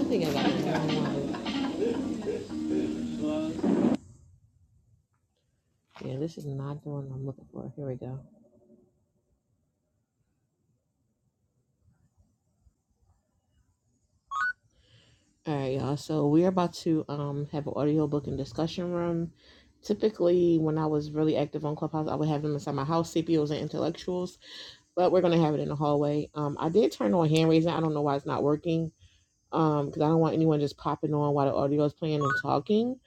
I think I got the wrong one. Yeah, this is not the one I'm looking for. Here we go. All right, y'all. So we're about to um have an audiobook and discussion room. Typically, when I was really active on Clubhouse, I would have them inside my house, CPOs and intellectuals. But we're gonna have it in the hallway. Um, I did turn on hand raising. I don't know why it's not working. Um, because I don't want anyone just popping on while the audio is playing and talking.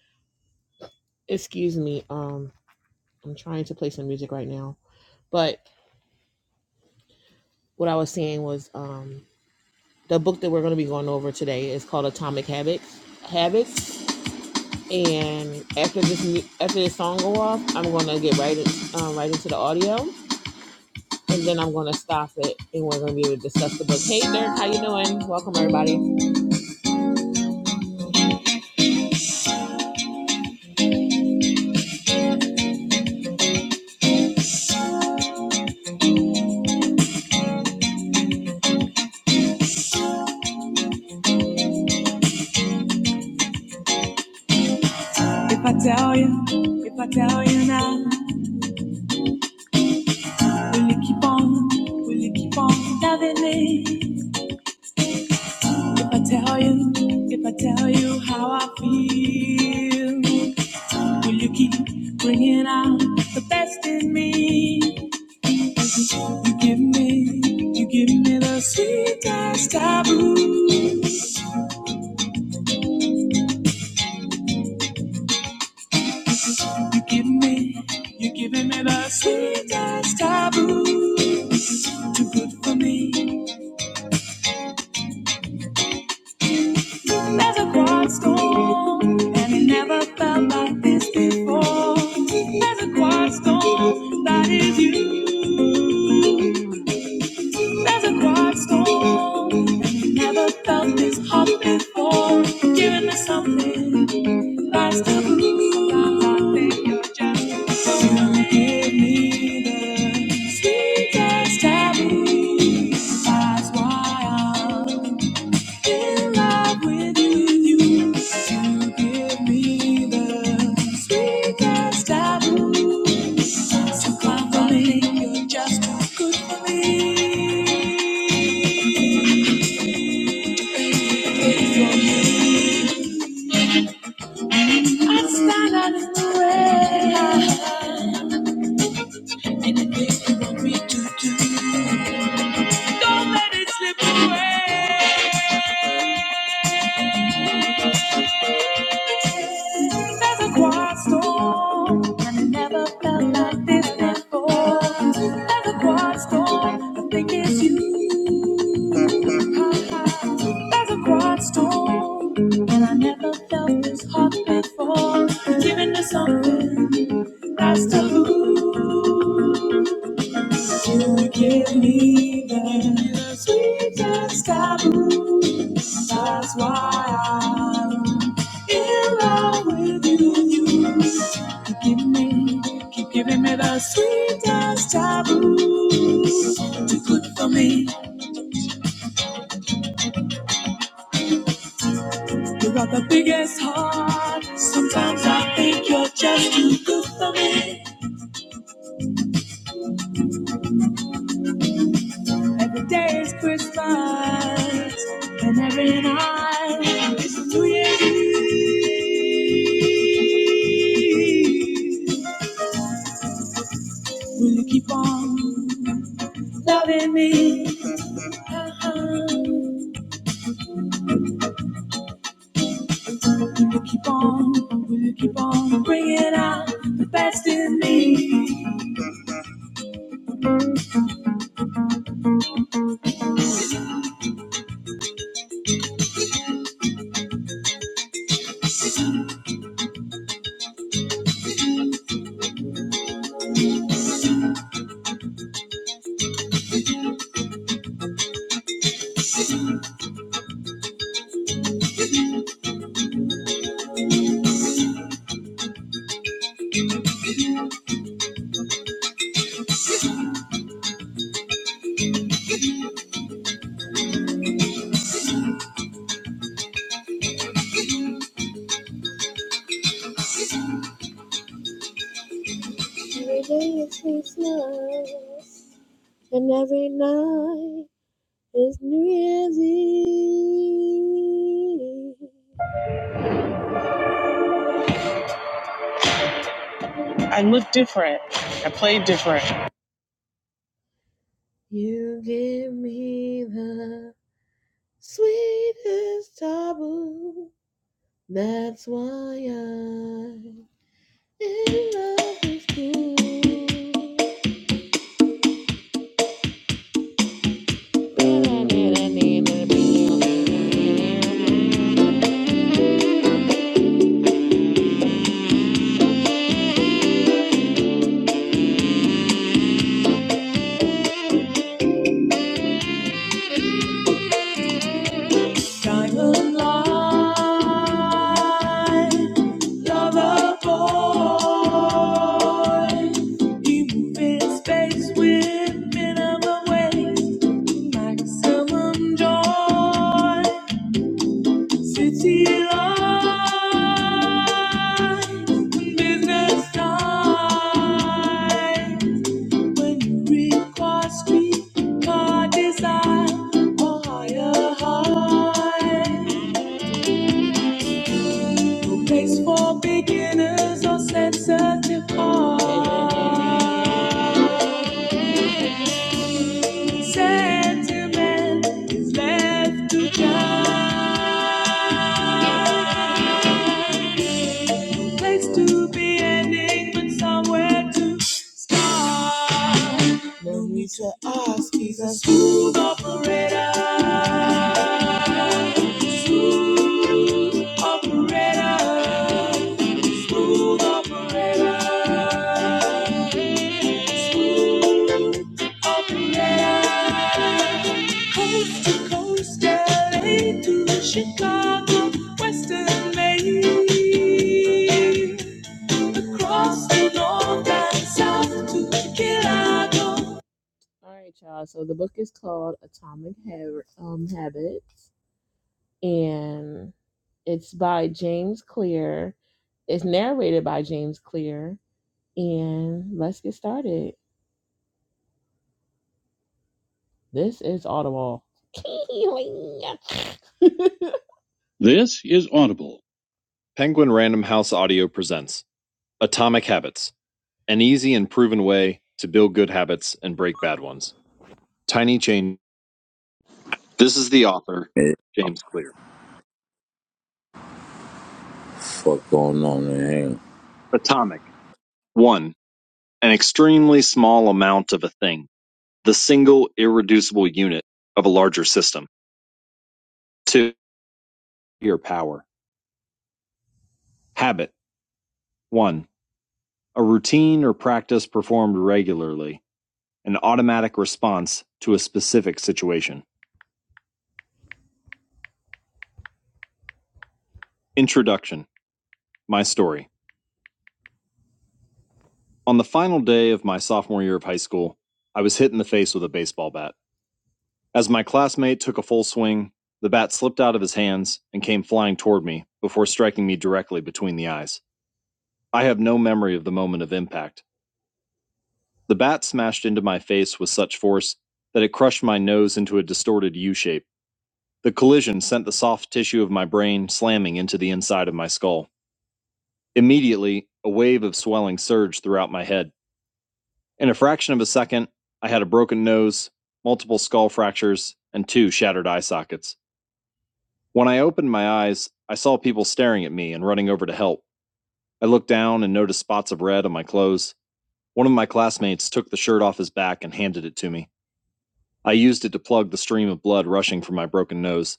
Excuse me. Um, I'm trying to play some music right now. But what I was saying was, um, the book that we're going to be going over today is called Atomic Habits. Habits. And after this after this song go off, I'm going to get right in, um, right into the audio, and then I'm going to stop it, and we're going to be able to discuss the book. Hey, Dirk, how you doing? Welcome everybody. If I tell you, if I tell you now, will you keep on? Will you keep on loving me? If I tell you, if I tell you how I feel. Will you keep bringing out the best in me? You give me, you give me the sweetest taboo. You give me, you are giving me the sweetest taboo. Too good for me. There's a quiet storm, and it never felt like this before. There's a quiet storm that is you. There's a cornerstone, and never felt this hot before. Giving me something, that's to lose. Sometimes I think you're just so good. Give me the sweetest taboo. That's why I'm in love with you. You give me the sweetest taboo. So come for me, you're just too good for me. I stand out in the rain. Anything you want me to do, don't let it slip away. There's a quiet storm, and I never felt like this before. There's a quiet storm, I think it's you. There's a quiet storm, and I never felt this hot before. Giving me something that's taboo. You give me the sweetest taboo. That's why I'm in love with you. Keep giving me, keep giving me the sweetest taboo. Too good for me. You got the biggest heart. Sometimes I think you're just too good for me. Every day is Christmas, and every night is New Year's Eve. Will you keep on loving me? Uh-huh. Will you keep on? Will you keep on bringing out the best in me? Every day is Christmas. and every night is New Year's Eve. You give me the sweetest trouble. That's why I'm in love with you. But I didn't need to be Diamond line, lover boy. You move in space with minimum waste, maximum joy. City lights, business times. When you require street car design or higher high. Place for beginners or sensitive hearts. Sentiment is left to die. No place to be ending, but somewhere to start. No need to ask, he's a smooth operator. Smooth operator. Smooth operator. Smooth operator. Coast to coast, LA to Chicago, Western Maine. Across the north and south to Chicago. All right, y'all. So the book is called Atomic Hab- um, Habits, and it's by James Clear. It's narrated by James Clear. And let's get started. This is Audible. this is Audible. Penguin Random House Audio presents Atomic Habits, an easy and proven way to build good habits and break bad ones. Tiny Change. This is the author, Hey, James Clear. fuck going on man? Atomic. 1. An extremely small amount of a thing, the single irreducible unit of a larger system. 2. Your power. Habit. 1. A routine or practice performed regularly, an automatic response to a specific situation. Introduction. My story. On the final day of my sophomore year of high school, I was hit in the face with a baseball bat. As my classmate took a full swing, the bat slipped out of his hands and came flying toward me before striking me directly between the eyes. I have no memory of the moment of impact. The bat smashed into my face with such force that it crushed my nose into a distorted U shape. The collision sent the soft tissue of my brain slamming into the inside of my skull. Immediately, a wave of swelling surged throughout my head. In a fraction of a second, I had a broken nose, multiple skull fractures, and two shattered eye sockets. When I opened my eyes, I saw people staring at me and running over to help. I looked down and noticed spots of red on my clothes. One of my classmates took the shirt off his back and handed it to me. I used it to plug the stream of blood rushing from my broken nose.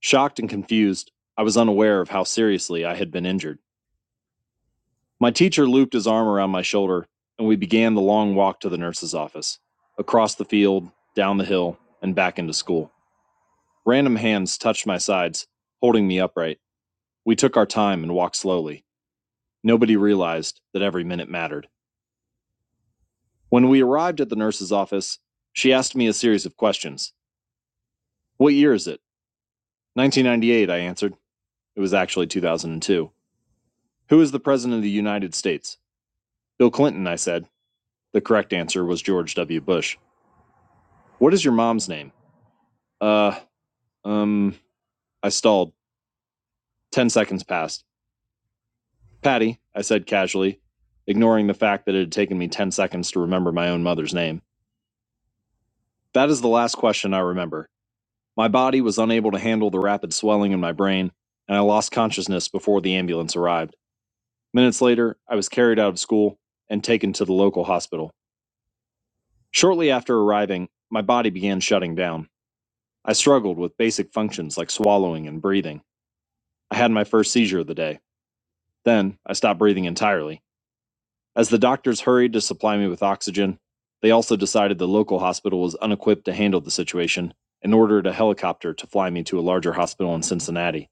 Shocked and confused, I was unaware of how seriously I had been injured. My teacher looped his arm around my shoulder, and we began the long walk to the nurse's office, across the field, down the hill, and back into school. Random hands touched my sides, holding me upright. We took our time and walked slowly. Nobody realized that every minute mattered. When we arrived at the nurse's office, she asked me a series of questions. What year is it? 1998, I answered. It was actually 2002. Who is the President of the United States? Bill Clinton, I said. The correct answer was George W. Bush. What is your mom's name? Uh, um, I stalled. 10 seconds passed. Patty, I said casually, ignoring the fact that it had taken me 10 seconds to remember my own mother's name. That is the last question I remember. My body was unable to handle the rapid swelling in my brain, and I lost consciousness before the ambulance arrived. Minutes later, I was carried out of school and taken to the local hospital. Shortly after arriving, my body began shutting down. I struggled with basic functions like swallowing and breathing. I had my first seizure of the day. Then I stopped breathing entirely. As the doctors hurried to supply me with oxygen, they also decided the local hospital was unequipped to handle the situation and ordered a helicopter to fly me to a larger hospital in Cincinnati.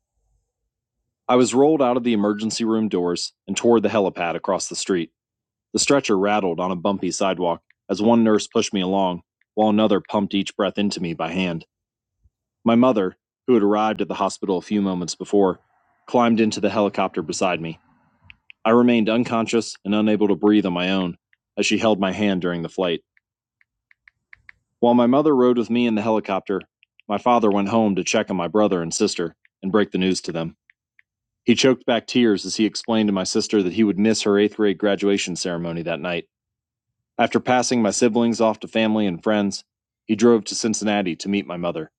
I was rolled out of the emergency room doors and toward the helipad across the street. The stretcher rattled on a bumpy sidewalk as one nurse pushed me along, while another pumped each breath into me by hand. My mother, who had arrived at the hospital a few moments before, climbed into the helicopter beside me. I remained unconscious and unable to breathe on my own as she held my hand during the flight. While my mother rode with me in the helicopter, my father went home to check on my brother and sister and break the news to them. He choked back tears as he explained to my sister that he would miss her eighth grade graduation ceremony that night After passing my siblings off to family and friends, he drove to Cincinnati to meet my mother.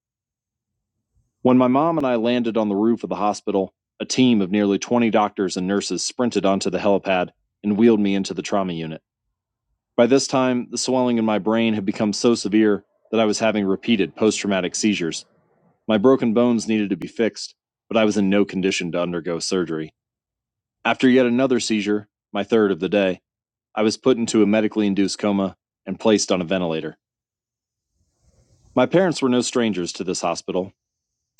When my mom and I landed on the roof of the hospital, a team of nearly 20 doctors and nurses sprinted onto the helipad and wheeled me into the trauma unit. By this time, the swelling in my brain had become so severe that I was having repeated post traumatic seizures. My broken bones needed to be fixed, but I was in no condition to undergo surgery. After yet another seizure, my third of the day, I was put into a medically induced coma and placed on a ventilator. My parents were no strangers to this hospital.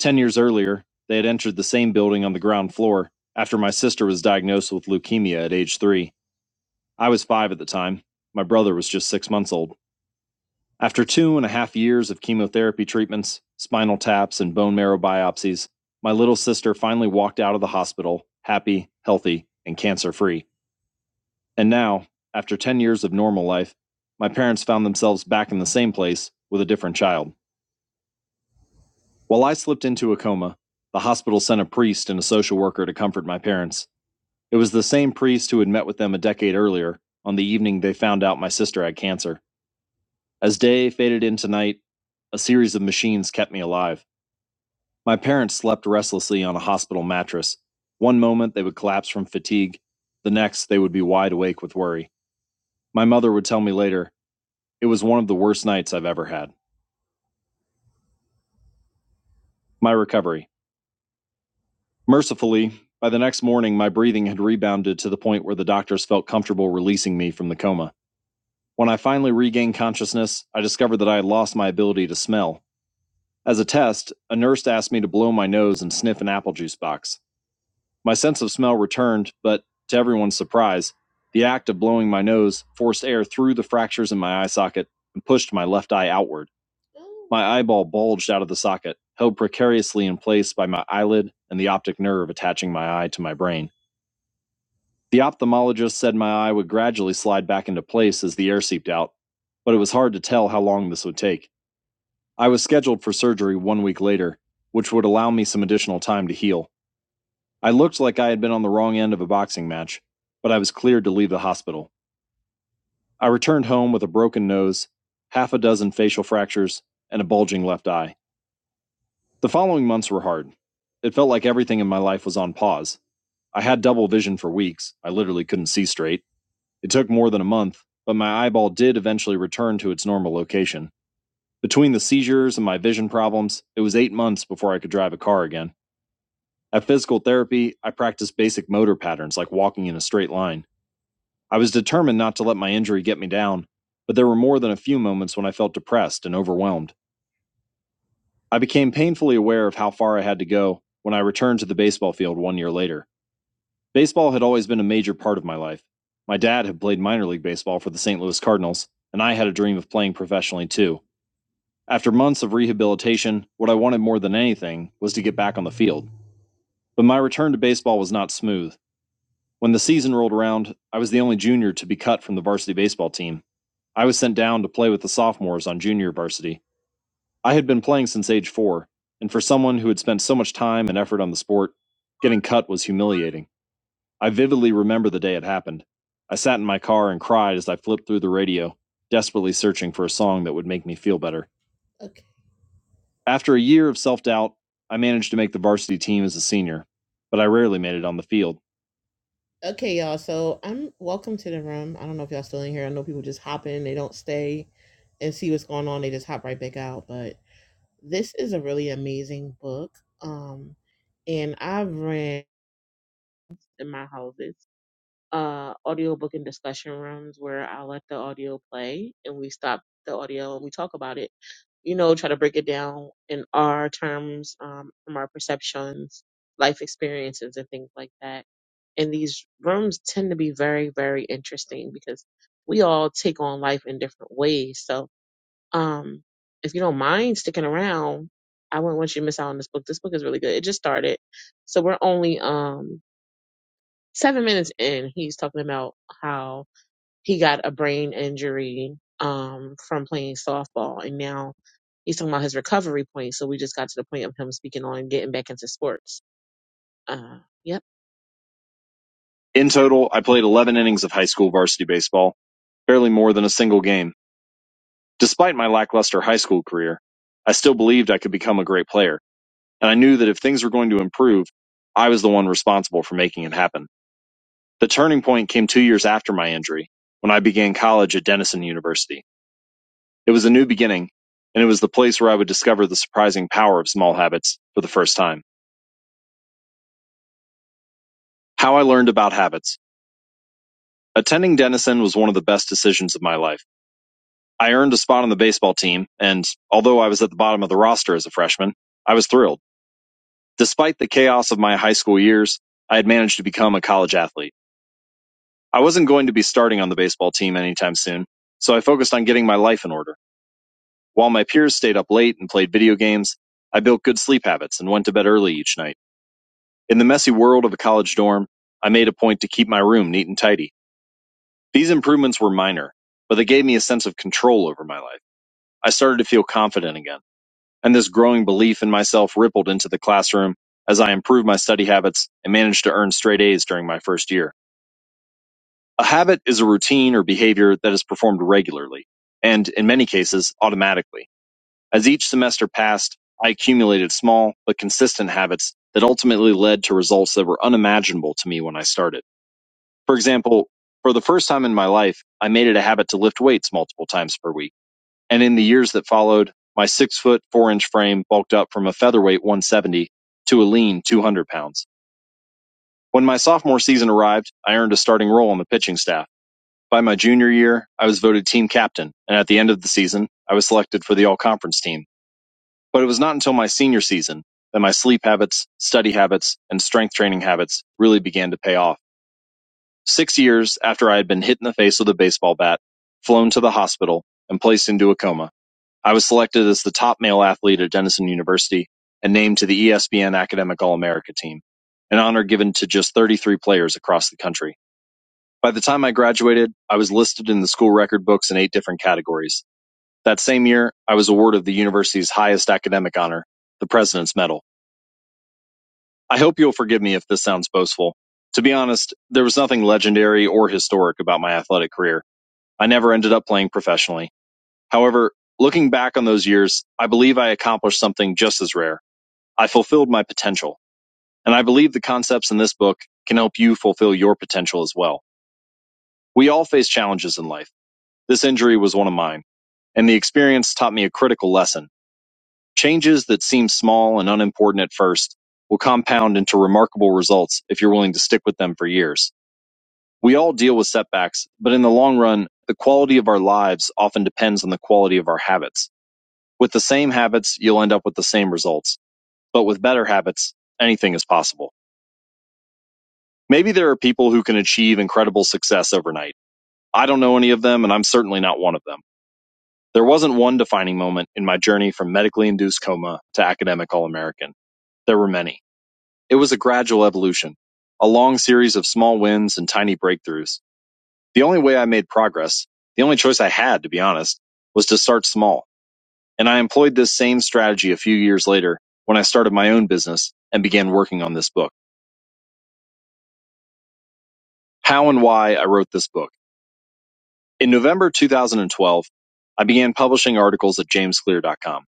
Ten years earlier, they had entered the same building on the ground floor after my sister was diagnosed with leukemia at age three. I was five at the time. My brother was just six months old. After two and a half years of chemotherapy treatments, spinal taps, and bone marrow biopsies, my little sister finally walked out of the hospital, happy, healthy, and cancer free. And now, after 10 years of normal life, my parents found themselves back in the same place with a different child. While I slipped into a coma, the hospital sent a priest and a social worker to comfort my parents. It was the same priest who had met with them a decade earlier, on the evening they found out my sister had cancer. As day faded into night, a series of machines kept me alive. My parents slept restlessly on a hospital mattress. One moment they would collapse from fatigue, the next they would be wide awake with worry. My mother would tell me later, it was one of the worst nights I've ever had. My recovery. Mercifully, by the next morning, my breathing had rebounded to the point where the doctors felt comfortable releasing me from the coma. When I finally regained consciousness, I discovered that I had lost my ability to smell. As a test, a nurse asked me to blow my nose and sniff an apple juice box. My sense of smell returned, but to everyone's surprise, the act of blowing my nose forced air through the fractures in my eye socket and pushed my left eye outward. My eyeball bulged out of the socket, held precariously in place by my eyelid and the optic nerve attaching my eye to my brain. The ophthalmologist said my eye would gradually slide back into place as the air seeped out, but it was hard to tell how long this would take. I was scheduled for surgery one week later, which would allow me some additional time to heal. I looked like I had been on the wrong end of a boxing match, but I was cleared to leave the hospital. I returned home with a broken nose, half a dozen facial fractures, and a bulging left eye. The following months were hard. It felt like everything in my life was on pause. I had double vision for weeks. I literally couldn't see straight. It took more than a month, but my eyeball did eventually return to its normal location. Between the seizures and my vision problems, it was eight months before I could drive a car again. At physical therapy, I practiced basic motor patterns like walking in a straight line. I was determined not to let my injury get me down, but there were more than a few moments when I felt depressed and overwhelmed. I became painfully aware of how far I had to go when I returned to the baseball field one year later. Baseball had always been a major part of my life. My dad had played minor league baseball for the St. Louis Cardinals, and I had a dream of playing professionally too. After months of rehabilitation, what I wanted more than anything was to get back on the field. But my return to baseball was not smooth. When the season rolled around, I was the only junior to be cut from the varsity baseball team. I was sent down to play with the sophomores on junior varsity. I had been playing since age four, and for someone who had spent so much time and effort on the sport, getting cut was humiliating. I vividly remember the day it happened. I sat in my car and cried as I flipped through the radio, desperately searching for a song that would make me feel better. Okay. After a year of self doubt, I managed to make the varsity team as a senior, but I rarely made it on the field. Okay, y'all. So I'm welcome to the room. I don't know if y'all still in here. I know people just hop in, they don't stay and see what's going on. They just hop right back out. But this is a really amazing book. Um, and I've read in my houses. uh, audiobook and discussion rooms where I let the audio play and we stop the audio and we talk about it. You know, try to break it down in our terms, um, from our perceptions, life experiences, and things like that. And these rooms tend to be very, very interesting because we all take on life in different ways. So, um, if you don't mind sticking around, I wouldn't want you to miss out on this book. This book is really good. It just started, so we're only um seven minutes in, he's talking about how he got a brain injury um, from playing softball, and now he's talking about his recovery point. So we just got to the point of him speaking on getting back into sports. Uh, yep. In total, I played 11 innings of high school varsity baseball, barely more than a single game. Despite my lackluster high school career, I still believed I could become a great player, and I knew that if things were going to improve, I was the one responsible for making it happen. The turning point came two years after my injury, when I began college at Denison University. It was a new beginning, and it was the place where I would discover the surprising power of small habits for the first time. How I learned about habits. Attending Denison was one of the best decisions of my life. I earned a spot on the baseball team, and although I was at the bottom of the roster as a freshman, I was thrilled. Despite the chaos of my high school years, I had managed to become a college athlete. I wasn't going to be starting on the baseball team anytime soon, so I focused on getting my life in order. While my peers stayed up late and played video games, I built good sleep habits and went to bed early each night. In the messy world of a college dorm, I made a point to keep my room neat and tidy. These improvements were minor, but they gave me a sense of control over my life. I started to feel confident again, and this growing belief in myself rippled into the classroom as I improved my study habits and managed to earn straight A's during my first year. A habit is a routine or behavior that is performed regularly, and in many cases, automatically. As each semester passed, I accumulated small but consistent habits that ultimately led to results that were unimaginable to me when I started. For example, for the first time in my life, I made it a habit to lift weights multiple times per week. And in the years that followed, my six foot four inch frame bulked up from a featherweight 170 to a lean 200 pounds. When my sophomore season arrived, I earned a starting role on the pitching staff. By my junior year, I was voted team captain, and at the end of the season, I was selected for the all conference team. But it was not until my senior season that my sleep habits, study habits, and strength training habits really began to pay off. Six years after I had been hit in the face with a baseball bat, flown to the hospital, and placed into a coma, I was selected as the top male athlete at Denison University and named to the ESPN Academic All America team, an honor given to just 33 players across the country. By the time I graduated, I was listed in the school record books in eight different categories. That same year, I was awarded the university's highest academic honor, the President's Medal. I hope you'll forgive me if this sounds boastful. To be honest, there was nothing legendary or historic about my athletic career. I never ended up playing professionally. However, looking back on those years, I believe I accomplished something just as rare. I fulfilled my potential. And I believe the concepts in this book can help you fulfill your potential as well. We all face challenges in life. This injury was one of mine. And the experience taught me a critical lesson. Changes that seem small and unimportant at first will compound into remarkable results if you're willing to stick with them for years. We all deal with setbacks, but in the long run, the quality of our lives often depends on the quality of our habits. With the same habits, you'll end up with the same results, but with better habits, anything is possible. Maybe there are people who can achieve incredible success overnight. I don't know any of them, and I'm certainly not one of them. There wasn't one defining moment in my journey from medically induced coma to academic All American. There were many. It was a gradual evolution, a long series of small wins and tiny breakthroughs. The only way I made progress, the only choice I had, to be honest, was to start small. And I employed this same strategy a few years later when I started my own business and began working on this book. How and why I wrote this book. In November 2012, I began publishing articles at jamesclear.com.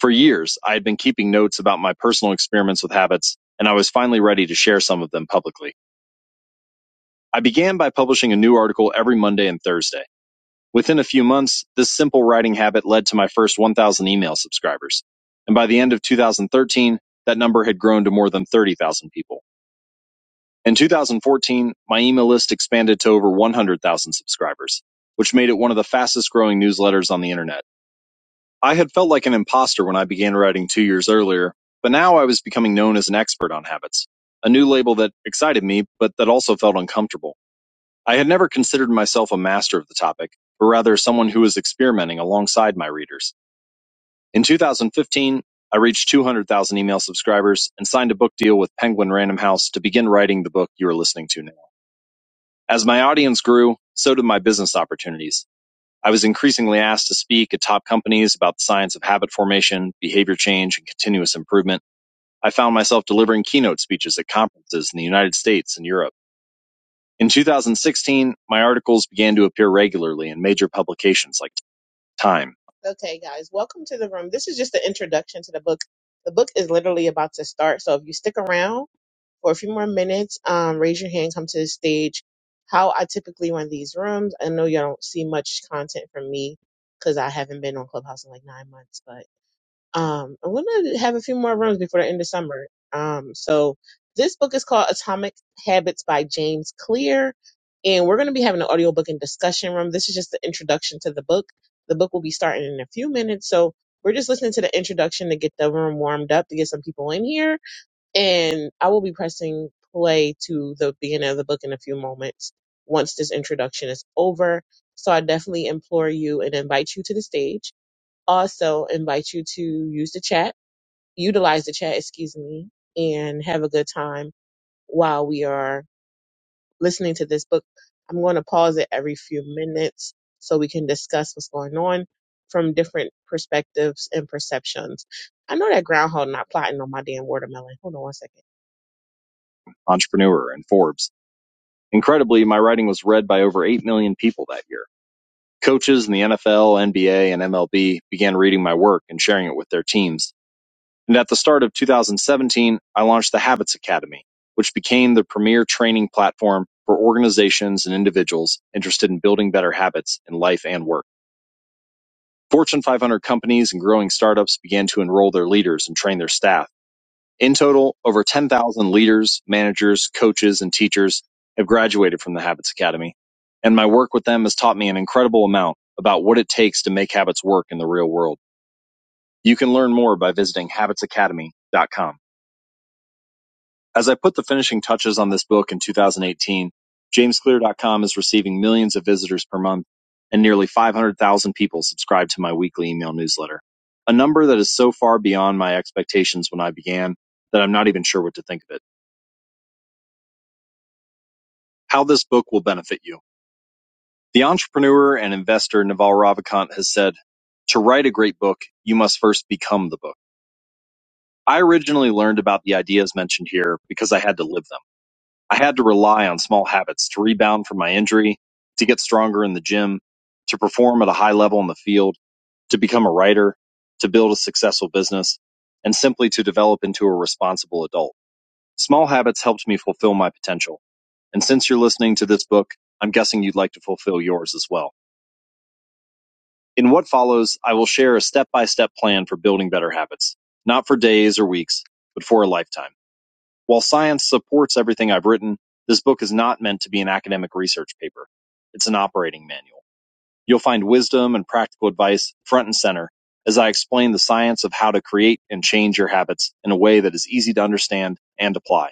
For years, I had been keeping notes about my personal experiments with habits, and I was finally ready to share some of them publicly. I began by publishing a new article every Monday and Thursday. Within a few months, this simple writing habit led to my first 1,000 email subscribers. And by the end of 2013, that number had grown to more than 30,000 people. In 2014, my email list expanded to over 100,000 subscribers, which made it one of the fastest growing newsletters on the internet. I had felt like an imposter when I began writing two years earlier, but now I was becoming known as an expert on habits, a new label that excited me, but that also felt uncomfortable. I had never considered myself a master of the topic, but rather someone who was experimenting alongside my readers. In 2015, I reached 200,000 email subscribers and signed a book deal with Penguin Random House to begin writing the book you are listening to now. As my audience grew, so did my business opportunities. I was increasingly asked to speak at top companies about the science of habit formation, behavior change, and continuous improvement. I found myself delivering keynote speeches at conferences in the United States and Europe. In 2016, my articles began to appear regularly in major publications like Time. Okay, guys, welcome to the room. This is just the introduction to the book. The book is literally about to start, so if you stick around for a few more minutes, um, raise your hand, come to the stage. How I typically run these rooms, I know you don't see much content from me because I haven't been on Clubhouse in like nine months, but. Um, I want to have a few more rooms before the end of summer. Um, so this book is called Atomic Habits by James Clear, and we're going to be having an audiobook and discussion room. This is just the introduction to the book. The book will be starting in a few minutes, so we're just listening to the introduction to get the room warmed up to get some people in here, and I will be pressing play to the beginning of the book in a few moments once this introduction is over. So I definitely implore you and invite you to the stage also, invite you to use the chat, utilize the chat, excuse me, and have a good time while we are listening to this book. I'm going to pause it every few minutes so we can discuss what's going on from different perspectives and perceptions. I know that groundhog not plotting on my damn watermelon. Hold on one second. entrepreneur, and Forbes. Incredibly, my writing was read by over 8 million people that year. Coaches in the NFL, NBA, and MLB began reading my work and sharing it with their teams. And at the start of 2017, I launched the Habits Academy, which became the premier training platform for organizations and individuals interested in building better habits in life and work. Fortune 500 companies and growing startups began to enroll their leaders and train their staff. In total, over 10,000 leaders, managers, coaches, and teachers have graduated from the Habits Academy. And my work with them has taught me an incredible amount about what it takes to make habits work in the real world. You can learn more by visiting habitsacademy.com. As I put the finishing touches on this book in 2018, JamesClear.com is receiving millions of visitors per month and nearly 500,000 people subscribe to my weekly email newsletter. A number that is so far beyond my expectations when I began that I'm not even sure what to think of it. How this book will benefit you. The entrepreneur and investor Naval Ravikant has said, to write a great book, you must first become the book. I originally learned about the ideas mentioned here because I had to live them. I had to rely on small habits to rebound from my injury, to get stronger in the gym, to perform at a high level in the field, to become a writer, to build a successful business, and simply to develop into a responsible adult. Small habits helped me fulfill my potential. And since you're listening to this book, I'm guessing you'd like to fulfill yours as well. In what follows, I will share a step by step plan for building better habits, not for days or weeks, but for a lifetime. While science supports everything I've written, this book is not meant to be an academic research paper. It's an operating manual. You'll find wisdom and practical advice front and center as I explain the science of how to create and change your habits in a way that is easy to understand and apply.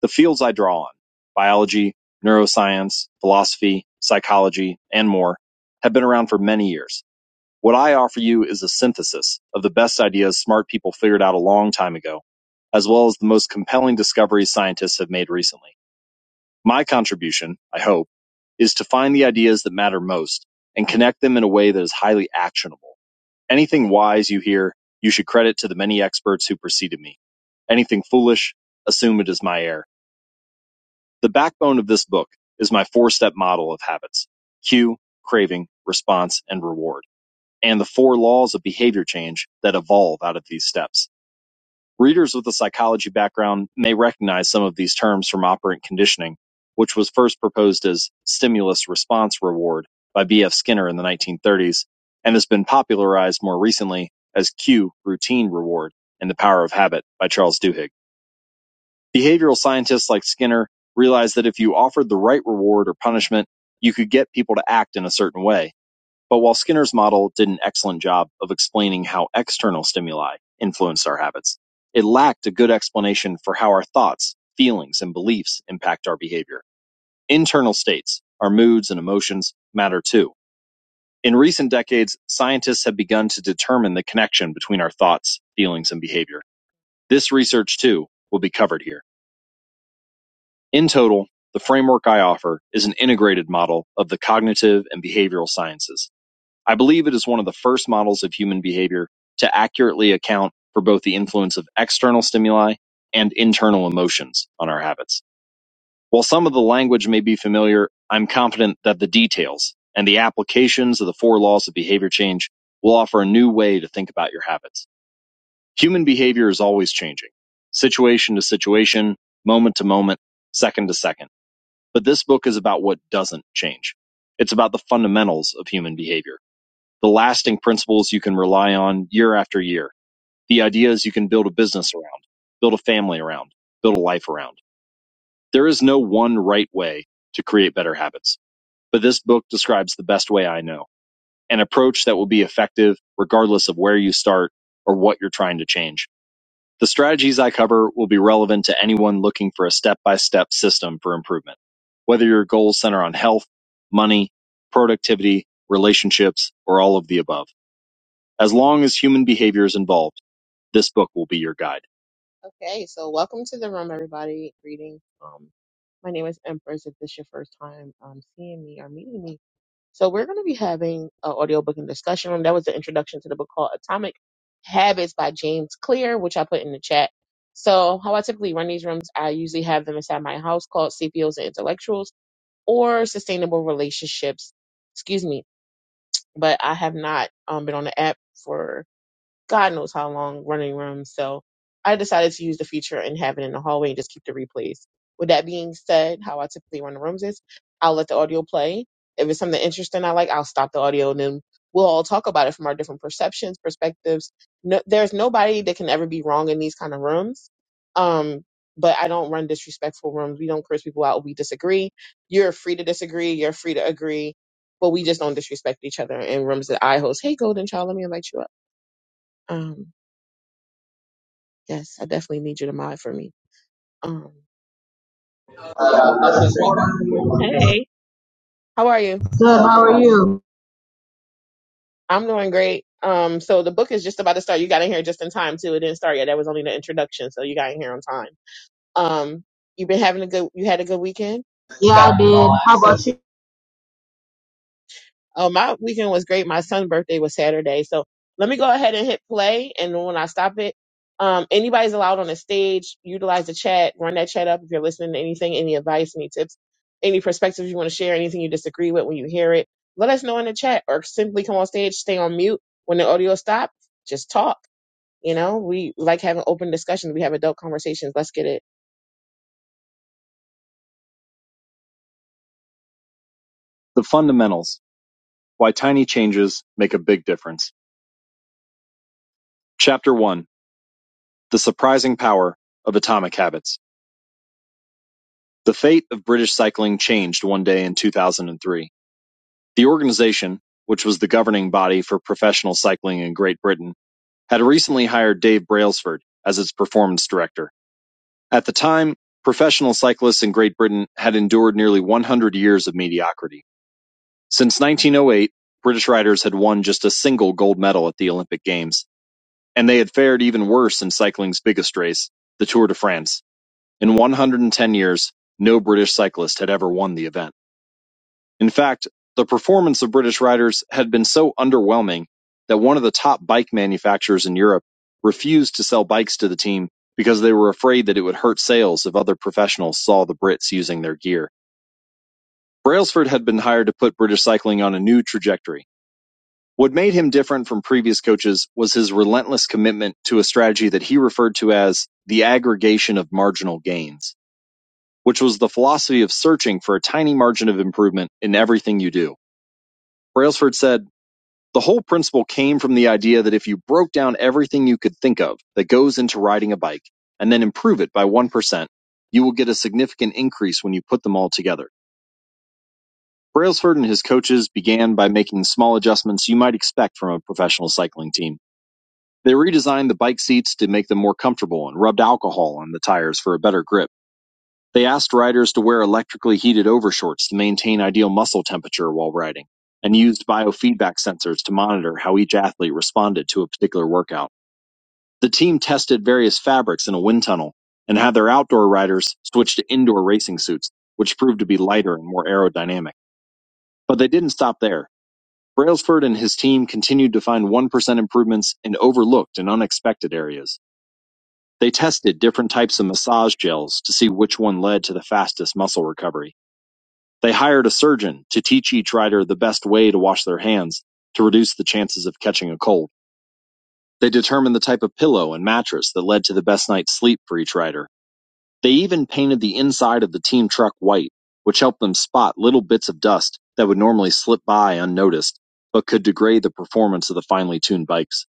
The fields I draw on, biology, neuroscience, philosophy, psychology, and more, have been around for many years what I offer you is a synthesis of the best ideas smart people figured out a long time ago, as well as the most compelling discoveries scientists have made recently. My contribution, I hope, is to find the ideas that matter most and connect them in a way that is highly actionable. Anything wise you hear, you should credit to the many experts who preceded me. Anything foolish, assume it is my error. The backbone of this book is my four step model of habits cue, craving, response, and reward and the four laws of behavior change that evolve out of these steps. Readers with a psychology background may recognize some of these terms from operant conditioning, which was first proposed as stimulus response reward by B.F. Skinner in the 1930s and has been popularized more recently as cue routine reward and the power of habit by Charles Duhigg. Behavioral scientists like Skinner realized that if you offered the right reward or punishment, you could get people to act in a certain way but while Skinner's model did an excellent job of explaining how external stimuli influenced our habits, it lacked a good explanation for how our thoughts, feelings, and beliefs impact our behavior. Internal states, our moods and emotions, matter too. In recent decades, scientists have begun to determine the connection between our thoughts, feelings, and behavior. This research, too, will be covered here. In total, the framework I offer is an integrated model of the cognitive and behavioral sciences I believe it is one of the first models of human behavior to accurately account for both the influence of external stimuli and internal emotions on our habits. While some of the language may be familiar, I'm confident that the details and the applications of the four laws of behavior change will offer a new way to think about your habits. Human behavior is always changing, situation to situation, moment to moment, second to second. But this book is about what doesn't change. It's about the fundamentals of human behavior the lasting principles you can rely on year after year, the ideas you can build a business around, build a family around, build a life around. There is no one right way to create better habits, but this book describes the best way I know, an approach that will be effective regardless of where you start or what you're trying to change. The strategies I cover will be relevant to anyone looking for a step by step system for improvement. Whether your goals center on health, money, productivity, relationships, or all of the above. As long as human behavior is involved, this book will be your guide. Okay, so welcome to the room, everybody. Greetings. Um, my name is Empress. If this is your first time um, seeing me or meeting me, so we're going to be having an audiobook and discussion room. That was the introduction to the book called Atomic Habits by James Clear, which I put in the chat. So, how I typically run these rooms, I usually have them inside my house called CPOs and Intellectuals or Sustainable Relationships. Excuse me, but I have not um, been on the app for God knows how long running rooms. So I decided to use the feature and have it in the hallway and just keep the replays. With that being said, how I typically run the rooms is I'll let the audio play. If it's something interesting I like, I'll stop the audio and then we'll all talk about it from our different perceptions, perspectives. No, there's nobody that can ever be wrong in these kind of rooms. Um, but I don't run disrespectful rooms. We don't curse people out. We disagree. You're free to disagree. You're free to agree. But we just don't disrespect each other in rooms that I host. Hey, Golden Child, let me invite you up. Um, Yes, I definitely need you to mod for me. Um, Hey. how are you? Good, how are you? I'm doing great. Um, so the book is just about to start. You got in here just in time too. It didn't start yet. That was only the introduction, so you got in here on time. Um, you been having a good. You had a good weekend. Yeah, I did. How about you? Oh, my weekend was great. My son's birthday was Saturday. So let me go ahead and hit play. And when I stop it, um, anybody's allowed on the stage, utilize the chat, run that chat up if you're listening to anything, any advice, any tips, any perspectives you want to share, anything you disagree with when you hear it. Let us know in the chat or simply come on stage, stay on mute. When the audio stops, just talk. You know, we like having open discussions. We have adult conversations. Let's get it. The fundamentals why tiny changes make a big difference. Chapter 1 The Surprising Power of Atomic Habits: The Fate of British Cycling Changed One Day in 2003. The organization, which was the governing body for professional cycling in Great Britain, had recently hired Dave Brailsford as its performance director. At the time, professional cyclists in Great Britain had endured nearly 100 years of mediocrity. Since 1908, British riders had won just a single gold medal at the Olympic Games, and they had fared even worse in cycling's biggest race, the Tour de France. In 110 years, no British cyclist had ever won the event. In fact, the performance of British riders had been so underwhelming that one of the top bike manufacturers in Europe refused to sell bikes to the team because they were afraid that it would hurt sales if other professionals saw the Brits using their gear. Brailsford had been hired to put British cycling on a new trajectory. What made him different from previous coaches was his relentless commitment to a strategy that he referred to as the aggregation of marginal gains. which was the philosophy of searching for a tiny margin of improvement in everything you do. Brailsford said, the whole principle came from the idea that if you broke down everything you could think of that goes into riding a bike and then improve it by 1%, you will get a significant increase when you put them all together. Brailsford and his coaches began by making small adjustments you might expect from a professional cycling team. They redesigned the bike seats to make them more comfortable and rubbed alcohol on the tires for a better grip. They asked riders to wear electrically heated overshorts to maintain ideal muscle temperature while riding, and used biofeedback sensors to monitor how each athlete responded to a particular workout. The team tested various fabrics in a wind tunnel and had their outdoor riders switch to indoor racing suits, which proved to be lighter and more aerodynamic. But they didn't stop there. Brailsford and his team continued to find 1% improvements in overlooked and unexpected areas. They tested different types of massage gels to see which one led to the fastest muscle recovery. They hired a surgeon to teach each rider the best way to wash their hands to reduce the chances of catching a cold. They determined the type of pillow and mattress that led to the best night's sleep for each rider. They even painted the inside of the team truck white, which helped them spot little bits of dust that would normally slip by unnoticed, but could degrade the performance of the finely tuned bikes.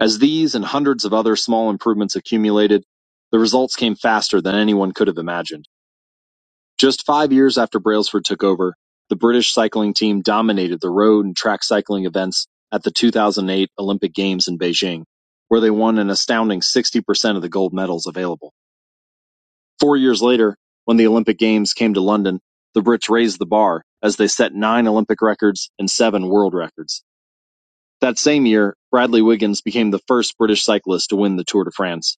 As these and hundreds of other small improvements accumulated, the results came faster than anyone could have imagined. Just five years after Brailsford took over, the British cycling team dominated the road and track cycling events at the 2008 Olympic Games in Beijing, where they won an astounding 60% of the gold medals available. Four years later, when the Olympic Games came to London, the Brits raised the bar as they set nine Olympic records and seven world records. That same year, Bradley Wiggins became the first British cyclist to win the Tour de France.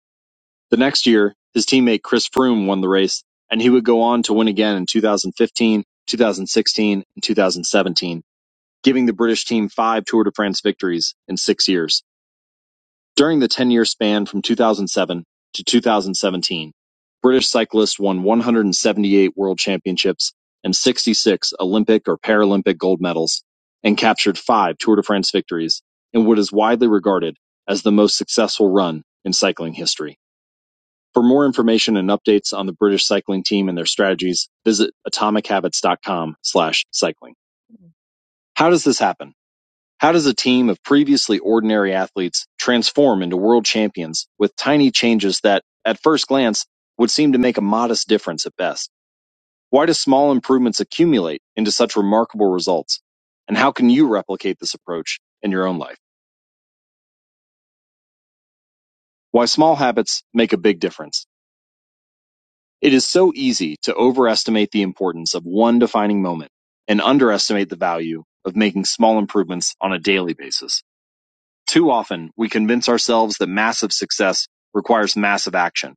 The next year, his teammate Chris Froome won the race, and he would go on to win again in 2015, 2016, and 2017, giving the British team five Tour de France victories in six years. During the 10 year span from 2007 to 2017, British cyclists won 178 world championships and 66 Olympic or Paralympic gold medals, and captured five Tour de France victories in what is widely regarded as the most successful run in cycling history. For more information and updates on the British cycling team and their strategies, visit atomichabits.com slash cycling. How does this happen? How does a team of previously ordinary athletes transform into world champions with tiny changes that, at first glance, would seem to make a modest difference at best? Why do small improvements accumulate into such remarkable results? And how can you replicate this approach in your own life? Why small habits make a big difference. It is so easy to overestimate the importance of one defining moment and underestimate the value of making small improvements on a daily basis. Too often, we convince ourselves that massive success requires massive action,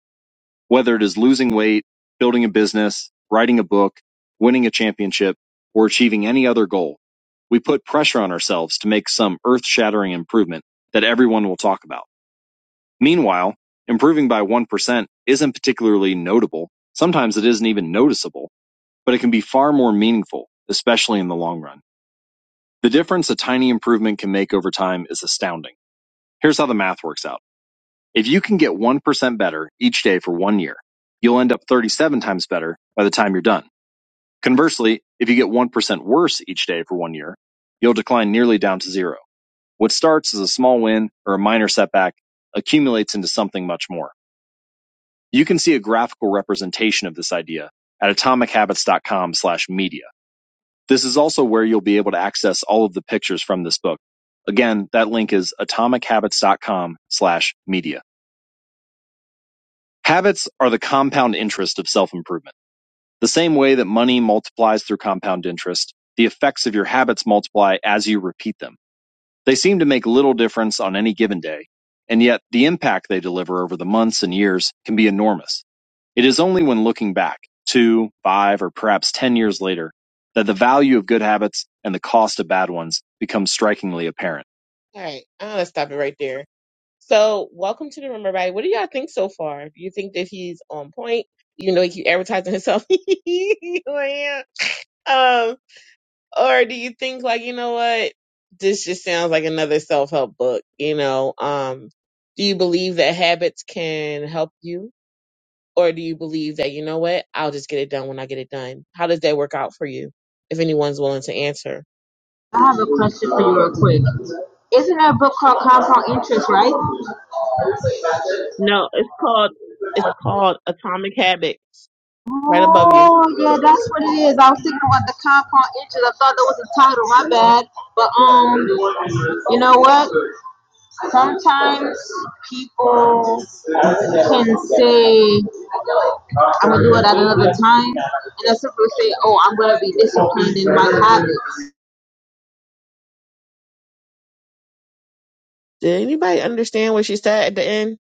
whether it is losing weight, building a business, writing a book, winning a championship, or achieving any other goal. We put pressure on ourselves to make some earth shattering improvement that everyone will talk about. Meanwhile, improving by one percent isn't particularly notable, sometimes it isn't even noticeable, but it can be far more meaningful, especially in the long run. The difference a tiny improvement can make over time is astounding. Here's how the math works out. If you can get 1% better each day for one year, you'll end up 37 times better by the time you're done. Conversely, if you get 1% worse each day for one year, you'll decline nearly down to zero. What starts as a small win or a minor setback accumulates into something much more. You can see a graphical representation of this idea at atomichabits.com slash media. This is also where you'll be able to access all of the pictures from this book. Again, that link is atomichabits.com slash media. Habits are the compound interest of self-improvement. The same way that money multiplies through compound interest, the effects of your habits multiply as you repeat them. They seem to make little difference on any given day, and yet the impact they deliver over the months and years can be enormous. It is only when looking back, two, five, or perhaps 10 years later, that the value of good habits and the cost of bad ones becomes strikingly apparent. All right, I'm gonna stop it right there. So, welcome to the room, everybody. What do y'all think so far? Do you think that he's on point, even though he keep advertising himself? Like, um, or do you think like you know what? This just sounds like another self help book. You know, um, do you believe that habits can help you? Or do you believe that, you know what, I'll just get it done when I get it done? How does that work out for you? If anyone's willing to answer. I have a question for you real quick. Isn't there a book called Compound Interest, right? No, it's called it's called Atomic Habits. Right above you. Oh, yeah, that's what it is. I was thinking about the compound interest. I thought that was the title. My bad. But um, you know what? Sometimes people can say, "I'm gonna do it at another time," and that's simply say, "Oh, I'm gonna be disciplined in my habits." Did anybody understand what she said at the end?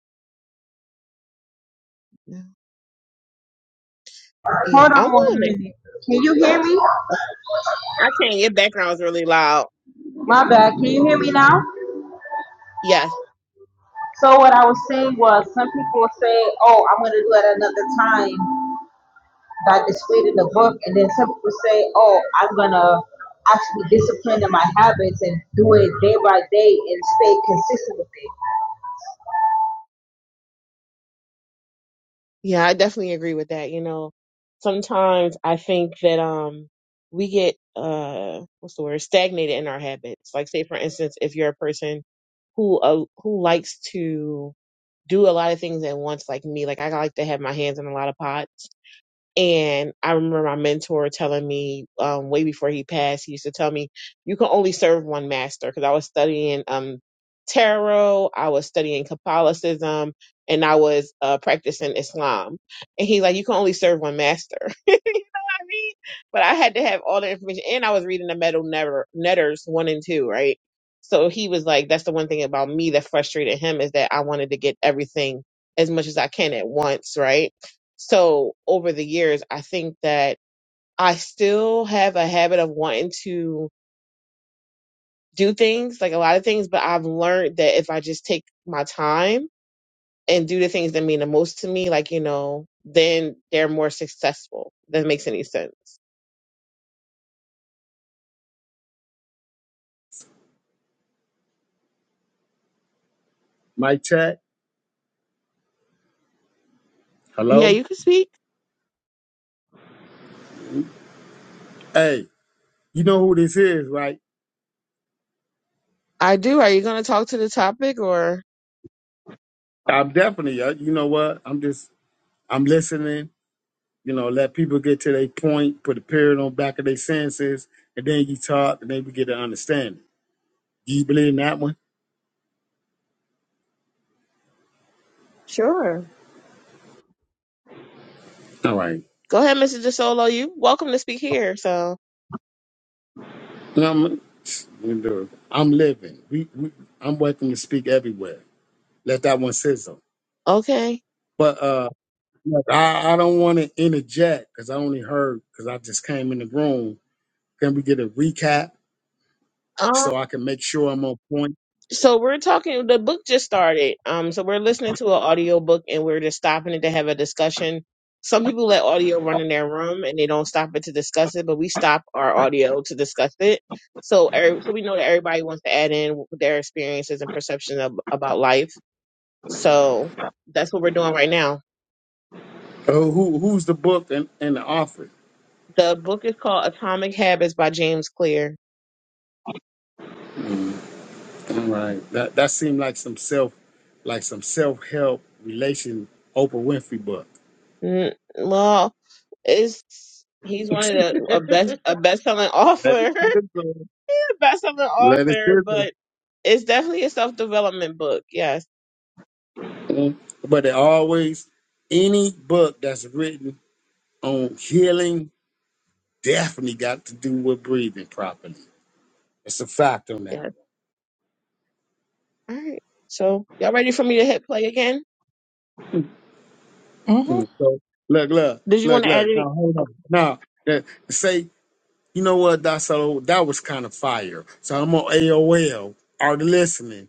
Yeah, Hold I'm on one willing to. minute. Can you hear me? uh, I can't. Your background is really loud. My bad. Can you hear me now? Yes. So what I was saying was some people say, Oh, I'm gonna do it another time that displayed in the book and then some people say, Oh, I'm gonna actually discipline in my habits and do it day by day and stay consistent with it. Yeah, I definitely agree with that. You know, sometimes I think that um we get uh what's the word stagnated in our habits. Like say for instance, if you're a person who uh, who likes to do a lot of things at once, like me, like I like to have my hands in a lot of pots. And I remember my mentor telling me um, way before he passed, he used to tell me, you can only serve one master. Because I was studying um, tarot, I was studying Catholicism, and I was uh, practicing Islam. And he's like, you can only serve one master. you know what I mean? But I had to have all the information. And I was reading the Metal Netter, Netters 1 and 2, right? So he was like, that's the one thing about me that frustrated him is that I wanted to get everything as much as I can at once, right? So over the years, I think that I still have a habit of wanting to do things, like a lot of things, but I've learned that if I just take my time and do the things that mean the most to me, like, you know, then they're more successful. If That makes any sense. Mic check. Yeah, Hello. you can speak. Hey, you know who this is, right? I do. Are you going to talk to the topic or? I'm definitely. Uh, you know what? I'm just. I'm listening. You know, let people get to their point, put a period on back of their senses, and then you talk, and then we get an understanding. Do you believe in that one? Sure. All right. Go ahead, Mr. DeSolo. You welcome to speak here. So, No, I'm, I'm living. We, we, I'm welcome to speak everywhere. Let that one sizzle. okay. But uh, look, I, I don't want to interject because I only heard because I just came in the room. Can we get a recap? so I can make sure I'm on point. So we're talking. The book just started. Um, so we're listening to an audio book, and we're just stopping it to have a discussion. Some people let audio run in their room, and they don't stop it to discuss it. But we stop our audio to discuss it. So, er- so we know that everybody wants to add in their experiences and perceptions of, about life. So that's what we're doing right now. Oh, who who's the book and, and the author? The book is called Atomic Habits by James Clear. Mm, all right, that that seemed like some self, like some self help relation Oprah Winfrey book. Mm, well, it's he's one of the a best a best selling Let it author sizzle. The best-selling of an Let it author, sizzle. but it's definitely a self-development book. Yes, Mm. But it always any book that's written on healing definitely got to do with breathing properly. It's a fact on that. yes. All right. So y'all ready for me to hit play again? Mm-hmm. Mm. So look, look, Did you look, want to add look. any? Now hold Okay. on. Now uh, say You know what, Dasso? That was kind of fire. So I'm on AOL. Are listening?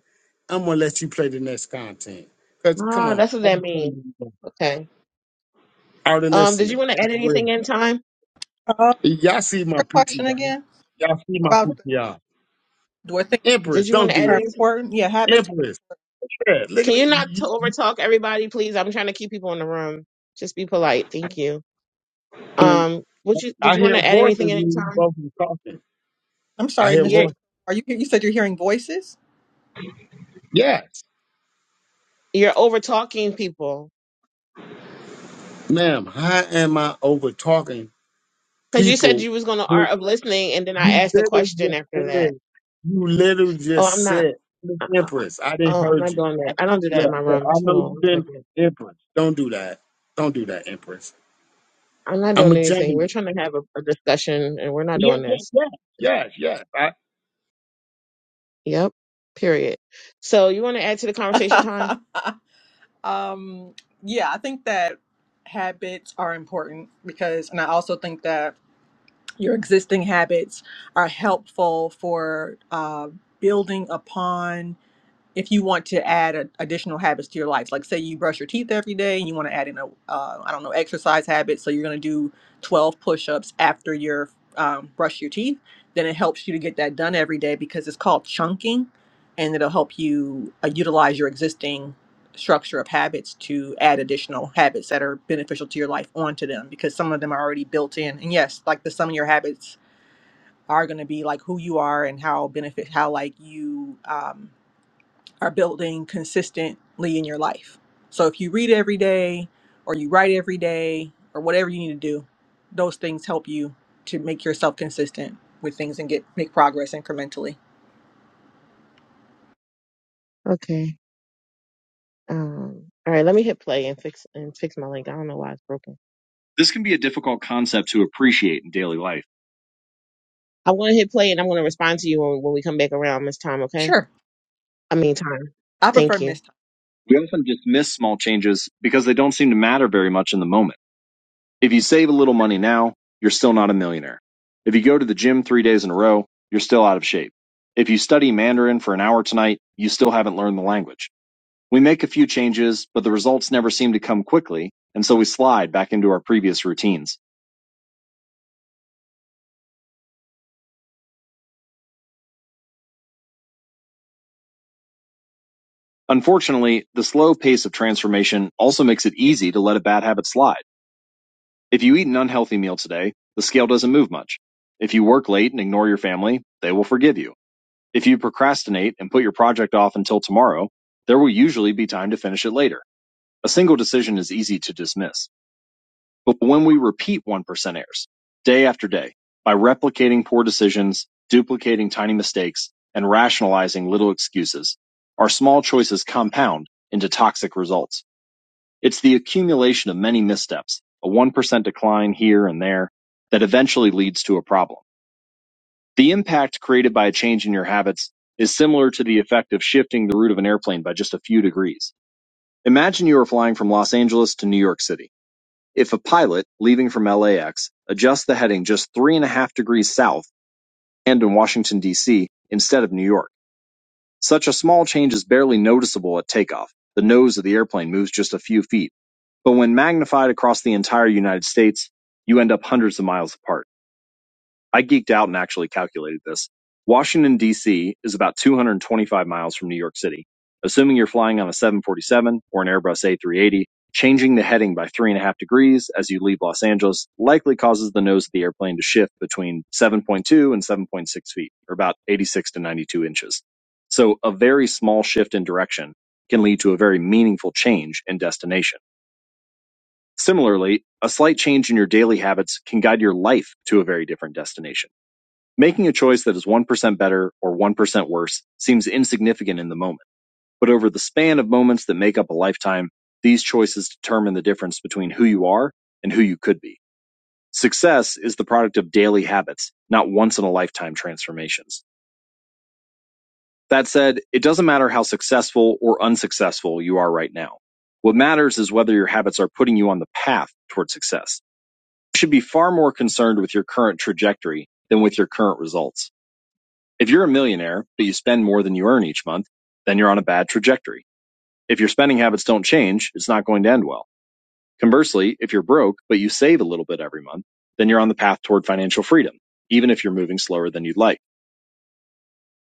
I'm gonna let you play the next content. Cause come Ah, on, that's what are that means. you Okay. are Um, did you listening? want to It's add real. anything in time? Uh, Y'all see my your PTR? question again Y'all see my about the, PTR? do I think Did Empress, you want don't to add do are it. anything? important? Yeah, habits. Empress, yeah, look at Can it. you not to You- overtalk everybody, please? I'm trying to keep people in the room. Just be polite. Thank you. I mean, Um, what you did I you want hear to add voices anything when in you time? both are talking. I'm I sorry, hear Mr. You're D- voices. Are you? You said you're hearing voices. Yes, you're over talking people ma'am. How am I over talking because you said people? you was going to art of listening, and then I You asked a literally question just after said. that. You literally Oh, I'm just not. said, "Miss Empress." I didn't Oh, I'm heard not you. doing I, that. I don't do that in look, my but I rooms. Hold know you on one didn't, second. Empress. Don't do that. Don't do that, Empress. I'm not I'm doing a anything. We're Gemini. trying to have a, a discussion and we're not Yeah, doing yeah, this. yeah, yes, yes. Yep. Period. So you want to add to the conversation time? um, yeah, I think that habits are important because, and I also think that your existing habits are helpful for uh, building upon if you want to add a, additional habits to your life like say you brush your teeth every day and you want to add in a uh, i don't know exercise habit so you're going to do 12 push-ups after your um, brush your teeth then it helps you to get that done every day because it's called chunking and it'll help you uh, utilize your existing structure of habits to add additional habits that are beneficial to your life onto them because some of them are already built in and yes like the sum of your habits are going to be like who you are and how benefit how like you um are building consistently in your life. So if you read every day or you write every day or whatever you need to do, those things help you to make yourself consistent with things and get make progress incrementally. Okay. Um, all right, let me hit play and fix and fix my link. I don't know why it's broken. This can be a difficult concept to appreciate in daily life. I want to hit play and I'm going to respond to you when, when we come back around Miss time, okay? Sure. I mean time. I prefer Thank you. missed time. We often dismiss small changes because they don't seem to matter very much in the moment. If you save a little money now, you're still not a millionaire. If you go to the gym three days in a row, you're still out of shape. If you study Mandarin for an hour tonight, you still haven't learned the language. We make a few changes, but the results never seem to come quickly, and so we slide back into our previous routines. Unfortunately, the slow pace of transformation also makes it easy to let a bad habit slide. If you eat an unhealthy meal today, the scale doesn't move much. If you work late and ignore your family, they will forgive you. If you procrastinate and put your project off until tomorrow, there will usually be time to finish it later. A single decision is easy to dismiss. But when we repeat 1% errors, day after day, by replicating poor decisions, duplicating tiny mistakes, and rationalizing little excuses, our small choices compound into toxic results. It's the accumulation of many missteps, a 1% decline here and there, that eventually leads to a problem. The impact created by a change in your habits is similar to the effect of shifting the route of an airplane by just a few degrees. Imagine you are flying from Los Angeles to New York City. If a pilot, leaving from LAX, adjusts the heading just three and a half degrees south and in Washington, D.C., instead of New York, such a small change is barely noticeable at takeoff. The nose of the airplane moves just a few feet. But when magnified across the entire United States, you end up hundreds of miles apart. I geeked out and actually calculated this. Washington, D.C. is about 225 miles from New York City. Assuming you're flying on a 747 or an Airbus A380, changing the heading by three and a half degrees as you leave Los Angeles likely causes the nose of the airplane to shift between 7.2 and 7.6 feet, or about 86 to 92 inches. So a very small shift in direction can lead to a very meaningful change in destination. Similarly, a slight change in your daily habits can guide your life to a very different destination Making a choice that is 1% better or 1% worse seems insignificant in the moment, but over the span of moments that make up a lifetime, these choices determine the difference between who you are and who you could be. Success is the product of daily habits, not once in a lifetime transformations. That said, it doesn't matter how successful or unsuccessful you are right now. What matters is whether your habits are putting you on the path toward success. You should be far more concerned with your current trajectory than with your current results. If you're a millionaire, but you spend more than you earn each month, then you're on a bad trajectory. If your spending habits don't change, it's not going to end well. Conversely, if you're broke, but you save a little bit every month, then you're on the path toward financial freedom, even if you're moving slower than you'd like.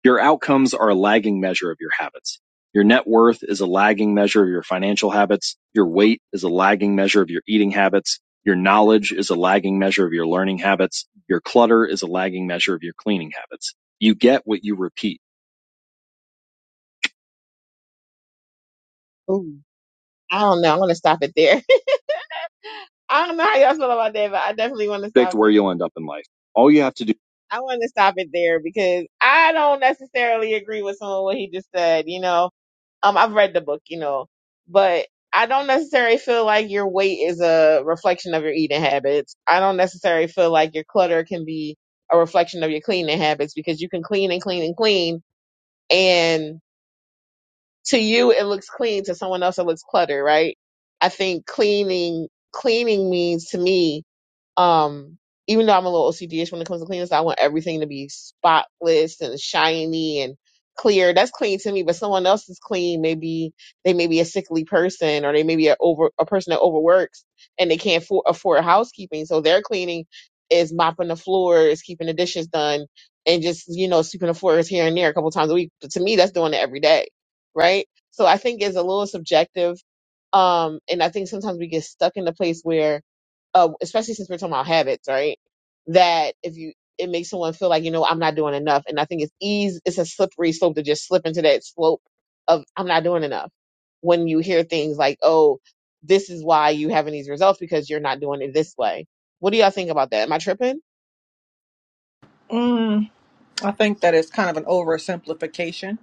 Your outcomes are a lagging measure of your habits. Your net worth is a lagging measure of your financial habits. Your weight is a lagging measure of your eating habits. Your knowledge is a lagging measure of your learning habits. Your clutter is a lagging measure of your cleaning habits. You get what you repeat. Oh. I don't know. I'm gonna stop it there. I don't know how y'all feel about that, but I definitely want to Stick stop to where it. you'll end up in life. All you have to do. I want to stop it there because I don't necessarily agree with some of what he just said. You know, um, I've read the book, you know, but I don't necessarily feel like your weight is a reflection of your eating habits. I don't necessarily feel like your clutter can be a reflection of your cleaning habits because you can clean and clean and clean and to you it looks clean to someone else it looks cluttered right i think cleaning cleaning means to me um, even though I'm a little OCD-ish when it comes to cleanliness, I want everything to be spotless and shiny and clear. That's clean to me, but someone else is clean. Maybe they may be a sickly person, or they may be a over a person that overworks and they can't for, afford housekeeping, so their cleaning is mopping the floors, keeping the dishes done, and just you know sweeping the floors here and there a couple times a week. But to me, that's doing it every day, right? So I think it's a little subjective um and i think sometimes we get stuck in the place where uh, especially since we're talking about habits, right? That if you, it makes someone feel like, you know, I'm not doing enough. And I think it's easy, it's a slippery slope to just slip into that slope of I'm not doing enough. When you hear things like, oh, this is why you having these results because you're not doing it this way. What do y'all think about that? Am I tripping? Mm, I think that is kind of an oversimplification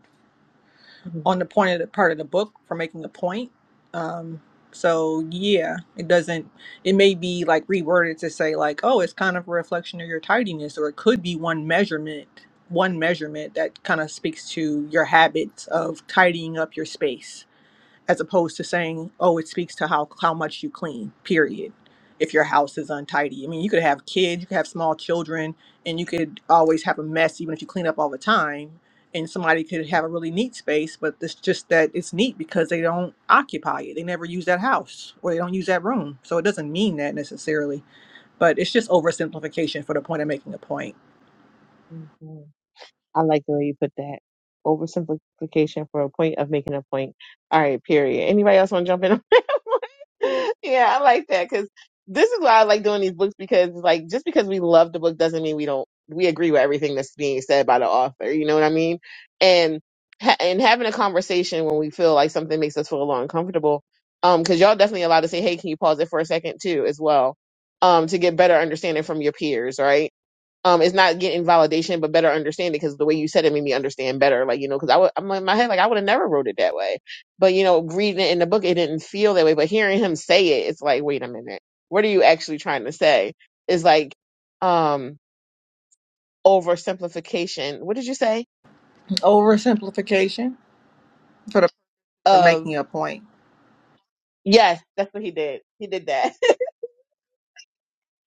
on the point of the part of the book for making a point. Um, so yeah, it doesn't. It may be like reworded to say like, oh, it's kind of a reflection of your tidiness, or it could be one measurement, one measurement that kind of speaks to your habits of tidying up your space as opposed to saying, "Oh, it speaks to how how much you clean." Period. If your house is untidy, I mean, you could have kids, you could have small children, and you could always have a mess, even if you clean up all the time. And somebody could have a really neat space, but it's just that it's neat because they don't occupy it. They never use that house or they don't use that room. So it doesn't mean that necessarily but it's just oversimplification for the point of making a point. Mhm. I like the way you put that. Oversimplification for a point of making a point. All right, period. Anybody else want to jump in on that one? Yeah, I like that because this is why I like doing these books because, like, just because we love the book doesn't mean we don't, we agree with everything that's being said by the author. You know what I mean? And, ha- and having a conversation when we feel like something makes us feel a little uncomfortable. Um, cause y'all definitely allowed to say, Hey, can you pause it for a second too, as well? Um, to get better understanding from your peers, right? um it's not getting validation but better understanding because the way you said it made me understand better like you know because i would i'm like in my head like i would have never wrote it that way but you know reading it in the book it didn't feel that way but hearing him say it it's like wait a minute what are you actually trying to say is like um oversimplification what did you say Oversimplification for the point of of making a point. yes that's what he did he did that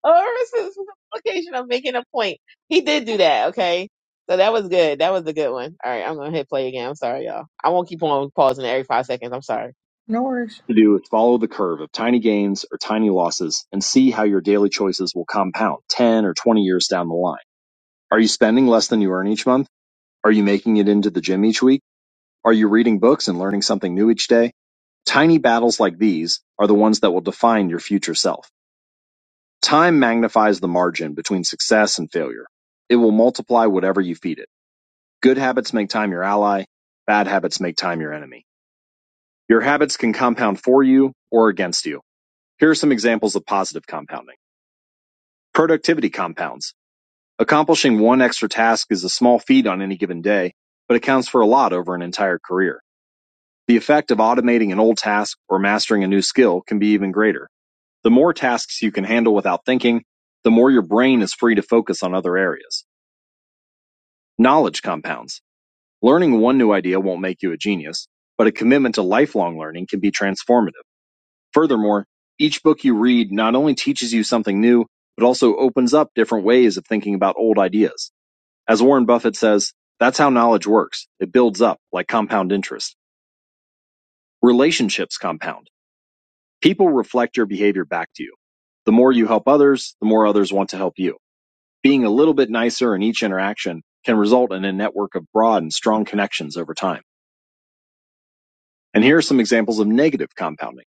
oversimplification of making a point he did do that okay so that was good. That was a good one. All right, I'm gonna hit play again. I'm sorry, y'all. I won't keep on pausing every five seconds. I'm sorry. No worries. to do is follow the curve of tiny gains or tiny losses and see how your daily choices will compound 10 or 20 years down the line. Are you spending less than you earn each month? Are you making it into the gym each week? Are you reading books and learning something new each day? Tiny battles like these are the ones that will define your future self. Time magnifies the margin between success and failure. It will multiply whatever you feed it. Good habits make time your ally. Bad habits make time your enemy. Your habits can compound for you or against you. Here are some examples of positive compounding. Productivity compounds. Accomplishing one extra task is a small feat on any given day, but accounts for a lot over an entire career. The effect of automating an old task or mastering a new skill can be even greater. The more tasks you can handle without thinking, the more your brain is free to focus on other areas. Knowledge compounds. Learning one new idea won't make you a genius, but a commitment to lifelong learning can be transformative. Furthermore, each book you read not only teaches you something new, but also opens up different ways of thinking about old ideas. As Warren Buffett says, that's how knowledge works. It builds up like compound interest. Relationships compound. People reflect your behavior back to you. The more you help others, the more others want to help you. Being a little bit nicer in each interaction can result in a network of broad and strong connections over time. And here are some examples of negative compounding.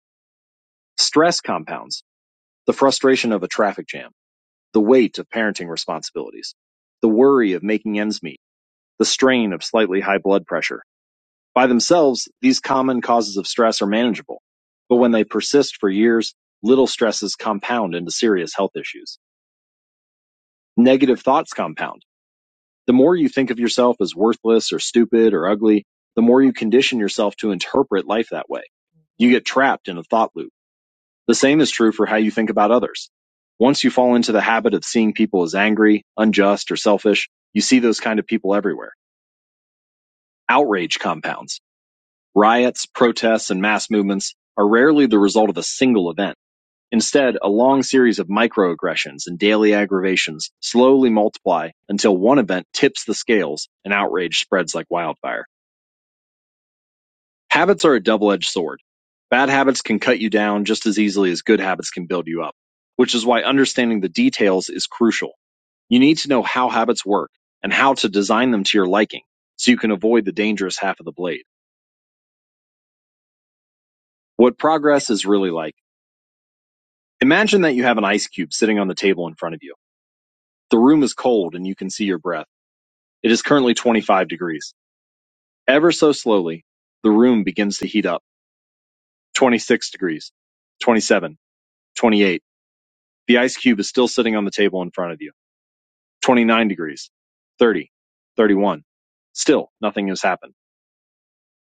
Stress compounds. The frustration of a traffic jam The weight of parenting responsibilities, the worry of making ends meet, the strain of slightly high blood pressure. By themselves, these common causes of stress are manageable. But when they persist for years, little stresses compound into serious health issues. Negative thoughts compound. The more you think of yourself as worthless or stupid or ugly, the more you condition yourself to interpret life that way. You get trapped in a thought loop The same is true for how you think about others. Once you fall into the habit of seeing people as angry, unjust, or selfish, you see those kind of people everywhere. Outrage compounds. Riots, protests, and mass movements are rarely the result of a single event. Instead, a long series of microaggressions and daily aggravations slowly multiply until one event tips the scales and outrage spreads like wildfire. Habits are a double-edged sword. Bad habits can cut you down just as easily as good habits can build you up, which is why understanding the details is crucial. You need to know how habits work and how to design them to your liking so you can avoid the dangerous half of the blade. What progress is really like. Imagine that you have an ice cube sitting on the table in front of you. The room is cold and you can see your breath. It is currently 25 degrees. Ever so slowly, the room begins to heat up. 26 degrees, 27, 28. The ice cube is still sitting on the table in front of you. 29 degrees, 30, 31. Still, nothing has happened.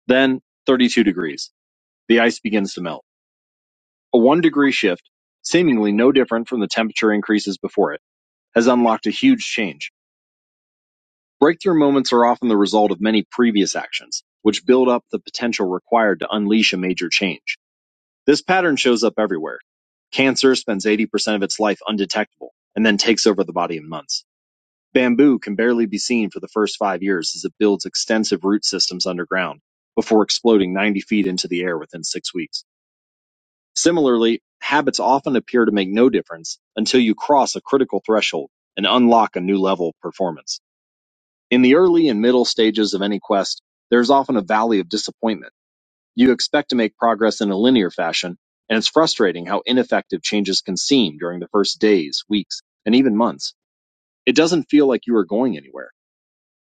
Then, 32 degrees. The ice begins to melt. A one degree shift, seemingly no different from the temperature increases before it, has unlocked a huge change. Breakthrough moments are often the result of many previous actions, which build up the potential required to unleash a major change. This pattern shows up everywhere. Cancer spends 80% of its life undetectable and then takes over the body in months. Bamboo can barely be seen for the first five years as it builds extensive root systems underground before exploding 90 feet into the air within six weeks. Similarly, habits often appear to make no difference until you cross a critical threshold and unlock a new level of performance. In the early and middle stages of any quest, there is often a valley of disappointment. You expect to make progress in a linear fashion, and it's frustrating how ineffective changes can seem during the first days, weeks, and even months. It doesn't feel like you are going anywhere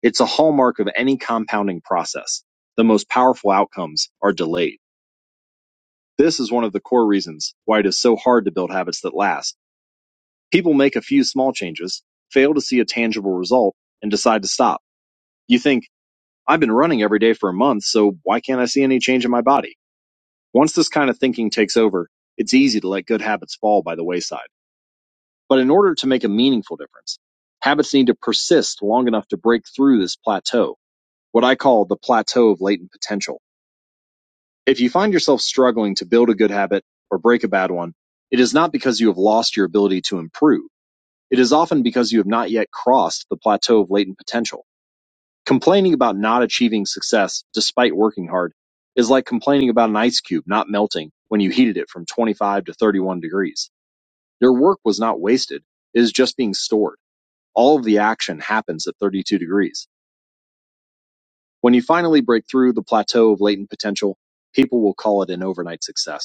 It's a hallmark of any compounding process. The most powerful outcomes are delayed. This is one of the core reasons why it is so hard to build habits that last. People make a few small changes, fail to see a tangible result, and decide to stop. You think, I've been running every day for a month, so why can't I see any change in my body? Once this kind of thinking takes over, it's easy to let good habits fall by the wayside. But in order to make a meaningful difference, habits need to persist long enough to break through this plateau, what I call the plateau of latent potential. If you find yourself struggling to build a good habit or break a bad one, it is not because you have lost your ability to improve. It is often because you have not yet crossed the plateau of latent potential. Complaining about not achieving success despite working hard is like complaining about an ice cube not melting when you heated it from 25 to 31 degrees. Your work was not wasted. It is just being stored. All of the action happens at 32 degrees. When you finally break through the plateau of latent potential, people will call it an overnight success.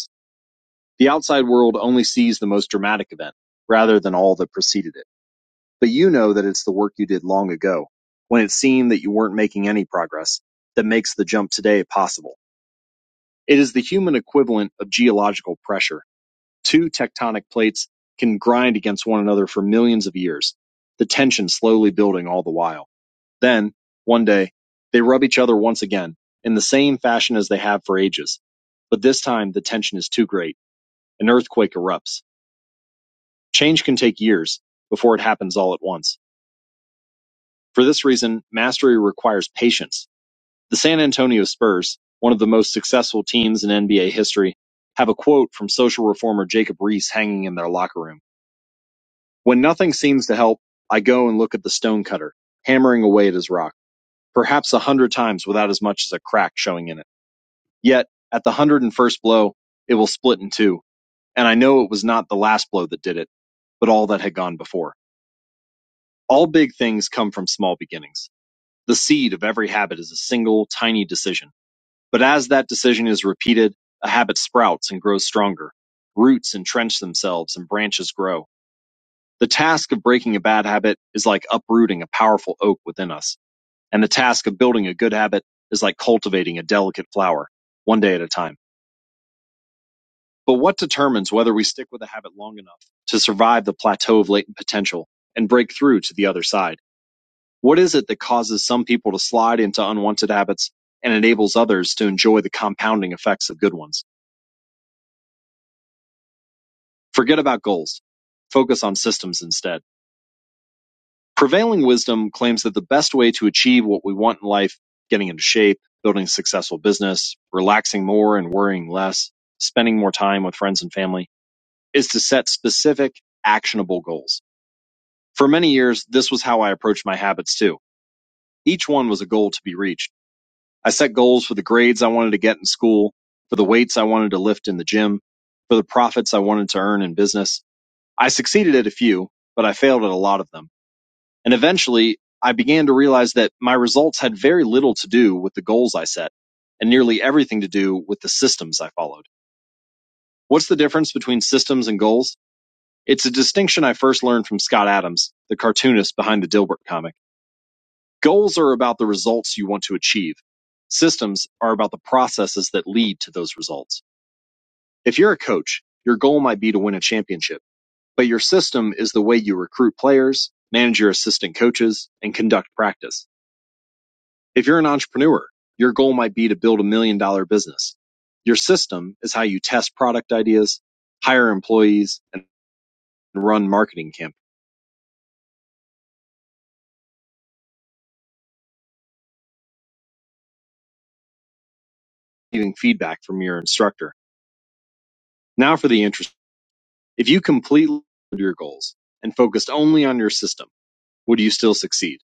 The outside world only sees the most dramatic event, rather than all that preceded it. But you know that it's the work you did long ago, when it seemed that you weren't making any progress, that makes the jump today possible. It is the human equivalent of geological pressure. Two tectonic plates can grind against one another for millions of years, the tension slowly building all the while. Then, one day, they rub each other once again, in the same fashion as they have for ages. But this time, the tension is too great. An earthquake erupts Change can take years before it happens all at once. For this reason, mastery requires patience. The San Antonio Spurs, one of the most successful teams in NBA history, have a quote from social reformer Jacob Riis hanging in their locker room. When nothing seems to help, I go and look at the stonecutter, hammering away at his rock, perhaps a hundred times without as much as a crack showing in it. Yet, at the hundred and first blow, it will split in two, and I know it was not the last blow that did it, but all that had gone before. All big things come from small beginnings. The seed of every habit is a single, tiny decision. But as that decision is repeated, a habit sprouts and grows stronger. Roots entrench themselves and branches grow. The task of breaking a bad habit is like uprooting a powerful oak within us. And the task of building a good habit is like cultivating a delicate flower, one day at a time. But what determines whether we stick with a habit long enough to survive the plateau of latent potential and break through to the other side? What is it that causes some people to slide into unwanted habits and enables others to enjoy the compounding effects of good ones? Forget about goals. Focus on systems instead. Prevailing wisdom claims that the best way to achieve what we want in life, getting into shape, building a successful business, relaxing more and worrying less, spending more time with friends and family, is to set specific, actionable goals. For many years, this was how I approached my habits too. Each one was a goal to be reached I set goals for the grades I wanted to get in school, for the weights I wanted to lift in the gym, for the profits I wanted to earn in business. I succeeded at a few, but I failed at a lot of them. And eventually, I began to realize that my results had very little to do with the goals I set and nearly everything to do with the systems I followed. What's the difference between systems and goals? It's a distinction I first learned from Scott Adams, the cartoonist behind the Dilbert comic. Goals are about the results you want to achieve. Systems are about the processes that lead to those results. If you're a coach, your goal might be to win a championship, but your system is the way you recruit players, manage your assistant coaches, and conduct practice. If you're an entrepreneur, your goal might be to build a million dollar business. Your system is how you test product ideas, hire employees, and run marketing campaigns, getting feedback from your instructor. Now for the interesting If you completely ignored your goals and focused only on your system, would you still succeed?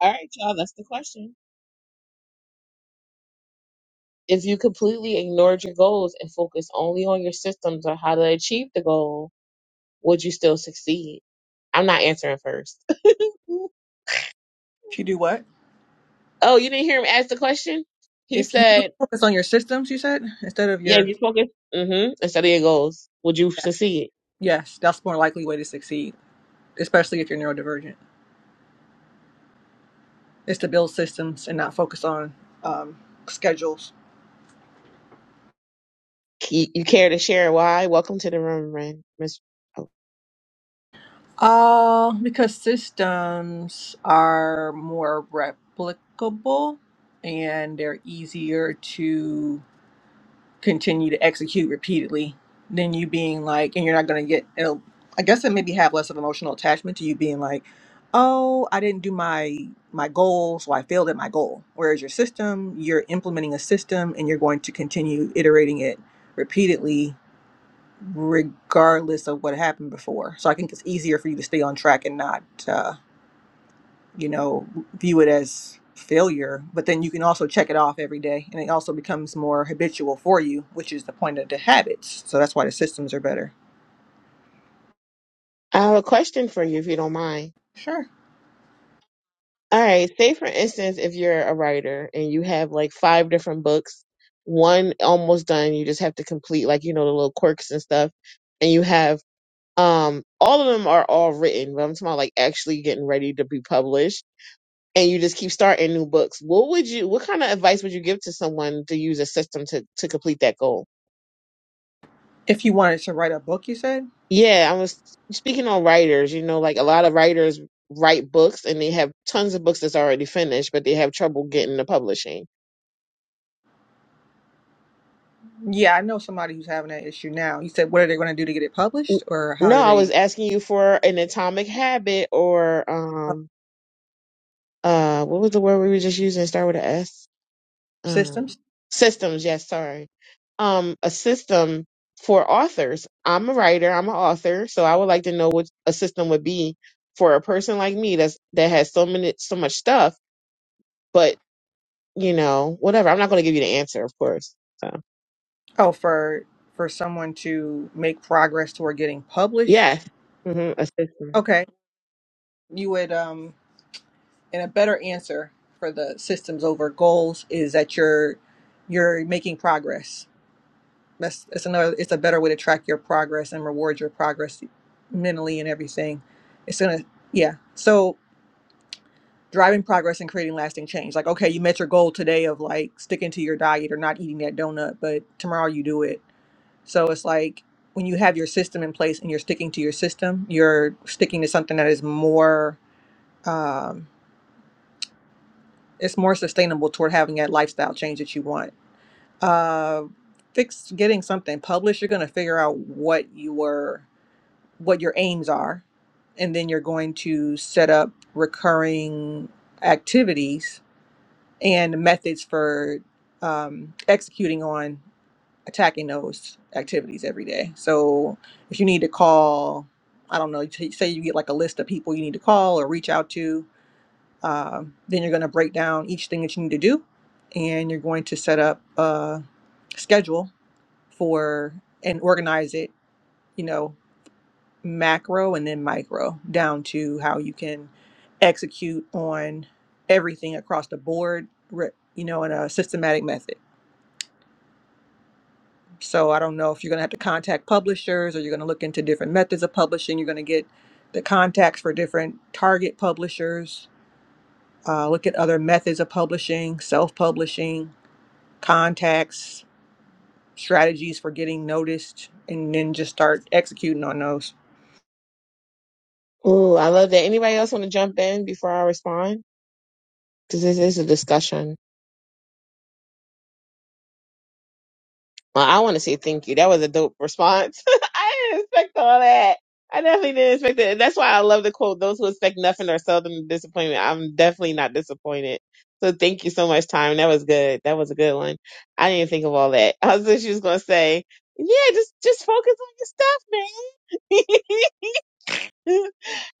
All right, y'all, that's the question. If you completely ignored your goals and focused only on your systems or how to achieve the goal, would you still succeed? I'm not answering first. oh, If you do what? you didn't hear him ask the question? He If you said, focus on your systems, you said, instead of yeah, if your you focus mm-hmm, instead of your goals, would you yes, succeed? yes, that's more likely way to succeed, especially if you're neurodivergent. Is to build systems and not focus on um, schedules. You, you care to share why? Welcome to the room, Ren. Miss. Oh, Uh, because systems are more replicable and they're easier to continue to execute repeatedly than you being like, and you're not going to get, it'll, I guess it maybe have less of emotional attachment to you being like, oh, I didn't do my my goal, so I failed at my goal. Whereas your system, you're implementing a system and you're going to continue iterating it repeatedly regardless of what happened before. So I think it's easier for you to stay on track and not, uh, you know, view it as failure. But then you can also check it off every day, and it also becomes more habitual for you, which is the point of the habits. So that's why the systems are better. I have a question for you, if you don't mind. Sure. All right. Say for instance, if you're a writer and you have like five different books, one almost done, you just have to complete like, you know, the little quirks and stuff. And you have um all of them are all written, but I'm talking about like actually getting ready to be published. And you just keep starting new books. What would you what kind of advice would you give to someone to use a system to to complete that goal? If you wanted to write a book, you said. Yeah, I was speaking on writers, you know, like a lot of writers write books and they have tons of books that's already finished, but they have trouble getting the publishing Yeah, I know somebody who's having that issue now. You said, what are they going to do to get it published, or how No, do I was they asking you for an atomic habit or uh, um uh what was the word we were just using? Start with a S. systems? Um systems, yes, sorry. Um a system for authors. I'm a writer, I'm an author, so I would like to know what a system would be for a person like me that's that has so many so much stuff, but you know, whatever. I'm not gonna give you the answer, of course. So Oh, for for someone to make progress toward getting published. yes. hmm a system. Okay, you would um and a better answer for the systems over goals is that you're you're making progress. That's it's another it's a better way to track your progress and reward your progress mentally and everything. It's gonna yeah. So driving progress and creating lasting change. Like okay, you met your goal today of like sticking to your diet or not eating that donut, but tomorrow you do it. So it's like when you have your system in place and you're sticking to your system, you're sticking to something that is more um, it's more sustainable toward having that lifestyle change that you want. Uh, fix getting something published. You're going to figure out what your what your aims are, and then you're going to set up recurring activities and methods for um, executing on attacking those activities every day. So if you need to call, I don't know, t- say you get like a list of people you need to call or reach out to uh, then you're going to break down each thing that you need to do, and you're going to set up a schedule for and organize it, you know, macro and then micro down to how you can execute on everything across the board, re- you know, in a systematic method. So I don't know if you're going to have to contact publishers or you're going to look into different methods of publishing. You're going to get the contacts for different target publishers, uh, look at other methods of publishing, self publishing contacts, strategies for getting noticed, and then just start executing on those. Ooh, I love that. Anybody else want to jump in before I respond? Because this is a discussion. Well, I want to say thank you. That was a dope response. I didn't expect all that. I definitely didn't expect it. That's why I love the quote, those who expect nothing are seldom disappointment. I'm definitely not disappointed. So thank you so much, Time. That was good. That was a good one. I didn't think of all that. I was just, she was gonna say, yeah, just just focus on your stuff, man.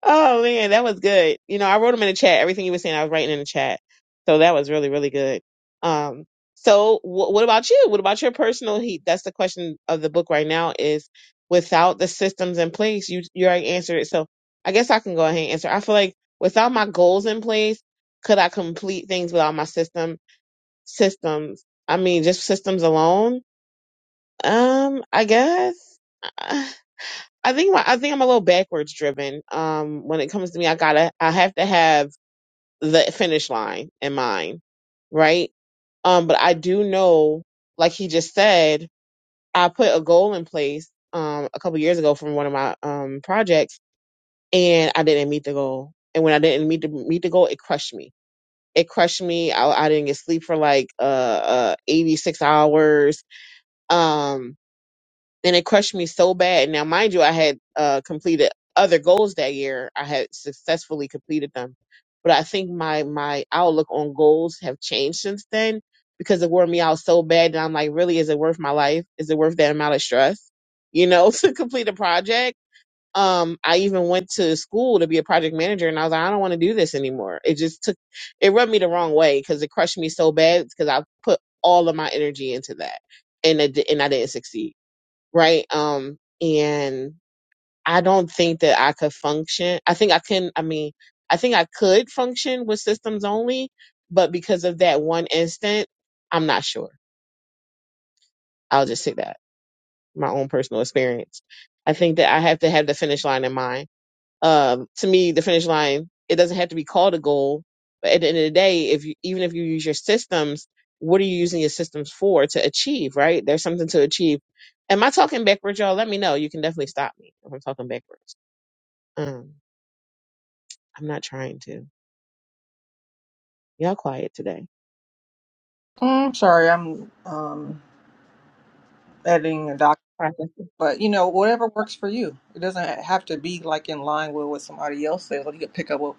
Oh man, that was good. You know, I wrote them in the chat. Everything you were saying, I was writing in the chat. So that was really, really good. Um, so wh- what about you? What about your personal heat? That's the question of the book right now is without the systems in place, you, you already answered it. So I guess I can go ahead and answer. I feel like without my goals in place, could I complete things without my system systems? I mean, just systems alone? Um, I guess. I think my, I think I'm a little backwards driven. Um, when it comes to me, I gotta I have to have the finish line in mind, right? Um, but I do know, like he just said, I put a goal in place um a couple years ago from one of my um projects, and I didn't meet the goal. And when I didn't meet the meet the goal, it crushed me. It crushed me. I, I didn't get sleep for like uh, uh 86 hours. Um, and it crushed me so bad. Now, mind you, I had uh, completed other goals that year. I had successfully completed them, but I think my my outlook on goals have changed since then because it wore me out so bad. And I'm like, really, is it worth my life? Is it worth that amount of stress? You know, to complete a project. Um, I even went to school to be a project manager, and I was like, I don't want to do this anymore. It just took, it rubbed me the wrong way because it crushed me so bad because I put all of my energy into that, and it, di- and I didn't succeed right? Um, and I don't think that I could function. I think I can, I mean, I think I could function with systems only, but because of that one instant, I'm not sure. I'll just say that my own personal experience. I think that I have to have the finish line in mind um, to me, the finish line, it doesn't have to be called a goal. But at the end of the day, if you, even if you use your systems, what are you using your systems for to achieve, right? There's something to achieve. Am I talking backwards, y'all? Let me know. You can definitely stop me if I'm talking backwards. Um, I'm not trying to. Y'all quiet today. Mm, sorry, I'm um, editing a doc, Processing. but you know, whatever works for you. It doesn't have to be like in line with what somebody else says. Like you could pick up what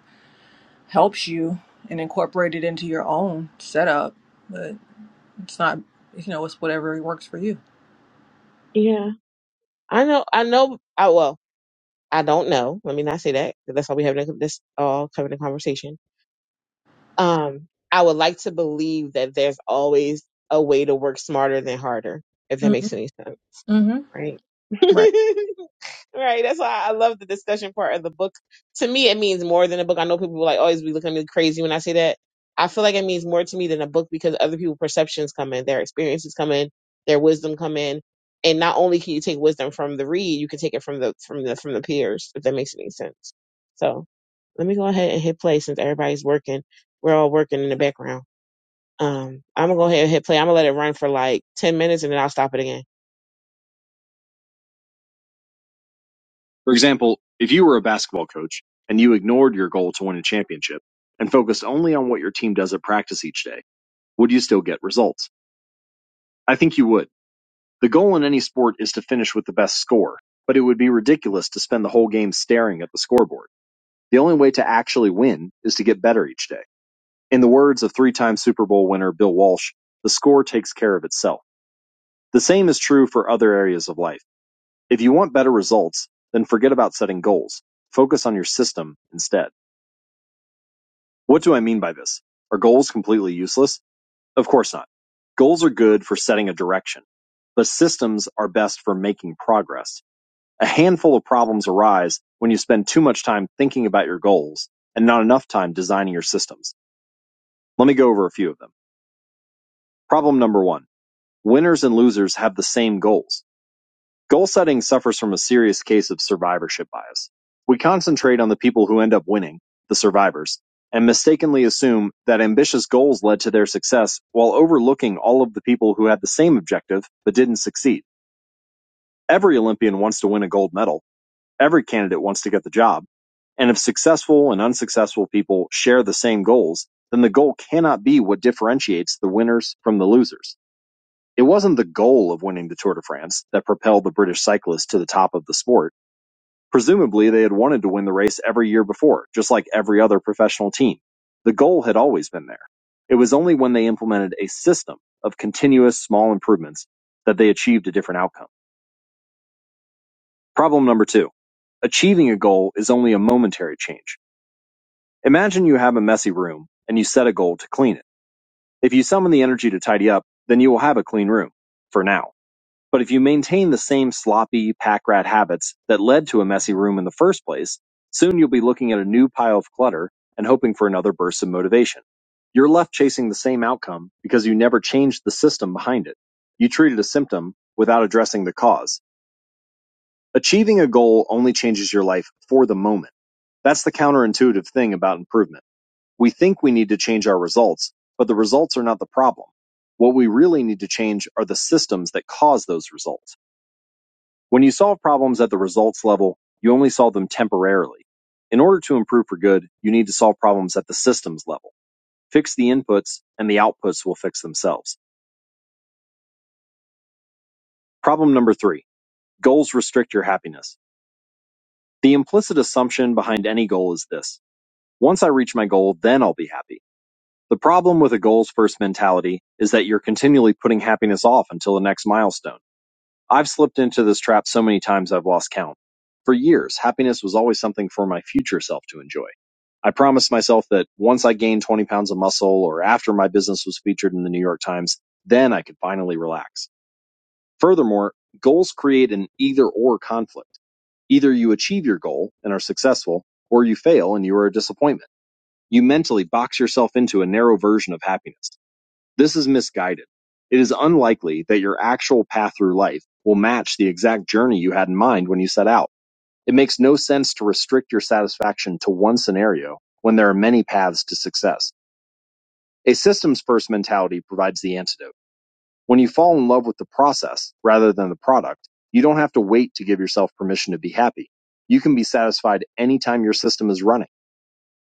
helps you and incorporate it into your own setup, but it's not, you know, it's whatever works for you. Yeah. I know, I know, I, well, I don't know. Let me not say that. 'cause That's why we have this all covered in conversation Um, I would like to believe that there's always a way to work smarter than harder, if that hmm makes any sense hmm right? Right. right. That's why I love the discussion part of the book. To me, it means more than a book. I know people will like always be looking at me crazy when I say that. I feel like it means more to me than a book because other people's perceptions come in, their experiences come in, their wisdom come in. And not only can you take wisdom from the read, you can take it from the from the from the peers, if that makes any sense. So let me go ahead and hit play since everybody's working. We're all working in the background. Um, I'm gonna go ahead and hit play. I'm gonna let it run for like ten minutes and then I'll stop it again. For example, if you were a basketball coach and you ignored your goal to win a championship and focused only on what your team does at practice each day, would you still get results? I think you would. The goal in any sport is to finish with the best score, but it would be ridiculous to spend the whole game staring at the scoreboard. The only way to actually win is to get better each day. In the words of three time Super Bowl winner Bill Walsh, the score takes care of itself. The same is true for other areas of life. If you want better results, then forget about setting goals. Focus on your system instead. What do I mean by this? Are goals completely useless? Of course not. Goals are good for setting a direction, but systems are best for making progress. A handful of problems arise when you spend too much time thinking about your goals and not enough time designing your systems. Let me go over a few of them. Problem number one. Winners and losers have the same goals. Goal setting suffers from a serious case of survivorship bias. We concentrate on the people who end up winning, the survivors, and mistakenly assume that ambitious goals led to their success while overlooking all of the people who had the same objective but didn't succeed. Every Olympian wants to win a gold medal. Every candidate wants to get the job. And if successful and unsuccessful people share the same goals, then the goal cannot be what differentiates the winners from the losers. It wasn't the goal of winning the Tour de France that propelled the British cyclist to the top of the sport Presumably they had wanted to win the race every year before, just like every other professional team. The goal had always been there. It was only when they implemented a system of continuous small improvements that they achieved a different outcome. Problem number two. Achieving a goal is only a momentary change. Imagine you have a messy room and you set a goal to clean it. If you summon the energy to tidy up, then you will have a clean room. For now. But if you maintain the same sloppy pack rat habits that led to a messy room in the first place, soon you'll be looking at a new pile of clutter and hoping for another burst of motivation. You're left chasing the same outcome because you never changed the system behind it. You treated a symptom without addressing the cause. Achieving a goal only changes your life for the moment. That's the counterintuitive thing about improvement. We think we need to change our results, but the results are not the problem. What we really need to change are the systems that cause those results. When you solve problems at the results level, you only solve them temporarily. In order to improve for good, you need to solve problems at the systems level. Fix the inputs, and the outputs will fix themselves. Problem number three goals restrict your happiness. The implicit assumption behind any goal is this once I reach my goal, then I'll be happy. The problem with a goals first mentality is that you're continually putting happiness off until the next milestone. I've slipped into this trap so many times I've lost count. For years, happiness was always something for my future self to enjoy. I promised myself that once I gained 20 pounds of muscle or after my business was featured in the New York Times, then I could finally relax. Furthermore, goals create an either or conflict. Either you achieve your goal and are successful, or you fail and you are a disappointment. You mentally box yourself into a narrow version of happiness. This is misguided. It is unlikely that your actual path through life will match the exact journey you had in mind when you set out. It makes no sense to restrict your satisfaction to one scenario when there are many paths to success. A systems first mentality provides the antidote. When you fall in love with the process rather than the product, you don't have to wait to give yourself permission to be happy. You can be satisfied anytime your system is running.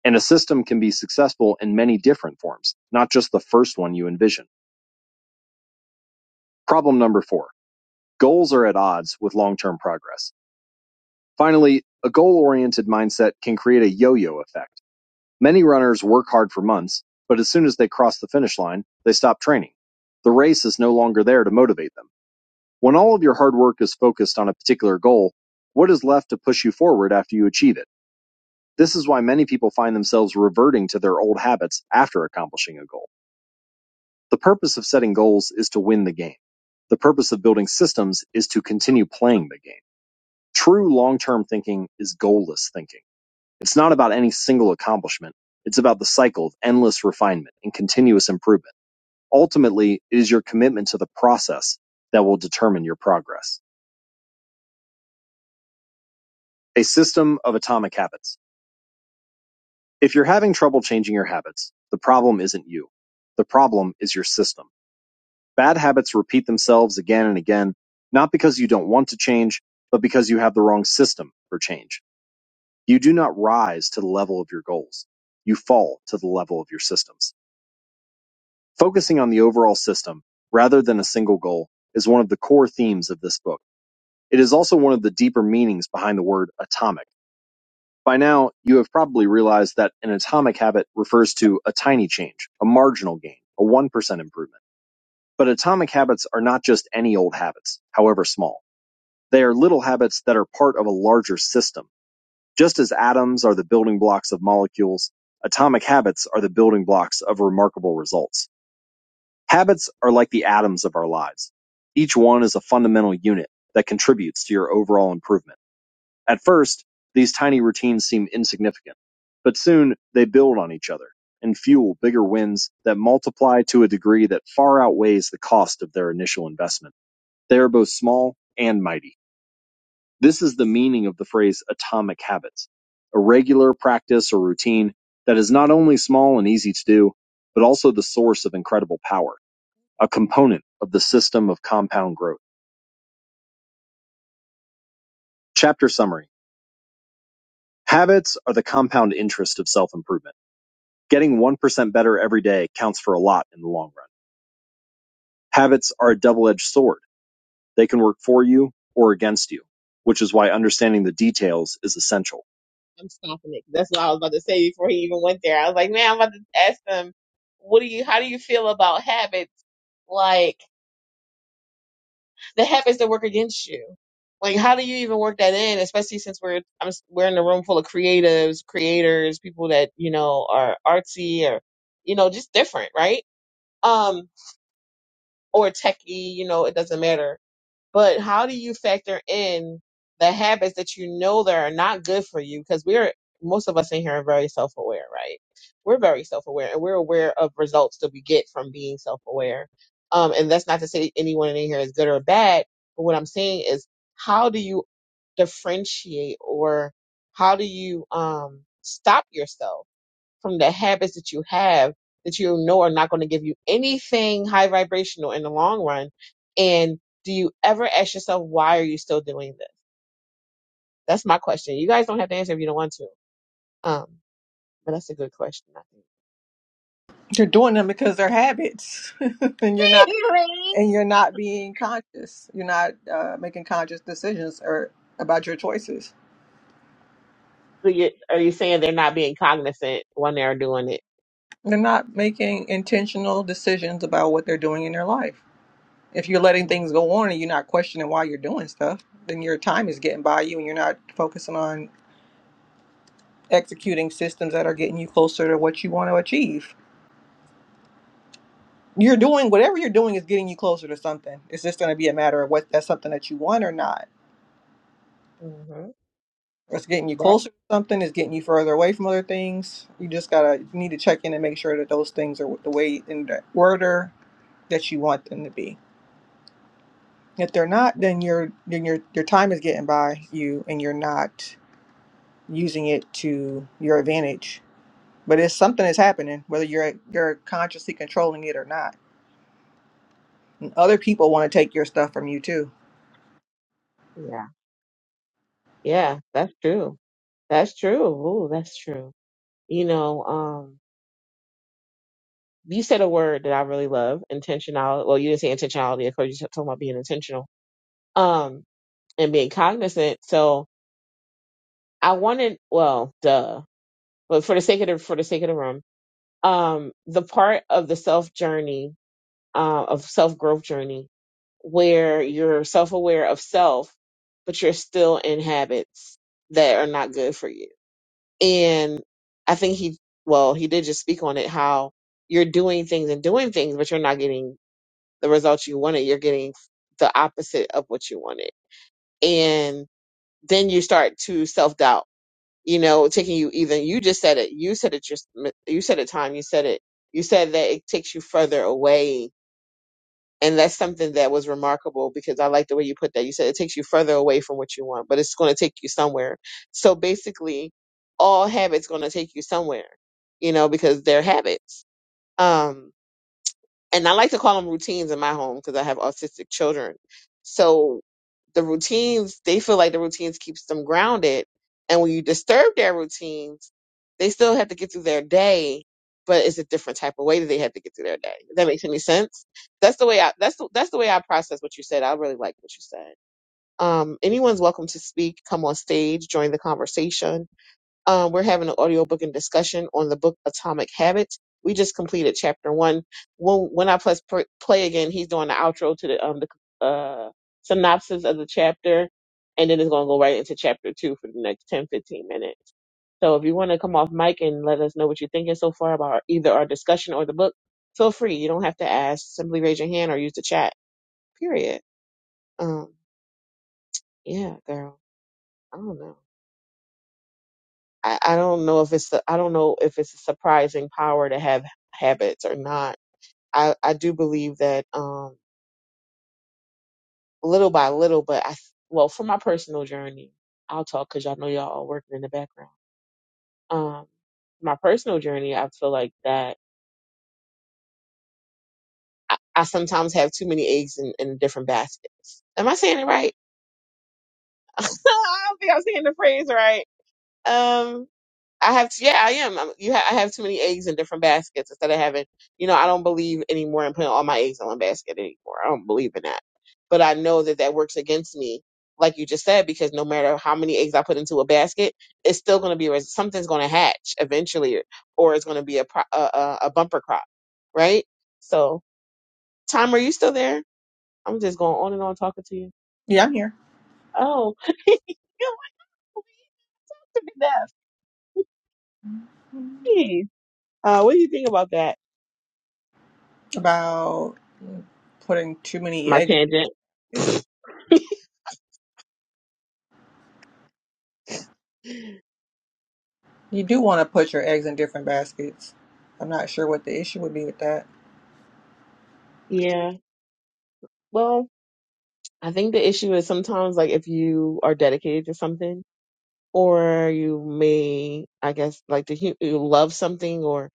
And a system can be successful in many different forms, not just the first one you envision. Problem number four Goals are at odds with long-term progress. Finally, a goal-oriented mindset can create a yo-yo effect. Many runners work hard for months, but as soon as they cross the finish line, they stop training. The race is no longer there to motivate them. When all of your hard work is focused on a particular goal, what is left to push you forward after you achieve it? This is why many people find themselves reverting to their old habits after accomplishing a goal. The purpose of setting goals is to win the game. The purpose of building systems is to continue playing the game. True long term thinking is goalless thinking. It's not about any single accomplishment, it's about the cycle of endless refinement and continuous improvement. Ultimately, it is your commitment to the process that will determine your progress. A system of atomic habits. If you're having trouble changing your habits, the problem isn't you. The problem is your system. Bad habits repeat themselves again and again, not because you don't want to change, but because you have the wrong system for change. You do not rise to the level of your goals. You fall to the level of your systems. Focusing on the overall system rather than a single goal is one of the core themes of this book. It is also one of the deeper meanings behind the word atomic. By now, you have probably realized that an atomic habit refers to a tiny change, a marginal gain, a 1% improvement. But atomic habits are not just any old habits, however small. They are little habits that are part of a larger system Just as atoms are the building blocks of molecules, atomic habits are the building blocks of remarkable results. Habits are like the atoms of our lives. Each one is a fundamental unit that contributes to your overall improvement. At first, these tiny routines seem insignificant, but soon they build on each other and fuel bigger wins that multiply to a degree that far outweighs the cost of their initial investment. They are both small and mighty. This is the meaning of the phrase atomic habits, a regular practice or routine that is not only small and easy to do, but also the source of incredible power, a component of the system of compound growth. Chapter summary. Habits are the compound interest of self-improvement. Getting 1% better every day counts for a lot in the long run. Habits are a double-edged sword. They can work for you or against you, which is why understanding the details is essential. I'm stopping it. That's what I was about to say before he even went there. I was like, man, I'm about to ask them, what do you, how do you feel about habits? Like the habits that work against you. Like, how do you even work that in? Especially since we're, I'm, s- we're in a room full of creatives, creators, people that, you know, are artsy or, you know, just different, right? Um, or techie, you know, it doesn't matter but how do you factor in the habits that you know that are not good for you because we're most of us in here are very self-aware right we're very self-aware and we're aware of results that we get from being self-aware um, and that's not to say anyone in here is good or bad but what i'm saying is how do you differentiate or how do you um, stop yourself from the habits that you have that you know are not going to give you anything high vibrational in the long run? And do you ever ask yourself, why are you still doing this? That's my question. You guys don't have to answer if you don't want to. Um, but that's a good question, I You're doing them because they're habits, and you're not think. and you're not being conscious. You're not uh, making conscious decisions or about your choices. So you, are you saying they're not being cognizant when they're doing it? They're not making intentional decisions about what they're doing in their life. If you're letting Mm. things go on and you're not questioning why you're doing stuff, then your time is getting by you and you're not focusing on executing systems that are getting you closer to what you want to achieve. You're doing whatever you're doing is getting you closer to something. It's just going to be a matter of what that's something that you want or not Mhm. Or it's getting you That closer to something, it's getting you further away from other things. You just gotta you need to check in and make sure that those things are the way in the order that you want them to be. If they're not, then your then your your time is getting by you and you're not using it to your advantage. But it's something that's happening, whether you're you're consciously controlling it or not. And other people want to take your stuff from you too. yeah. Yeah, that's true. That's true. Ooh, that's true. You know, um, you said a word that I really love, intentionality. Well, you didn't say intentionality, of course, you talking about being intentional. um and being cognizant so i wanted well duh but for the sake of the for the sake of the room um the part of the self journey uh, of self growth journey where you're self aware of self but you're still in habits that are not good for you and i think he well he did just speak on it how you're doing things and doing things but you're not getting the results you wanted you're getting the opposite of what you wanted then you start to self doubt. You know, taking you either you just said it, you said it, just you said it, time, you said it, you said that it takes you further away, and that's something that was remarkable because I like the way you put that. You said it takes you further away from what you want, but it's going to take you somewhere. So basically, all habits going to take you somewhere, you know, because they're habits. Um, and I like to call them routines in my home because I have autistic children. So the routines, they feel like the routines keeps them grounded. And when you disturb their routines, they still have to get through their day, but it's a different type of way that they have to get through their day. Does that makes any sense? That's the way I that's the, that's the way I process what you said. I really like what you said. Um, anyone's welcome to speak, come on stage, join the conversation um, we're having an audiobook and discussion on the book Atomic Habits. We just completed chapter one. When, when I press pr- play again, he's doing the outro to the, um, the uh, synopsis of the chapter, and then it's going to go right into chapter two for the next 10 15 minutes. So if you want to come off mic and let us know what you're thinking so far about either our discussion or the book, feel free. You don't have to ask. Simply raise your hand or use the chat. Period. Um, yeah, girl. I don't know. I, I don't know if it's a, I don't know if it's a surprising power to have habits or not. I I do believe that um little by little, but I well for my personal journey, I'll talk because y'all know y'all all working in the background. Um, my personal journey, I feel like that I, I sometimes have too many eggs in, in different baskets. Am I saying it right? I don't think I'm saying the phrase right Um, I have, yeah, I am. I'm, you ha- I have too many eggs in different baskets instead of having, you know, I don't believe anymore in putting all my eggs in one basket anymore. I don't believe in that. But I know that that works against me, like you just said, because no matter how many eggs I put into a basket, it's still going to be res- something's going to hatch eventually, or it's going to be a, pro- a a a bumper crop, right? So, Tom, are you still there? I'm just going on and on talking to you. Yeah, I'm here. Oh, you are like to be deaf. Jeez. Uh, what do you think about that? About putting too many My tangent. eggs. You do want to put your eggs in different baskets. I'm not sure what the issue would be with that. Yeah. Well, I think the issue is sometimes like if you are dedicated to something or you may, I guess, like the hu- you love something or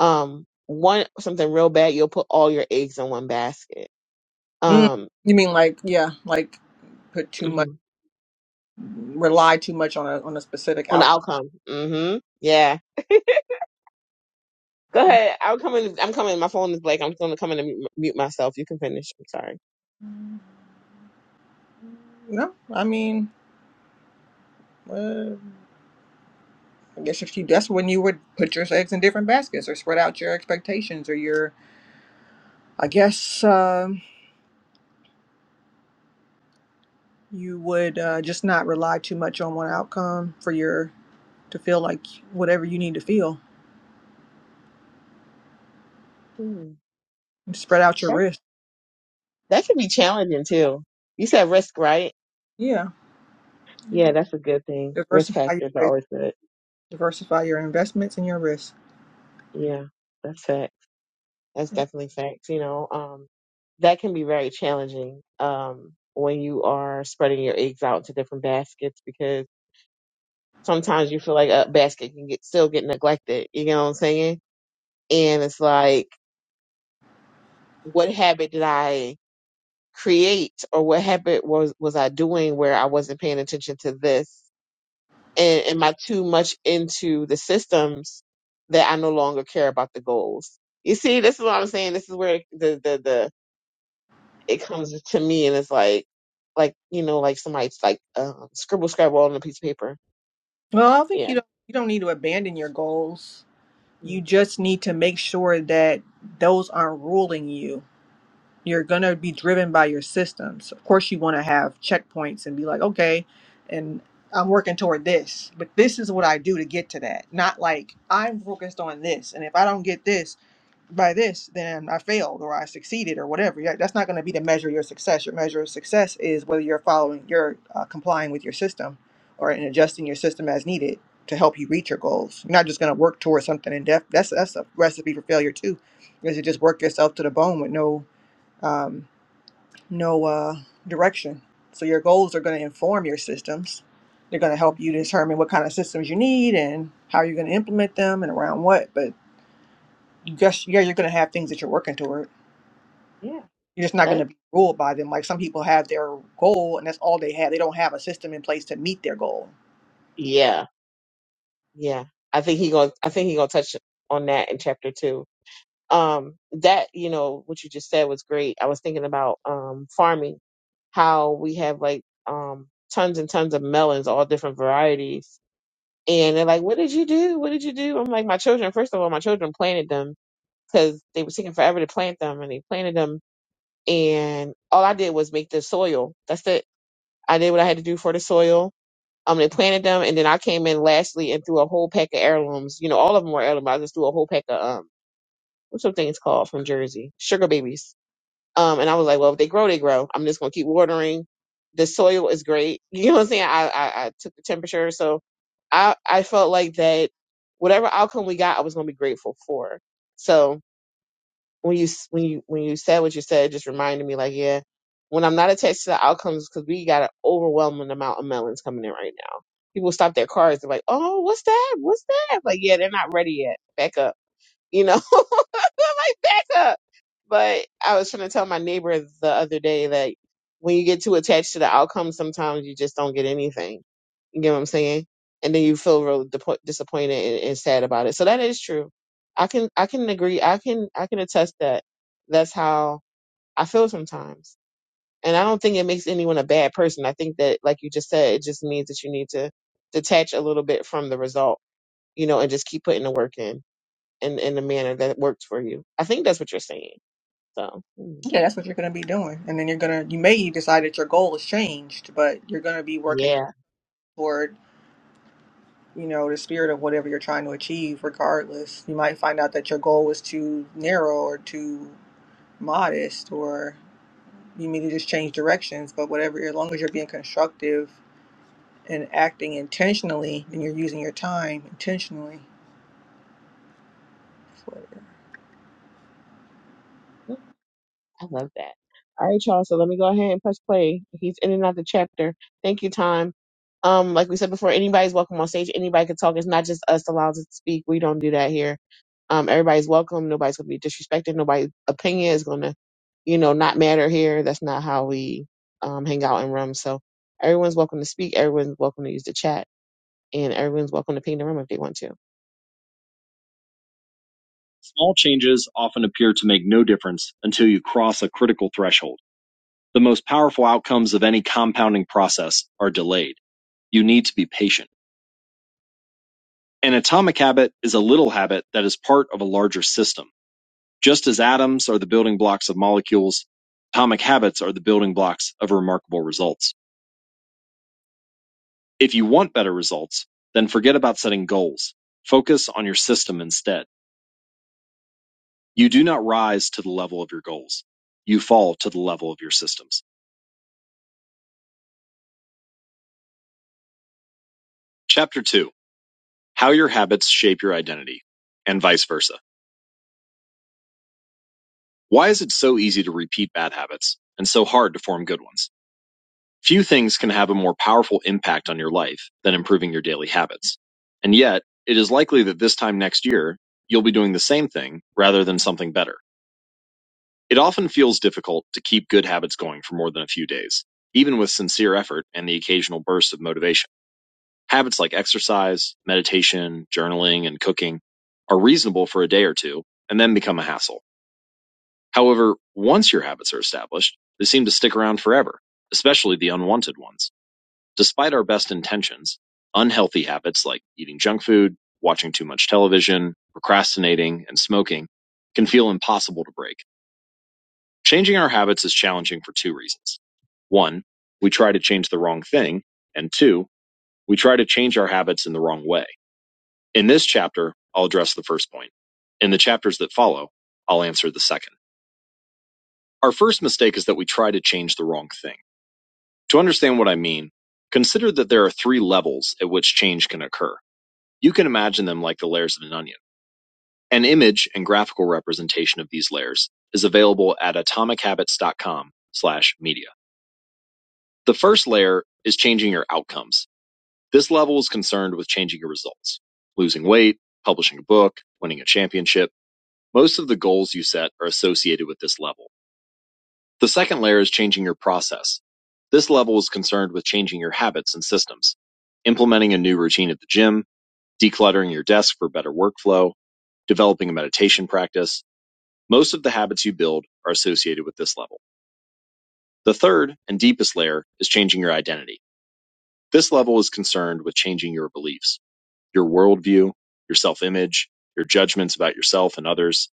um want something real bad, you'll put all your eggs in one basket. Mm, Um you mean like, yeah, like put too much, rely too much on a on a specific on the outcome. hmm Yeah. Go ahead. I'm coming. I'm coming. My phone is blank. I'm going to come in and mute mute myself. You can finish. I'm sorry. outcome? No, I mean, uh, I guess if you that's when you would put your eggs in different baskets or spread out your expectations or your, I guess um you would uh, just not rely too much on one outcome for your to feel like whatever you need to feel. Hmm. Spread out your risk. That can be challenging too. You said risk, right? Yeah. Yeah, Mhm. that's a good thing. Risk Diversify your factors are risk. always good. Diversify your investments and your risk. Yeah, that's fact. That's definitely facts. You know, um, that can be very challenging um, when you are spreading your eggs out to different baskets because sometimes you feel like a basket can get still get neglected. You know what I'm saying? And it's like, what habit did I create, or what habit was was I doing where I wasn't paying attention to this? and am I too much into the systems that I no longer care about the goals? You see, this is what I'm saying. This is where the the the it comes to me, and it's like, like you know, like somebody's like um, scribble scrabble on a piece of paper. Well, I don't think Yeah. you don't you don't need to abandon your goals. You Mm. just need to make sure that those aren't ruling you. You're gonna be driven by your systems. Of course you wanna have checkpoints and be like, okay, and I'm working toward this, but this is what I do to get to that. Not like I'm focused on this, and if I don't get this, by this, then I failed or I succeeded or whatever. Yeah, That's not going to be the measure of your success. Your measure of success is whether you're following, you're uh, complying with your system or in adjusting your system as needed to help you reach your goals. You're not just going to work towards something in depth. That's that's a recipe for failure too, is to just work yourself to the bone with no um, no uh, direction. So your goals are going to inform your systems. They're going to help you Mhm. determine what kind of systems you need and how you're going to implement them and around what. But you guess yeah, you're going to have things that you're working towards. Yeah. You're just not going That. to be ruled by them. Like some people have their goal and that's all they have. They don't have a system in place to meet their goal. Yeah. Yeah. I think he gonna. I think he gonna touch on that in chapter two. um that you know what you just said was great i was thinking about um farming how we have like um tons and tons of melons all different varieties and they're like what did you do what did you do i'm like my children first of all my children planted them because they were taking forever to plant them and they planted them and all i did was make the soil that's it i did what i had to do for the soil um they planted them and then i came in lastly and threw a whole pack of heirlooms you know all of them were heirlooms i just threw a whole pack of um what's those things called from jersey sugar babies um, and I was like, well, if they grow, they grow. I'm just gonna keep watering. The soil is great. You know what I'm saying? I, I, I took the temperature. So I, I felt like that whatever outcome we got, I was gonna be grateful for. So when you, s- when you, when you said what you said, it just reminded me like, yeah, when I'm not attached to the outcomes, cause we got an overwhelming amount of melons coming in right now. People stop their cars. They're like, oh, what's that? What's that? Like, yeah, they're not ready yet. Back up you know, like back up. But I was trying to tell my neighbor the other day that when you get too attached to the outcome, sometimes you just don't get anything. You get what I'm saying? And then you feel real depo- disappointed and, and sad about it. So that is true. I can I can agree. I can I can attest that that's how I feel sometimes. And I don't think it makes anyone a bad person. I think that, like you just said, it just means that you need to detach a little bit from the result, you know, and just keep putting the work in in in a manner that works for you. I think that's what you're saying. So mm, Yeah, that's what you're going to be doing. And then you're going to, you may decide that your goal has changed, but you're going to be working yeah, toward, you know, the spirit of whatever you're trying to achieve regardless. You might find out that your goal was too narrow or too modest or you need to just change directions. But whatever, as long as you're being constructive and acting intentionally and you're using your time intentionally. I love that. All right, y'all. So let me go ahead and press play. He's in and out the chapter. Thank you, time. Um, like we said before, anybody's welcome on stage. Anybody can talk. It's not just us allowed to speak. We don't do that here. Um, everybody's welcome. Nobody's gonna be disrespected. Nobody's opinion is gonna, you know, not matter here. That's not how we um hang out in rooms. So everyone's welcome to speak. Everyone's welcome to use the chat, and everyone's welcome to ping the room if they want to. Small changes often appear to make no difference until you cross a critical threshold. The most powerful outcomes of any compounding process are delayed. You need to be patient. An atomic habit is a little habit that is part of a larger system. Just as atoms are the building blocks of molecules, atomic habits are the building blocks of remarkable results. If you want better results, then forget about setting goals. Focus on your system instead. You do not rise to the level of your goals. You fall to the level of your systems. Chapter 2 How Your Habits Shape Your Identity and Vice Versa. Why is it so easy to repeat bad habits and so hard to form good ones? Few things can have a more powerful impact on your life than improving your daily habits. And yet, it is likely that this time next year, you'll be doing the same thing rather than something better. It often feels difficult to keep good habits going for more than a few days, even with sincere effort and the occasional burst of motivation. Habits like exercise, meditation, journaling, and cooking are reasonable for a day or two and then become a hassle. However, once your habits are established, they seem to stick around forever, especially the unwanted ones. Despite our best intentions, unhealthy habits like eating junk food, watching too much television, procrastinating, and smoking can feel impossible to break. Changing our habits is challenging for two reasons. One, we try to change the wrong thing, and two, we try to change our habits in the wrong way. In this chapter, I'll address the first point. In the chapters that follow, I'll answer the second. Our first mistake is that we try to change the wrong thing. To understand what I mean, consider that there are three levels at which change can occur. You can imagine them like the layers of an onion. An image and graphical representation of these layers is available at atomichabits.com slash media. The first layer is changing your outcomes. This level is concerned with changing your results. Losing weight, publishing a book, winning a championship. Most of the goals you set are associated with this level. The second layer is changing your process. This level is concerned with changing your habits and systems, implementing a new routine at the gym, decluttering your desk for better workflow, developing a meditation practice. Most of the habits you build are associated with this level. The third and deepest layer is changing your identity. This level is concerned with changing your beliefs, your worldview, your self image, your judgments about yourself and others.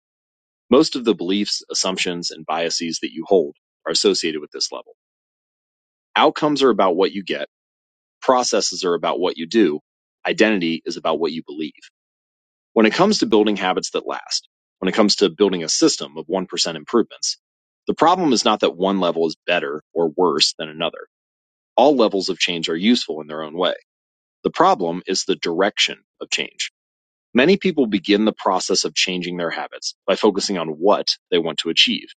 Most of the beliefs, assumptions, and biases that you hold are associated with this level. Outcomes are about what you get Processes are about what you do. Identity is about what you believe. When it comes to building habits that last, when it comes to building a system of 1% improvements, the problem is not that one level is better or worse than another. All levels of change are useful in their own way. The problem is the direction of change. Many people begin the process of changing their habits by focusing on what they want to achieve.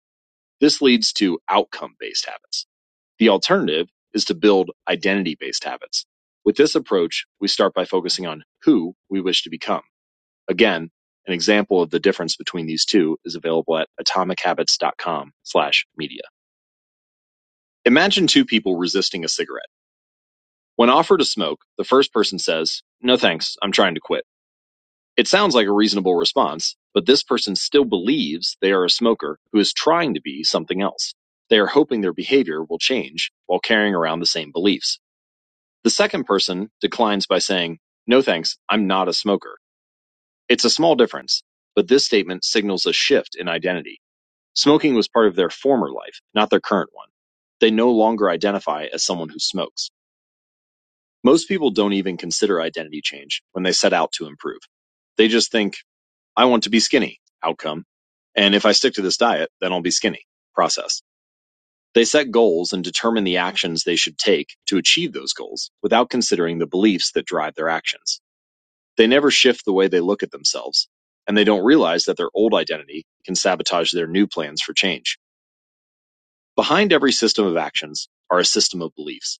This leads to outcome based habits. The alternative is to build identity based habits. With this approach, we start by focusing on who we wish to become. Again, an example of the difference between these two is available at atomichabits.com slash media. Imagine two people resisting a cigarette. When offered a smoke, the first person says, no thanks, I'm trying to quit. It sounds like a reasonable response, but this person still believes they are a smoker who is trying to be something else. They are hoping their behavior will change while carrying around the same beliefs. The second person declines by saying, No thanks, I'm not a smoker. It's a small difference, but this statement signals a shift in identity. Smoking was part of their former life, not their current one. They no longer identify as someone who smokes. Most people don't even consider identity change when they set out to improve. They just think, I want to be skinny, outcome. And if I stick to this diet, then I'll be skinny, process. They set goals and determine the actions they should take to achieve those goals without considering the beliefs that drive their actions. They never shift the way they look at themselves, and they don't realize that their old identity can sabotage their new plans for change. Behind every system of actions are a system of beliefs.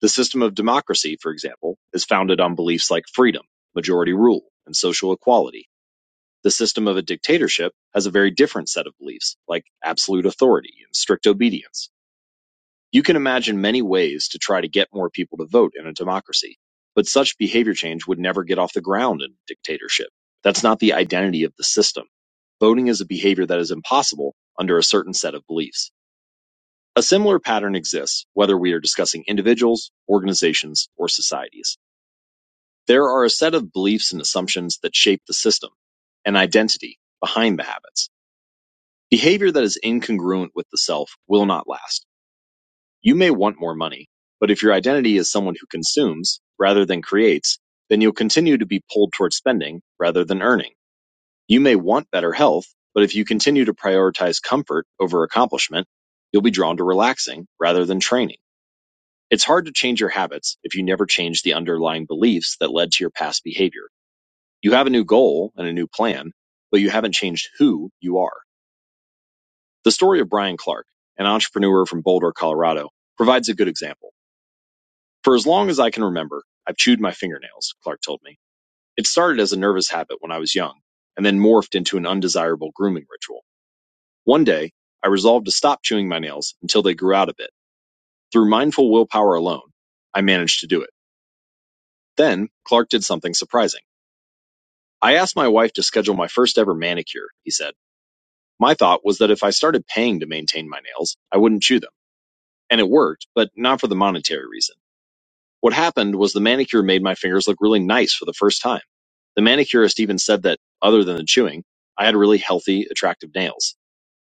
The system of democracy, for example, is founded on beliefs like freedom, majority rule, and social equality. The system of a dictatorship has a very different set of beliefs, like absolute authority and strict obedience. You can imagine many ways to try to get more people to vote in a democracy, but such behavior change would never get off the ground in a dictatorship. That's not the identity of the system. Voting is a behavior that is impossible under a certain set of beliefs. A similar pattern exists whether we are discussing individuals, organizations, or societies. There are a set of beliefs and assumptions that shape the system, an identity behind the habits. Behavior that is incongruent with the self will not last. You may want more money, but if your identity is someone who consumes rather than creates, then you'll continue to be pulled toward spending rather than earning. You may want better health, but if you continue to prioritize comfort over accomplishment, you'll be drawn to relaxing rather than training. It's hard to change your habits if you never change the underlying beliefs that led to your past behavior. You have a new goal and a new plan, but you haven't changed who you are. The story of Brian Clark, an entrepreneur from Boulder, Colorado, provides a good example. For as long as I can remember, I've chewed my fingernails, Clark told me. It started as a nervous habit when I was young, and then morphed into an undesirable grooming ritual. One day, I resolved to stop chewing my nails until they grew out a bit. Through mindful willpower alone, I managed to do it. Then, Clark did something surprising. I asked my wife to schedule my first ever manicure, he said. My thought was that if I started paying to maintain my nails, I wouldn't chew them. And it worked, but not for the monetary reason. What happened was the manicure made my fingers look really nice for the first time. The manicurist even said that, other than the chewing, I had really healthy, attractive nails.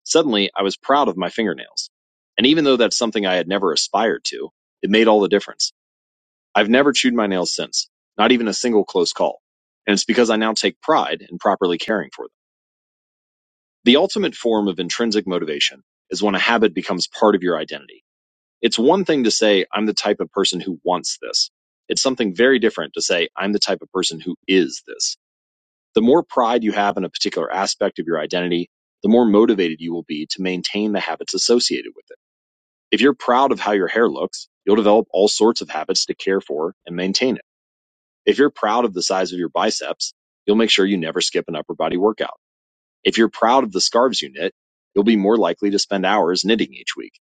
Suddenly, I was proud of my fingernails. And even though that's something I had never aspired to, it made all the difference. I've never chewed my nails since, not even a single close call. And it's because I now take pride in properly caring for them. The ultimate form of intrinsic motivation is when a habit becomes part of your identity. It's one thing to say, I'm the type of person who wants this. It's something very different to say, I'm the type of person who is this. The more pride you have in a particular aspect of your identity, the more motivated you will be to maintain the habits associated with it. If you're proud of how your hair looks, you'll develop all sorts of habits to care for and maintain it. If you're proud of the size of your biceps, you'll make sure you never skip an upper body workout. If you're proud of the scarves you knit, you'll be more likely to spend hours knitting each week.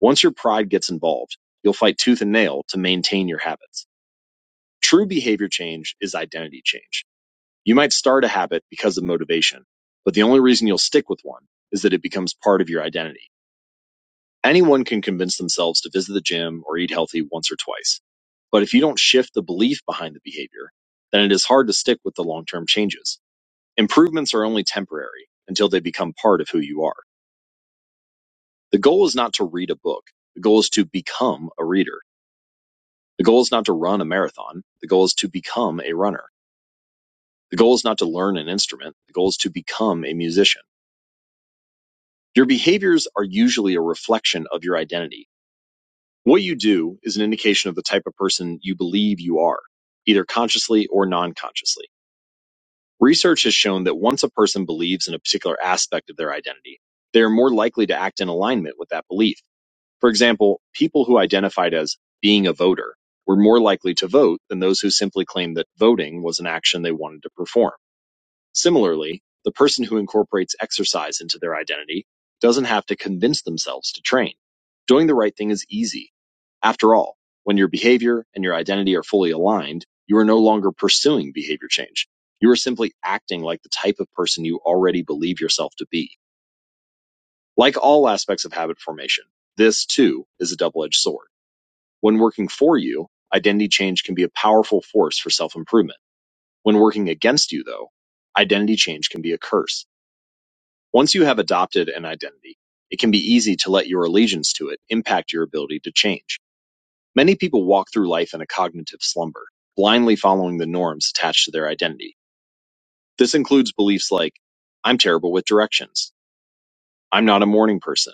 Once your pride gets involved, you'll fight tooth and nail to maintain your habits. True behavior change is identity change. You might start a habit because of motivation, but the only reason you'll stick with one is that it becomes part of your identity. Anyone can convince themselves to visit the gym or eat healthy once or twice. But if you don't shift the belief behind the behavior, then it is hard to stick with the long-term changes. Improvements are only temporary until they become part of who you are. The goal is not to read a book. The goal is to become a reader. The goal is not to run a marathon. The goal is to become a runner. The goal is not to learn an instrument. The goal is to become a musician. Your behaviors are usually a reflection of your identity. What you do is an indication of the type of person you believe you are, either consciously or non consciously. Research has shown that once a person believes in a particular aspect of their identity, they are more likely to act in alignment with that belief. For example, people who identified as being a voter were more likely to vote than those who simply claimed that voting was an action they wanted to perform. Similarly, the person who incorporates exercise into their identity doesn't have to convince themselves to train. Doing the right thing is easy. After all, when your behavior and your identity are fully aligned, you are no longer pursuing behavior change. You are simply acting like the type of person you already believe yourself to be. Like all aspects of habit formation, this too is a double edged sword. When working for you, identity change can be a powerful force for self improvement. When working against you, though, identity change can be a curse. Once you have adopted an identity, it can be easy to let your allegiance to it impact your ability to change. Many people walk through life in a cognitive slumber, blindly following the norms attached to their identity. This includes beliefs like, I'm terrible with directions. I'm not a morning person.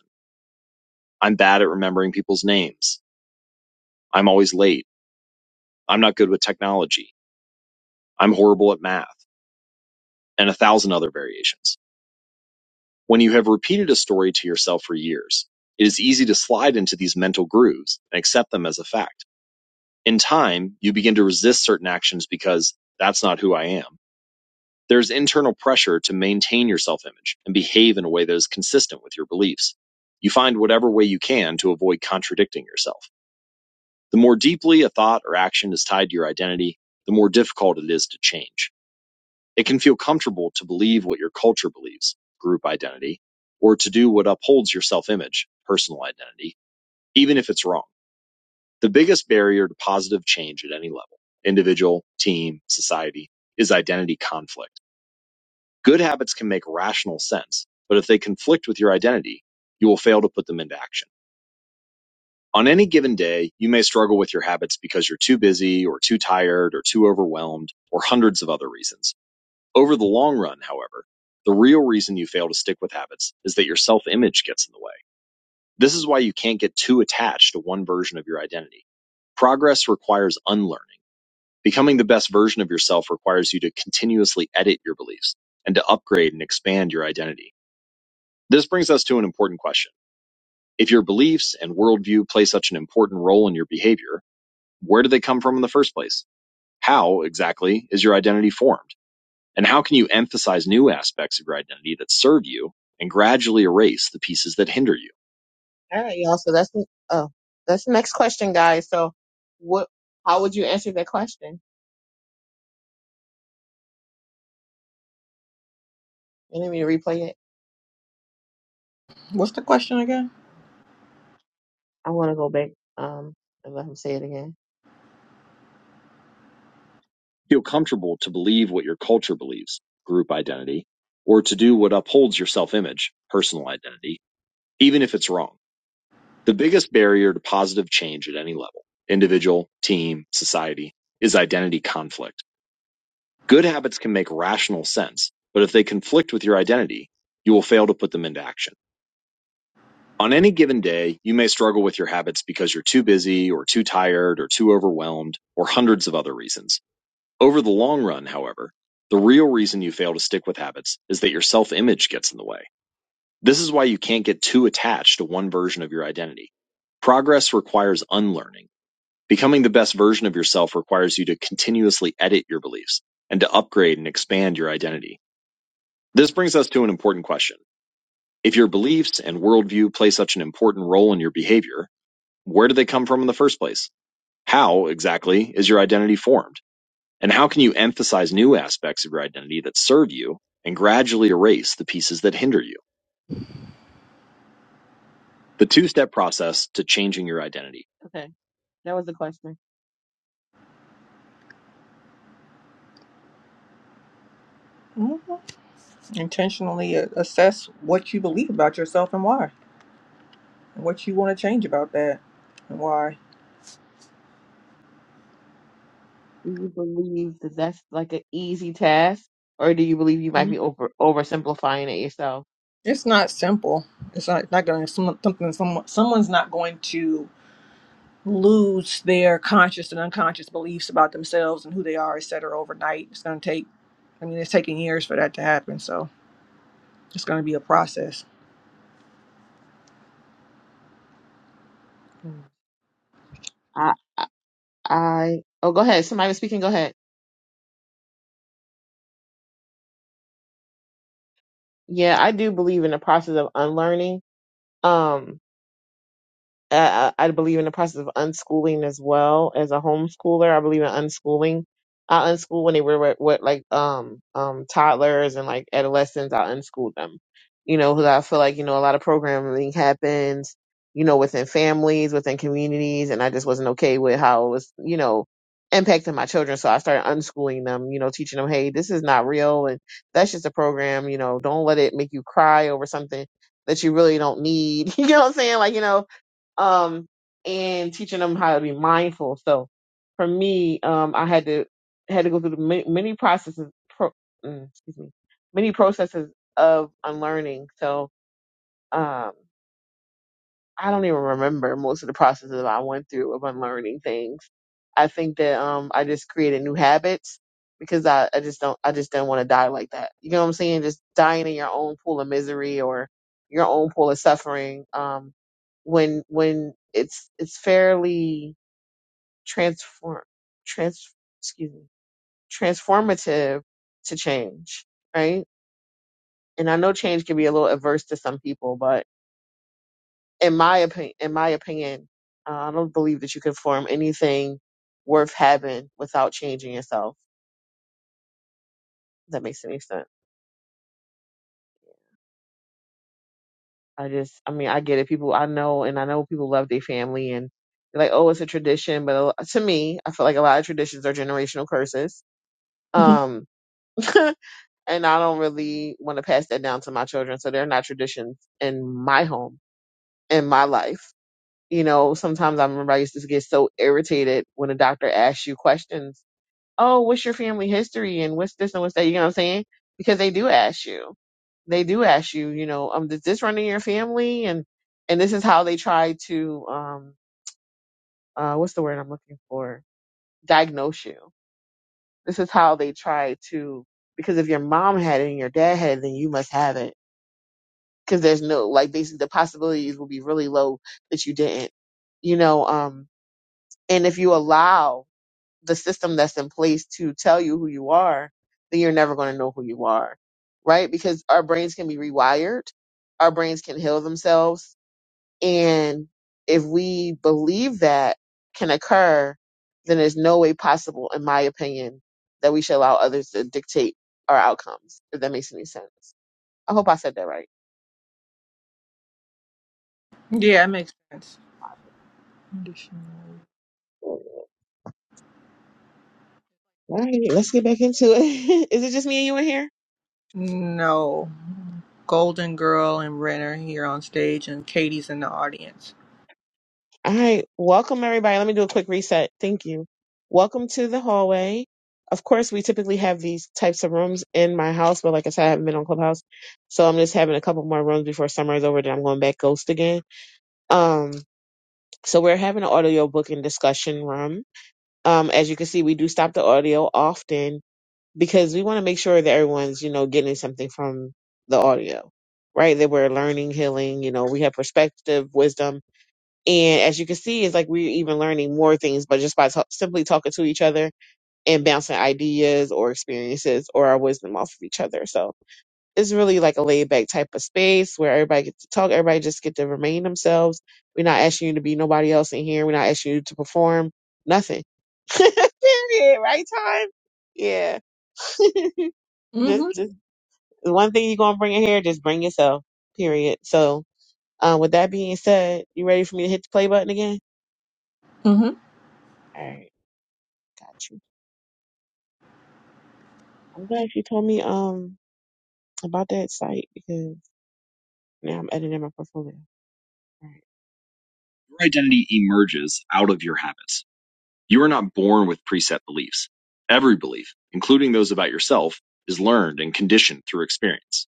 I'm bad at remembering people's names. I'm always late. I'm not good with technology. I'm horrible at math. and a thousand other variations. When you have repeated a story to yourself for years, it is easy to slide into these mental grooves and accept them as a fact. In time, you begin to resist certain actions because that's not who I am. There's internal pressure to maintain your self image and behave in a way that is consistent with your beliefs. You find whatever way you can to avoid contradicting yourself. The more deeply a thought or action is tied to your identity, the more difficult it is to change. It can feel comfortable to believe what your culture believes, group identity, or to do what upholds your self image, personal identity, even if it's wrong. The biggest barrier to positive change at any level, individual, team, society, is identity conflict. Good habits can make rational sense, but if they conflict with your identity, you will fail to put them into action. On any given day, you may struggle with your habits because you're too busy or too tired or too overwhelmed or hundreds of other reasons. Over the long run, however, the real reason you fail to stick with habits is that your self image gets in the way. This is why you can't get too attached to one version of your identity. Progress requires unlearning. Becoming the best version of yourself requires you to continuously edit your beliefs and to upgrade and expand your identity. This brings us to an important question. If your beliefs and worldview play such an important role in your behavior, where do they come from in the first place? How exactly is your identity formed? And how can you emphasize new aspects of your identity that serve you and gradually erase the pieces that hinder you? All right, y'all. So that's the- oh, that's the next question, guys. So what? How would you answer that question? You need me to replay it? What's the question again? I want to go back um and let him say it again. Feel comfortable to believe what your culture believes, group identity, or to do what upholds your self image, personal identity, even if it's wrong. The biggest barrier to positive change at any level, individual, team, society, is identity conflict. Good habits can make rational sense, but if they conflict with your identity, you will fail to put them into action. On any given day, you may struggle with your habits because you're too busy or too tired or too overwhelmed or hundreds of other reasons. Over the long run, however, the real reason you fail to stick with habits is that your self image gets in the way. This is why you can't get too attached to one version of your identity. Progress requires unlearning. Becoming the best version of yourself requires you to continuously edit your beliefs and to upgrade and expand your identity. This brings us to an important question. If your beliefs and worldview play such an important role in your behavior, where do they come from in the first place? How exactly is your identity formed? And how can you emphasize new aspects of your identity that serve you and gradually erase the pieces that hinder you? The two step process to changing your identity. Okay, that was the question. intentionally a- assess what you believe about yourself and why, and what you want to change about that and why. Do you believe that that's like an easy task, or do you believe you might Mhm. be over oversimplifying it yourself? It's not simple. It's not, not going to some, something. Someone, someone's not going to lose their conscious and unconscious beliefs about themselves and who they are, et cetera, overnight. It's going to take. I mean, it's taking years for that to happen. So it's going to be a process. Hmm. I, I, I, oh, go ahead. Somebody was speaking. Go ahead. Yeah, I do believe in the process of unlearning. Um, uh, I believe in the process of unschooling as well as a homeschooler. I believe in unschooling. I unschool when they were what, what like um um toddlers and like adolescents. I unschooled them, you know, because I feel like you know a lot of programming happens, you know, within families, within communities, and I just wasn't okay with how it was, you know, impacting my children. So I started unschooling them, you know, teaching them, hey, this is not real, and that's just a program, you know. Don't let it make you cry over something that you really don't need. you know what I'm saying? Like you know um, and teaching them how to be mindful. So for me, um, I had to had to go through the many, many processes, pro, mm, excuse me, many processes of unlearning. So um, I don't even remember most of the processes I went through of unlearning things. I think that um I just created new habits because I, I just don't I just didn't want to die like that. You know what I'm saying? Just dying in your own pool of misery or your own pool of suffering. Um when when it's it's fairly transform trans excuse me transformative to change, right? And I know change can be a little adverse to some people, but in my opinion, in my opinion, uh, I don't believe that you can form anything worth having without changing yourself. If that makes any sense. I just, I mean, I get it. People, I know, and I know people love their family and they're like, oh, it's a tradition. But a lo- to me, I feel like a lot of traditions are generational curses. yeah, Um, and I don't really want to pass that down to my children. So they're not traditions in my home, in my life. You know, sometimes I remember I used to get so irritated when a doctor asked you questions oh, what's your family history and what's this and what's that? You know what I'm saying? Because they do ask you. They do ask you, you know, um, does this run in your family? And and this is how they try to um uh what's the word I'm looking for? Diagnose you. This is how they try to because if your mom had it and your dad had it, then you must have it. Because there's no like basically the possibilities will be really low that you didn't. You know, um and if you allow the system that's in place to tell you who you are, then you're never going to know who you are, right? Because our brains can be rewired, our brains can heal themselves. And if we believe that can occur, then there's no way possible, in my opinion, that we should allow others to dictate our outcomes, if that makes any sense. I hope I said that right. it makes sense. Conditional. All right, let's get back into it. Is it just me and you in here? No, Golden Girl and Ren are here on stage, and Katie's in the audience. All right, welcome everybody. Let me do a quick reset. Thank you. Welcome to the hallway. Of course, we typically have these types of rooms in my house, but like I said, I haven't been on Clubhouse, so I'm just having a couple more rooms before summer is over. Then I'm going back ghost again. Um, so we're having an audio book and discussion room. Um, as you can see, we do stop the audio often because we want to make sure that everyone's you know getting something from the audio, right? That we're learning, healing. You know, we have perspective, wisdom and as you can see, it's like we're even learning more things, but just by ta- simply talking to each other and bouncing ideas or experiences or our wisdom off of each other. So it's really like a laid back type of space where everybody gets to talk. Everybody just get to remain themselves. We're not asking you to be nobody else in here. We're not asking you to perform nothing. Period. Right time. Yeah. just, Mm-hmm. just the one thing you're gonna bring in here. Just bring yourself. Period. So, um, with that being said, you ready for me to hit the play button again? mm-hmm. All right. Got you. I'm glad you told me um about that site because now I'm editing my portfolio. All right. Your identity emerges out of your habits. You are not born with preset beliefs. Every belief, including those about yourself, is learned and conditioned through experience.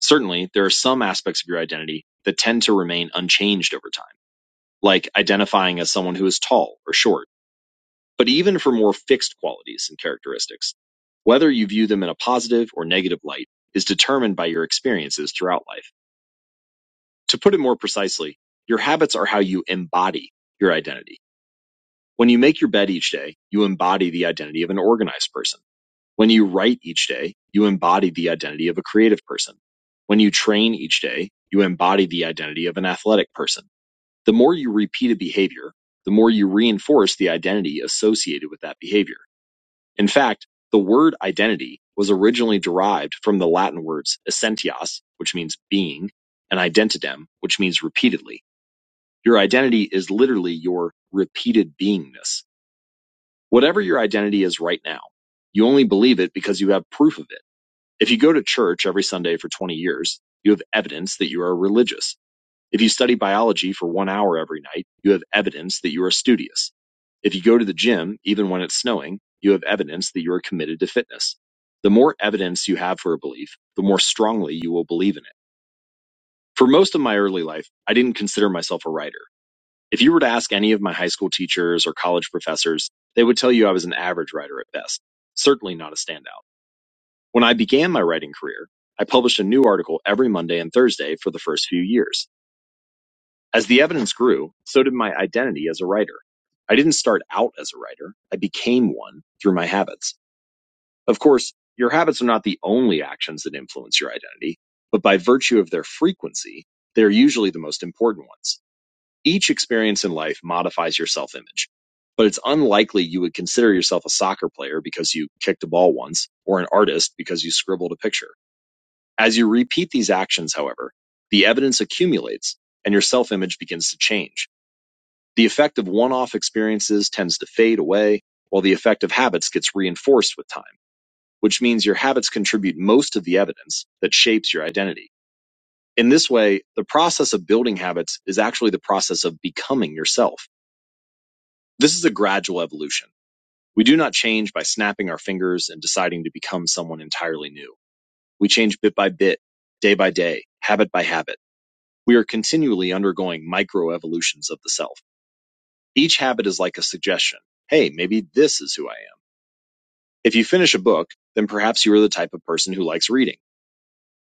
Certainly, there are some aspects of your identity that tend to remain unchanged over time, like identifying as someone who is tall or short but even for more fixed qualities and characteristics. Whether you view them in a positive or negative light is determined by your experiences throughout life. To put it more precisely, your habits are how you embody your identity. When you make your bed each day, you embody the identity of an organized person. When you write each day, you embody the identity of a creative person. When you train each day, you embody the identity of an athletic person. The more you repeat a behavior, the more you reinforce the identity associated with that behavior. In fact, the word identity was originally derived from the Latin words essentias, which means being, and identidem, which means repeatedly. Your identity is literally your repeated beingness. Whatever your identity is right now, you only believe it because you have proof of it. If you go to church every Sunday for 20 years, you have evidence that you are religious. If you study biology for one hour every night, you have evidence that you are studious. If you go to the gym, even when it's snowing, you have evidence that you are committed to fitness. The more evidence you have for a belief, the more strongly you will believe in it. For most of my early life, I didn't consider myself a writer. If you were to ask any of my high school teachers or college professors, they would tell you I was an average writer at best, certainly not a standout. When I began my writing career, I published a new article every Monday and Thursday for the first few years. As the evidence grew, so did my identity as a writer. I didn't start out as a writer. I became one through my habits. Of course, your habits are not the only actions that influence your identity, but by virtue of their frequency, they're usually the most important ones. Each experience in life modifies your self image, but it's unlikely you would consider yourself a soccer player because you kicked a ball once or an artist because you scribbled a picture. As you repeat these actions, however, the evidence accumulates and your self image begins to change. The effect of one-off experiences tends to fade away, while the effect of habits gets reinforced with time, which means your habits contribute most of the evidence that shapes your identity. In this way, the process of building habits is actually the process of becoming yourself. This is a gradual evolution. We do not change by snapping our fingers and deciding to become someone entirely new. We change bit by bit, day by day, habit by habit. We are continually undergoing microevolutions of the self. Each habit is like a suggestion. Hey, maybe this is who I am If you finish a book, then perhaps you are the type of person who likes reading.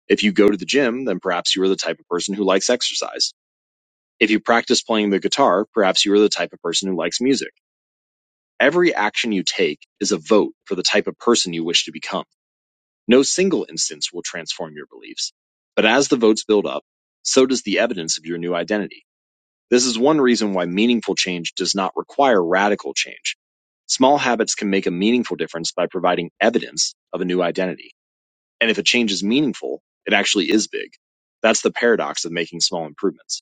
If you go to the gym, then perhaps you are the type of person who likes exercise. If you practice playing the guitar, perhaps you are the type of person who likes music. Every action you take is a vote for the type of person you wish to become. No single instance will transform your beliefs. But as the votes build up, so does the evidence of your new identity. This is one reason why meaningful change does not require radical change. Small habits can make a meaningful difference by providing evidence of a new identity. And if a change is meaningful, it actually is big. That's the paradox of making small improvements.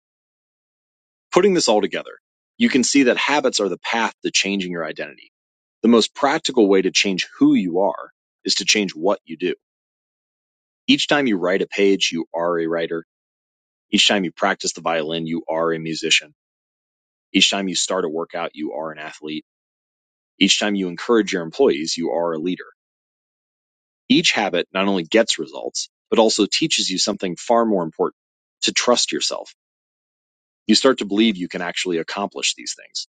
Putting this all together, you can see that habits are the path to changing your identity. The most practical way to change who you are is to change what you do. Each time you write a page, you are a writer. Each time you practice the violin, you are a musician. Each time you start a workout, you are an athlete. Each time you encourage your employees, you are a leader. Each habit not only gets results, but also teaches you something far more important to trust yourself You start to believe you can actually accomplish these things.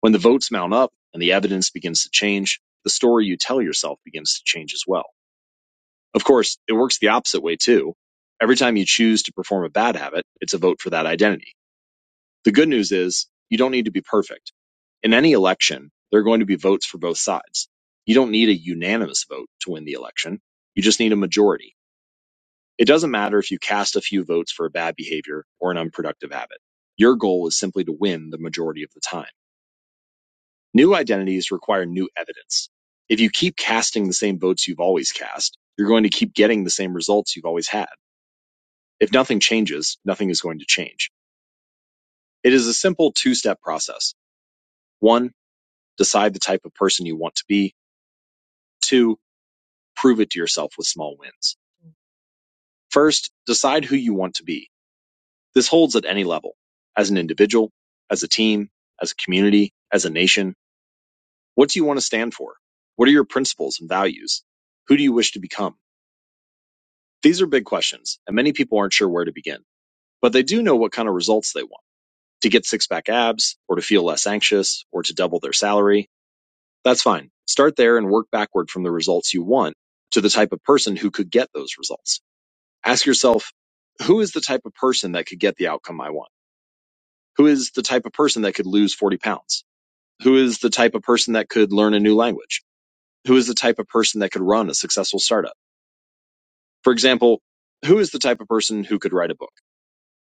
When the votes mount up and the evidence begins to change, the story you tell yourself begins to change as well. Of course, it works the opposite way too. Every time you choose to perform a bad habit, it's a vote for that identity. The good news is you don't need to be perfect. In any election, there are going to be votes for both sides. You don't need a unanimous vote to win the election. You just need a majority. It doesn't matter if you cast a few votes for a bad behavior or an unproductive habit. Your goal is simply to win the majority of the time. New identities require new evidence. If you keep casting the same votes you've always cast, you're going to keep getting the same results you've always had. If nothing changes, nothing is going to change. It is a simple two step process. One, decide the type of person you want to be. Two, prove it to yourself with small wins. First, decide who you want to be. This holds at any level as an individual, as a team, as a community, as a nation. What do you want to stand for? What are your principles and values? Who do you wish to become? These are big questions, and many people aren't sure where to begin, but they do know what kind of results they want to get six pack abs, or to feel less anxious, or to double their salary. That's fine. Start there and work backward from the results you want to the type of person who could get those results. Ask yourself, who is the type of person that could get the outcome I want? Who is the type of person that could lose 40 pounds? Who is the type of person that could learn a new language? Who is the type of person that could run a successful startup? For example, who is the type of person who could write a book?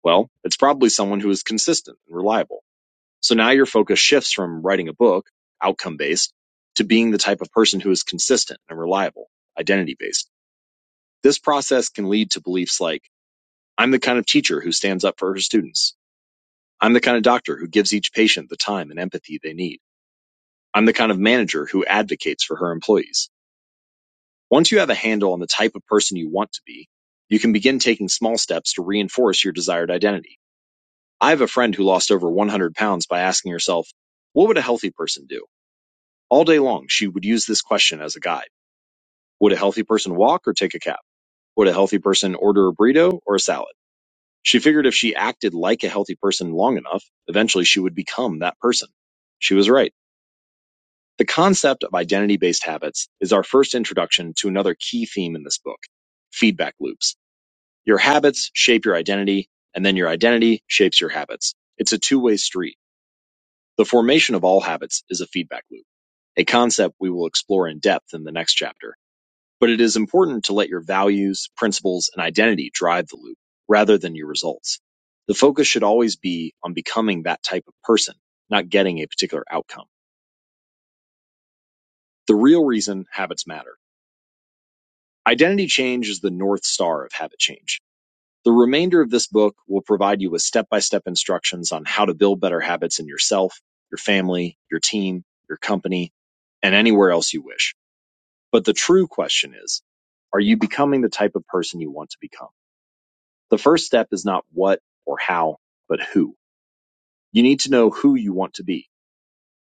Well, it's probably someone who is consistent and reliable. So now your focus shifts from writing a book, outcome based, to being the type of person who is consistent and reliable, identity based. This process can lead to beliefs like, I'm the kind of teacher who stands up for her students. I'm the kind of doctor who gives each patient the time and empathy they need. I'm the kind of manager who advocates for her employees. Once you have a handle on the type of person you want to be, you can begin taking small steps to reinforce your desired identity. I have a friend who lost over 100 pounds by asking herself, what would a healthy person do? All day long, she would use this question as a guide. Would a healthy person walk or take a cab? Would a healthy person order a burrito or a salad? She figured if she acted like a healthy person long enough, eventually she would become that person. She was right. The concept of identity based habits is our first introduction to another key theme in this book feedback loops. Your habits shape your identity, and then your identity shapes your habits. It's a two way street. The formation of all habits is a feedback loop, a concept we will explore in depth in the next chapter, but it is important to let your values, principles, and identity drive the loop rather than your results. The focus should always be on becoming that type of person, not getting a particular outcome. The real reason habits matter. Identity change is the North Star of habit change. The remainder of this book will provide you with step by step instructions on how to build better habits in yourself, your family, your team, your company, and anywhere else you wish. But the true question is are you becoming the type of person you want to become? The first step is not what or how, but who. You need to know who you want to be.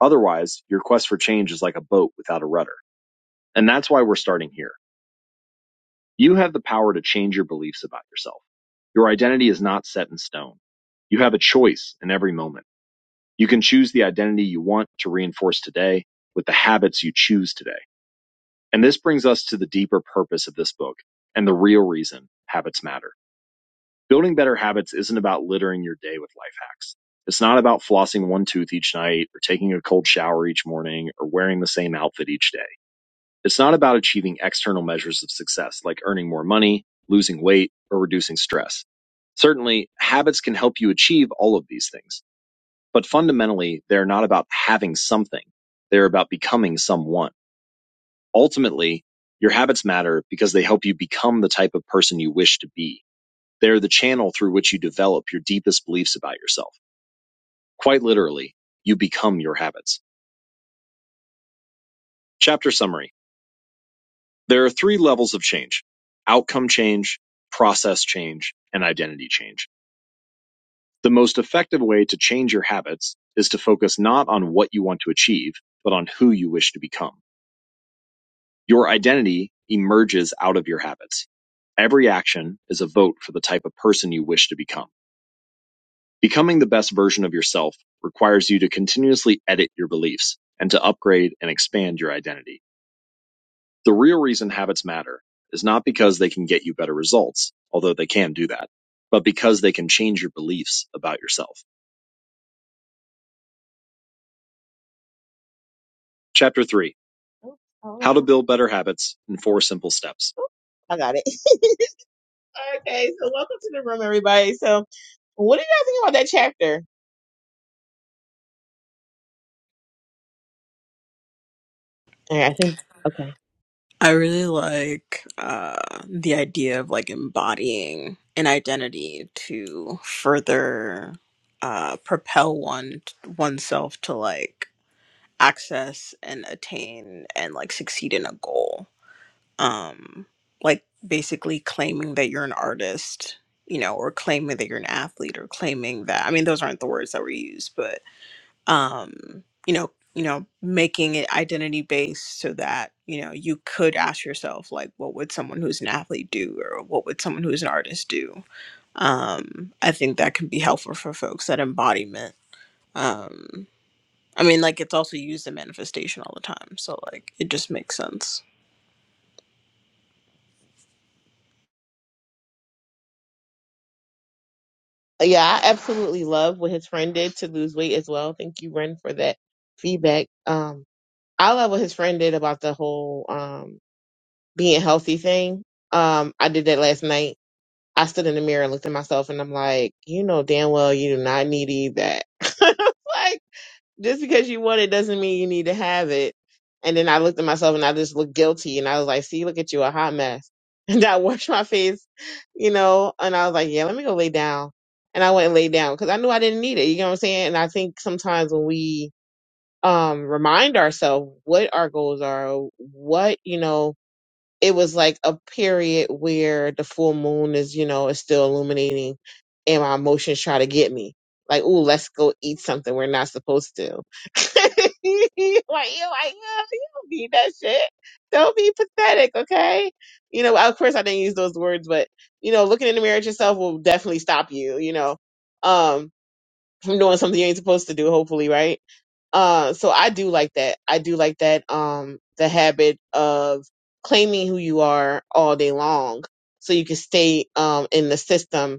Otherwise, your quest for change is like a boat without a rudder. And that's why we're starting here. You have the power to change your beliefs about yourself. Your identity is not set in stone. You have a choice in every moment. You can choose the identity you want to reinforce today with the habits you choose today. And this brings us to the deeper purpose of this book and the real reason habits matter. Building better habits isn't about littering your day with life hacks. It's not about flossing one tooth each night or taking a cold shower each morning or wearing the same outfit each day. It's not about achieving external measures of success like earning more money, losing weight, or reducing stress. Certainly, habits can help you achieve all of these things but fundamentally, they're not about having something. They're about becoming someone. Ultimately, your habits matter because they help you become the type of person you wish to be. They're the channel through which you develop your deepest beliefs about yourself. Quite literally, you become your habits. Chapter summary. There are three levels of change. Outcome change, process change, and identity change. The most effective way to change your habits is to focus not on what you want to achieve, but on who you wish to become. Your identity emerges out of your habits. Every action is a vote for the type of person you wish to become. Becoming the best version of yourself requires you to continuously edit your beliefs and to upgrade and expand your identity. The real reason habits matter is not because they can get you better results, although they can do that, but because they can change your beliefs about yourself. Chapter 3 Oh, oh, How to Build Better Habits in Four Simple Steps. I got it. Okay, so welcome to the room, everybody. So, what do you guys think about that chapter? All right, I think okay. I really like uh, the idea of like embodying an identity to further uh, propel one oneself to like access and attain and like succeed in a goal. Um, like basically claiming that you're an artist, you know, or claiming that you're an athlete, or claiming that I mean those aren't the words that were used, but um you know you know making it identity based so that you know you could ask yourself like what would someone who's an athlete do or what would someone who's an artist do um i think that can be helpful for folks that embodiment um i mean like it's also used in manifestation all the time so like it just makes sense Yeah, I absolutely love what his friend did to lose weight as well. Thank you, Ren, for that feedback. Um, I love what his friend did about the whole um being healthy thing. Um, I did that last night. I stood in the mirror and looked at myself, and I'm like, you know damn well you do not need to eat that. like just because you want it doesn't mean you need to have it. And then I looked at myself and I just looked guilty and I was like, see, look at you, a hot mess. And I washed my face, you know, and I was like, yeah, let me go lay down. And I went and lay down because I knew I didn't need it. You know what I'm saying? And I think sometimes when we um remind ourselves what our goals are, what, you know, it was like a period where the full moon is, you know, is still illuminating and my emotions try to get me. Like, ooh, let's go eat something we're not supposed to. like, you like, "Oh, you don't need that shit. Don't be pathetic, okay? You know, of course I didn't use those words, but you know, looking in the mirror at yourself will definitely stop you, you know, um, from doing something you ain't supposed to do, hopefully, right? Uh, so I do like that. I do like that. Um, the habit of claiming who you are all day long, so you can stay um in the system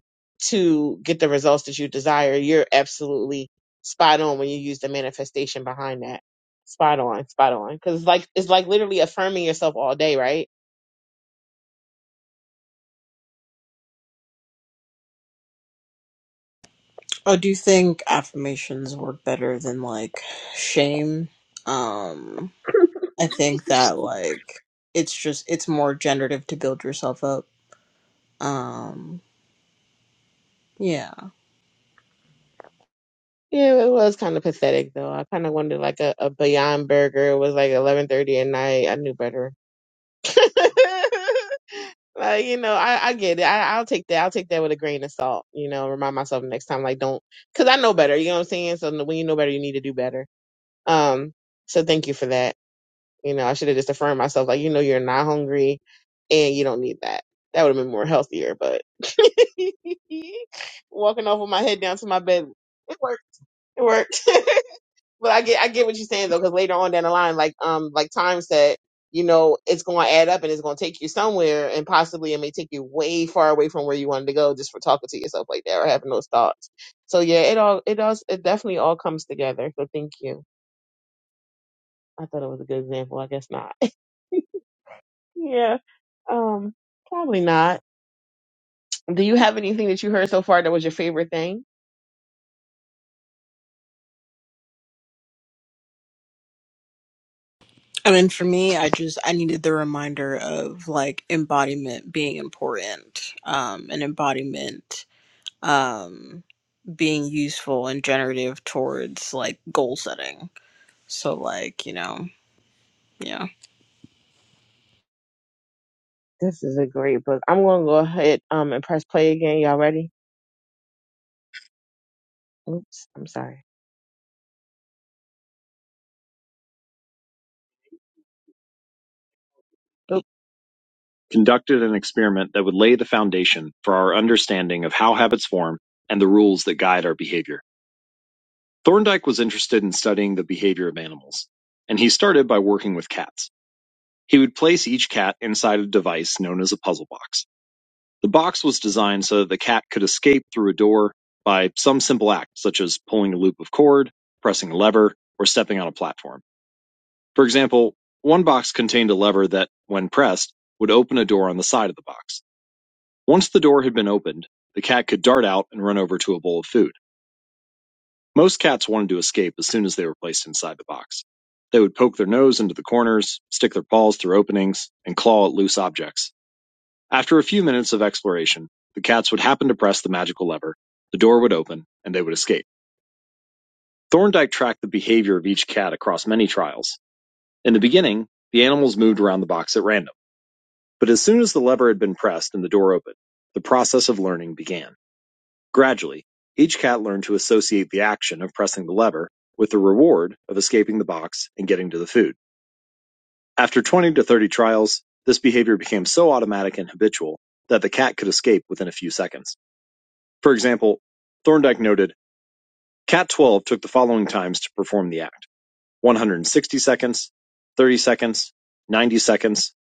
to get the results that you desire. You're absolutely spot on when you use the manifestation behind that. Spot on, spot on. Because it's like it's like literally affirming yourself all day, right? i do you think affirmations work better than like shame um i think that like it's just it's more generative to build yourself up Um, Yeah. Yeah, it was kind of pathetic though. I kind of wanted like a, a Beyond Burger. It was like eleven thirty at night. I knew better. like you know, I, I get it. I, I'll take that. I'll take that with a grain of salt. You know, remind myself next time. Like don't, because I know better. You know what I'm saying? So when you know better, you need to do better. Um. So thank you for that. You know, I should have just affirmed myself. Like you know, you're not hungry, and you don't need that. That would have been more healthier. But walking off with my head down to my bed, it worked. It worked. But I get I get what you're saying though, because later on down the line, like um like time said, you know, it's gonna add up and it's gonna take you somewhere and possibly it may take you way far away from where you wanted to go just for talking to yourself like that or having those thoughts. So yeah, it all it does it definitely all comes together. So thank you. I thought it was a good example. I guess not. yeah. Um probably not. Do you have anything that you heard so far that was your favorite thing? I mean, for me, I just I needed the reminder of like embodiment being important, um, and embodiment um being useful and generative towards like goal setting. So like, you know, yeah. This is a great book. I'm gonna go ahead um and press play again. Y'all ready? Oops, I'm sorry. Oop. conducted an experiment that would lay the foundation for our understanding of how habits form and the rules that guide our behavior. Thorndike was interested in studying the behavior of animals, and he started by working with cats. He would place each cat inside a device known as a puzzle box. The box was designed so that the cat could escape through a door by some simple act, such as pulling a loop of cord, pressing a lever, or stepping on a platform. For example, one box contained a lever that, when pressed, would open a door on the side of the box. Once the door had been opened, the cat could dart out and run over to a bowl of food. Most cats wanted to escape as soon as they were placed inside the box. They would poke their nose into the corners, stick their paws through openings, and claw at loose objects. After a few minutes of exploration, the cats would happen to press the magical lever, the door would open, and they would escape. Thorndike tracked the behavior of each cat across many trials. In the beginning, the animals moved around the box at random. But as soon as the lever had been pressed and the door opened, the process of learning began. Gradually, each cat learned to associate the action of pressing the lever with the reward of escaping the box and getting to the food. After 20 to 30 trials, this behavior became so automatic and habitual that the cat could escape within a few seconds. For example, Thorndike noted Cat 12 took the following times to perform the act 160 seconds, 30 seconds, 90 seconds,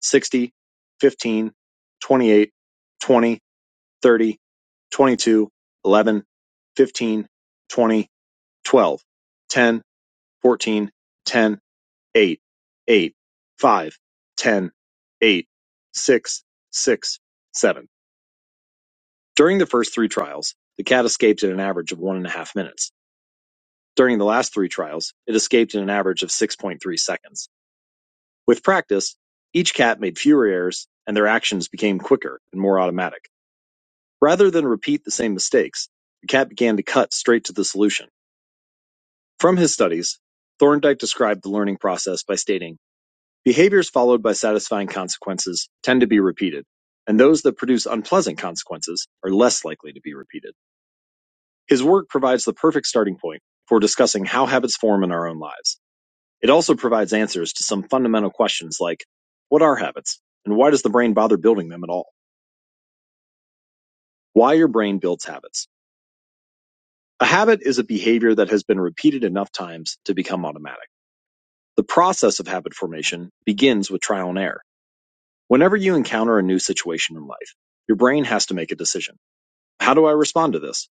60, 15, 28, 20, thirty, twenty-two, eleven, fifteen, twenty, twelve, ten, fourteen, ten, eight, eight, five, ten, eight, six, six, seven. During the first three trials, the cat escaped in an average of one and a half minutes. During the last three trials, it escaped in an average of 6.3 seconds. With practice, each cat made fewer errors and their actions became quicker and more automatic. Rather than repeat the same mistakes, the cat began to cut straight to the solution. From his studies, Thorndike described the learning process by stating, Behaviors followed by satisfying consequences tend to be repeated, and those that produce unpleasant consequences are less likely to be repeated. His work provides the perfect starting point for discussing how habits form in our own lives. It also provides answers to some fundamental questions like, What are habits? And why does the brain bother building them at all? Why your brain builds habits. A habit is a behavior that has been repeated enough times to become automatic. The process of habit formation begins with trial and error. Whenever you encounter a new situation in life, your brain has to make a decision. How do I respond to this?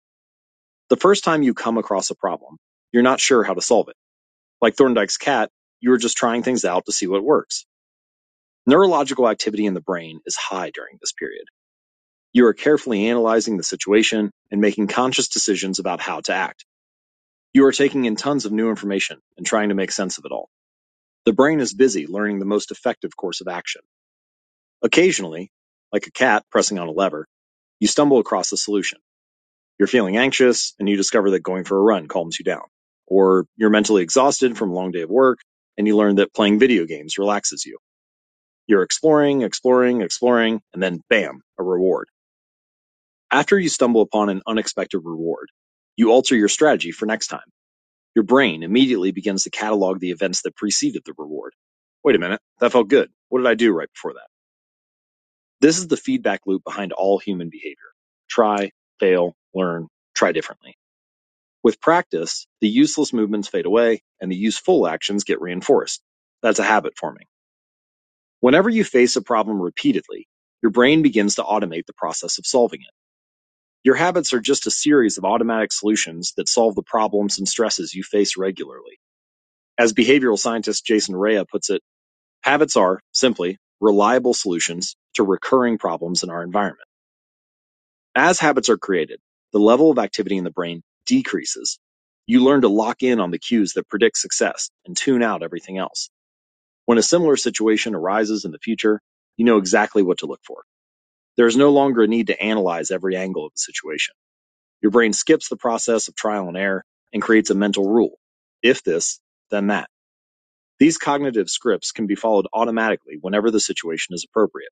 The first time you come across a problem, you're not sure how to solve it. Like Thorndike's cat, you are just trying things out to see what works. Neurological activity in the brain is high during this period. You are carefully analyzing the situation and making conscious decisions about how to act. You are taking in tons of new information and trying to make sense of it all. The brain is busy learning the most effective course of action. Occasionally, like a cat pressing on a lever, you stumble across a solution. You're feeling anxious and you discover that going for a run calms you down. Or you're mentally exhausted from a long day of work and you learn that playing video games relaxes you. You're exploring, exploring, exploring, and then bam, a reward. After you stumble upon an unexpected reward, you alter your strategy for next time. Your brain immediately begins to catalog the events that preceded the reward. Wait a minute, that felt good. What did I do right before that? This is the feedback loop behind all human behavior. Try, fail, learn, try differently. With practice, the useless movements fade away and the useful actions get reinforced. That's a habit forming. Whenever you face a problem repeatedly, your brain begins to automate the process of solving it. Your habits are just a series of automatic solutions that solve the problems and stresses you face regularly. As behavioral scientist Jason Rea puts it, habits are, simply, reliable solutions to recurring problems in our environment. As habits are created, the level of activity in the brain decreases. You learn to lock in on the cues that predict success and tune out everything else. When a similar situation arises in the future, you know exactly what to look for. There is no longer a need to analyze every angle of the situation. Your brain skips the process of trial and error and creates a mental rule. If this, then that. These cognitive scripts can be followed automatically whenever the situation is appropriate.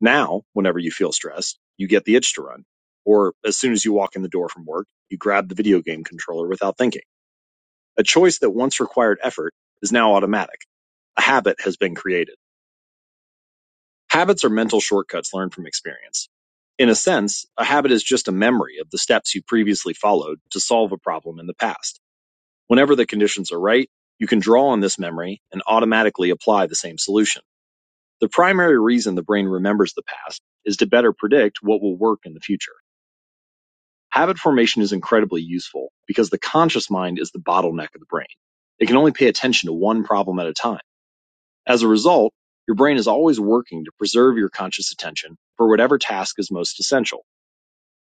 Now, whenever you feel stressed, you get the itch to run. Or as soon as you walk in the door from work, you grab the video game controller without thinking. A choice that once required effort is now automatic. A habit has been created. Habits are mental shortcuts learned from experience. In a sense, a habit is just a memory of the steps you previously followed to solve a problem in the past. Whenever the conditions are right, you can draw on this memory and automatically apply the same solution. The primary reason the brain remembers the past is to better predict what will work in the future. Habit formation is incredibly useful because the conscious mind is the bottleneck of the brain. It can only pay attention to one problem at a time. As a result, your brain is always working to preserve your conscious attention for whatever task is most essential.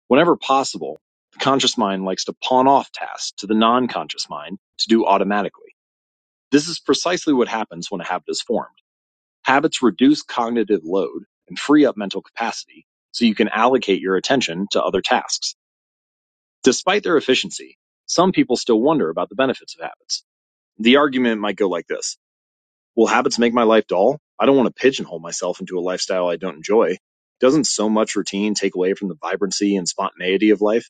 Whenever possible, the conscious mind likes to pawn off tasks to the non-conscious mind to do automatically. This is precisely what happens when a habit is formed. Habits reduce cognitive load and free up mental capacity so you can allocate your attention to other tasks. Despite their efficiency, some people still wonder about the benefits of habits. The argument might go like this Will habits make my life dull? I don't want to pigeonhole myself into a lifestyle I don't enjoy. Doesn't so much routine take away from the vibrancy and spontaneity of life?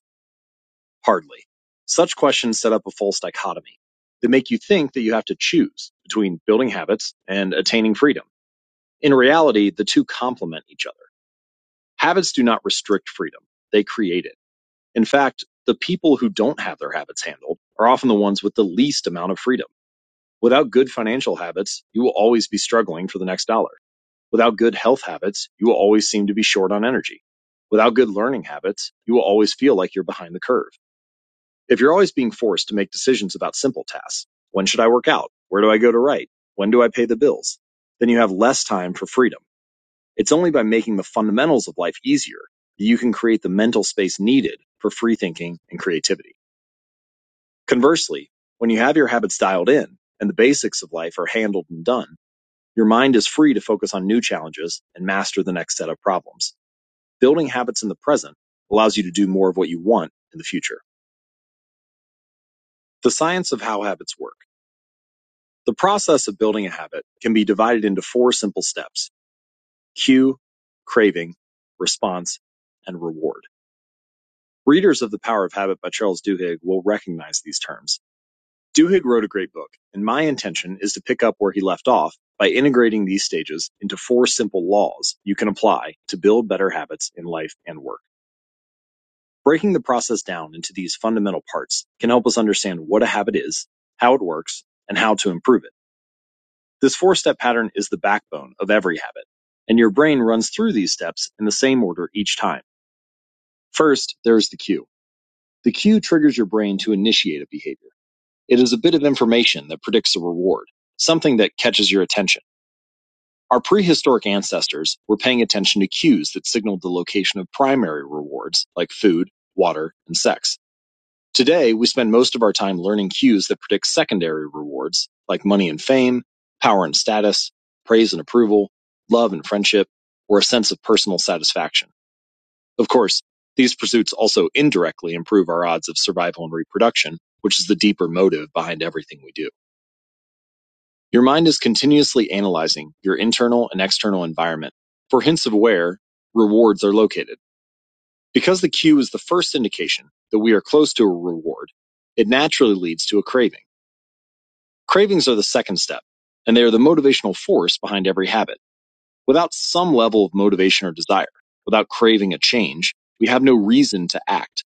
Hardly. Such questions set up a false dichotomy. They make you think that you have to choose between building habits and attaining freedom. In reality, the two complement each other. Habits do not restrict freedom, they create it. In fact, the people who don't have their habits handled are often the ones with the least amount of freedom. Without good financial habits, you will always be struggling for the next dollar. Without good health habits, you will always seem to be short on energy. Without good learning habits, you will always feel like you're behind the curve. If you're always being forced to make decisions about simple tasks, when should I work out? Where do I go to write? When do I pay the bills? Then you have less time for freedom. It's only by making the fundamentals of life easier that you can create the mental space needed for free thinking and creativity. Conversely, when you have your habits dialed in and the basics of life are handled and done, your mind is free to focus on new challenges and master the next set of problems. Building habits in the present allows you to do more of what you want in the future. The science of how habits work. The process of building a habit can be divided into four simple steps cue, craving, response, and reward. Readers of The Power of Habit by Charles Duhigg will recognize these terms. Duhigg wrote a great book, and my intention is to pick up where he left off by integrating these stages into four simple laws you can apply to build better habits in life and work. Breaking the process down into these fundamental parts can help us understand what a habit is, how it works, and how to improve it. This four step pattern is the backbone of every habit, and your brain runs through these steps in the same order each time. First, there is the cue. The cue triggers your brain to initiate a behavior. It is a bit of information that predicts a reward, something that catches your attention. Our prehistoric ancestors were paying attention to cues that signaled the location of primary rewards, like food, water, and sex. Today, we spend most of our time learning cues that predict secondary rewards, like money and fame, power and status, praise and approval, love and friendship, or a sense of personal satisfaction. Of course, these pursuits also indirectly improve our odds of survival and reproduction, which is the deeper motive behind everything we do. Your mind is continuously analyzing your internal and external environment for hints of where rewards are located. Because the cue is the first indication that we are close to a reward, it naturally leads to a craving. Cravings are the second step, and they are the motivational force behind every habit. Without some level of motivation or desire, without craving a change, we have no reason to act.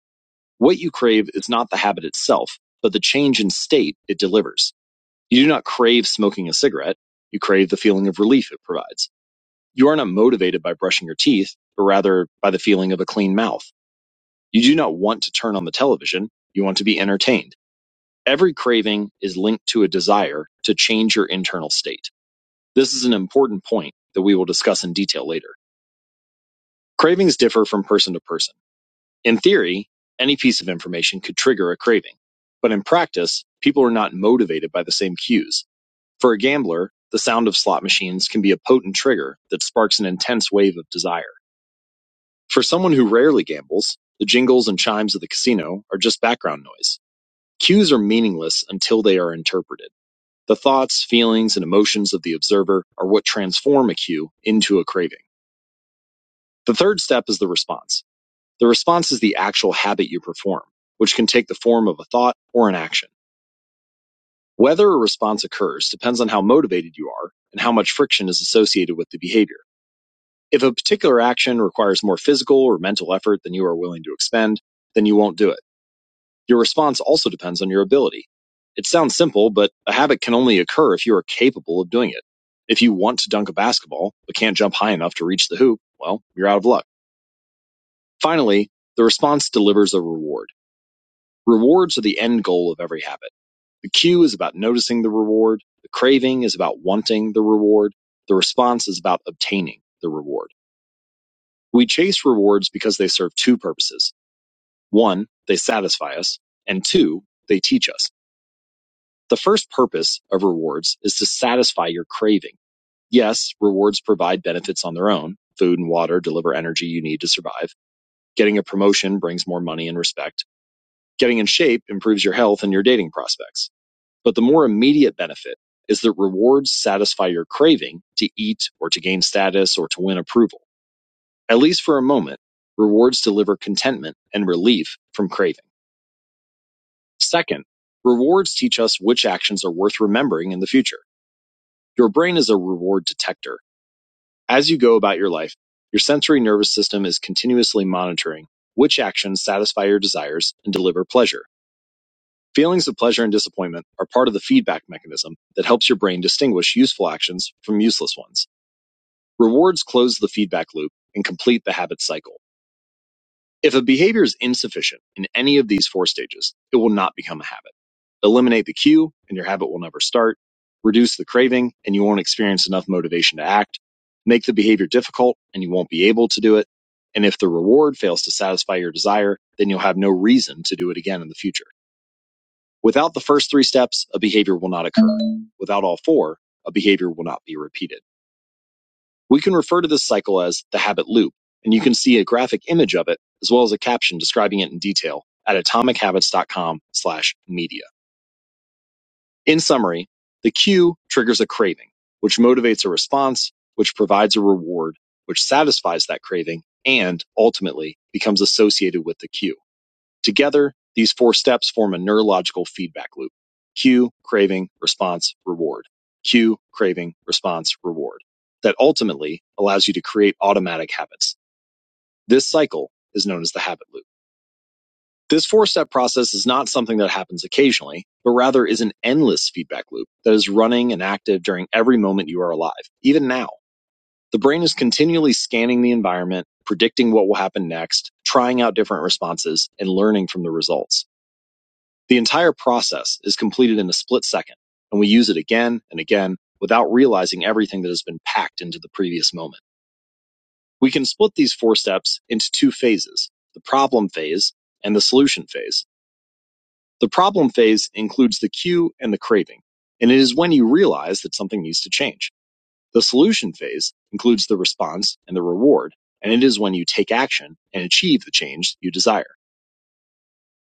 What you crave is not the habit itself, but the change in state it delivers. You do not crave smoking a cigarette. You crave the feeling of relief it provides. You are not motivated by brushing your teeth, but rather by the feeling of a clean mouth. You do not want to turn on the television. You want to be entertained. Every craving is linked to a desire to change your internal state. This is an important point that we will discuss in detail later. Cravings differ from person to person. In theory, any piece of information could trigger a craving. But in practice, people are not motivated by the same cues For a gambler, the sound of slot machines can be a potent trigger that sparks an intense wave of desire. For someone who rarely gambles, the jingles and chimes of the casino are just background noise. Cues are meaningless until they are interpreted. The thoughts, feelings, and emotions of the observer are what transform a cue into a craving. The third step is the response. The response is the actual habit you perform, which can take the form of a thought or an action. Whether a response occurs depends on how motivated you are and how much friction is associated with the behavior. If a particular action requires more physical or mental effort than you are willing to expend, then you won't do it. Your response also depends on your ability. It sounds simple, but a habit can only occur if you are capable of doing it. If you want to dunk a basketball, but can't jump high enough to reach the hoop, well, you're out of luck. Finally, the response delivers a reward. Rewards are the end goal of every habit. The cue is about noticing the reward. The craving is about wanting the reward. The response is about obtaining the reward. We chase rewards because they serve two purposes. One, they satisfy us, and two, they teach us. The first purpose of rewards is to satisfy your craving. Yes, rewards provide benefits on their own. Food and water deliver energy you need to survive. Getting a promotion brings more money and respect. Getting in shape improves your health and your dating prospects. But the more immediate benefit is that rewards satisfy your craving to eat or to gain status or to win approval. at least for a moment, rewards deliver contentment and relief from craving. Second, rewards teach us which actions are worth remembering in the future. Your brain is a reward detector. As you go about your life, your sensory nervous system is continuously monitoring which actions satisfy your desires and deliver pleasure. Feelings of pleasure and disappointment are part of the feedback mechanism that helps your brain distinguish useful actions from useless ones. Rewards close the feedback loop and complete the habit cycle. If a behavior is insufficient in any of these four stages, it will not become a habit. Eliminate the cue and your habit will never start. Reduce the craving and you won't experience enough motivation to act. Make the behavior difficult and you won't be able to do it. And if the reward fails to satisfy your desire, then you'll have no reason to do it again in the future. Without the first three steps, a behavior will not occur. Without all four, a behavior will not be repeated. We can refer to this cycle as the habit loop, and you can see a graphic image of it as well as a caption describing it in detail at atomichabits.com/media. In summary, the cue triggers a craving, which motivates a response, which provides a reward, which satisfies that craving, and ultimately becomes associated with the cue. Together, these four steps form a neurological feedback loop. Cue, craving, response, reward. Cue, craving, response, reward. That ultimately allows you to create automatic habits. This cycle is known as the habit loop. This four step process is not something that happens occasionally, but rather is an endless feedback loop that is running and active during every moment you are alive, even now. The brain is continually scanning the environment, predicting what will happen next, trying out different responses, and learning from the results. The entire process is completed in a split second, and we use it again and again without realizing everything that has been packed into the previous moment. We can split these four steps into two phases the problem phase and the solution phase. The problem phase includes the cue and the craving, and it is when you realize that something needs to change. The solution phase includes the response and the reward, and it is when you take action and achieve the change you desire.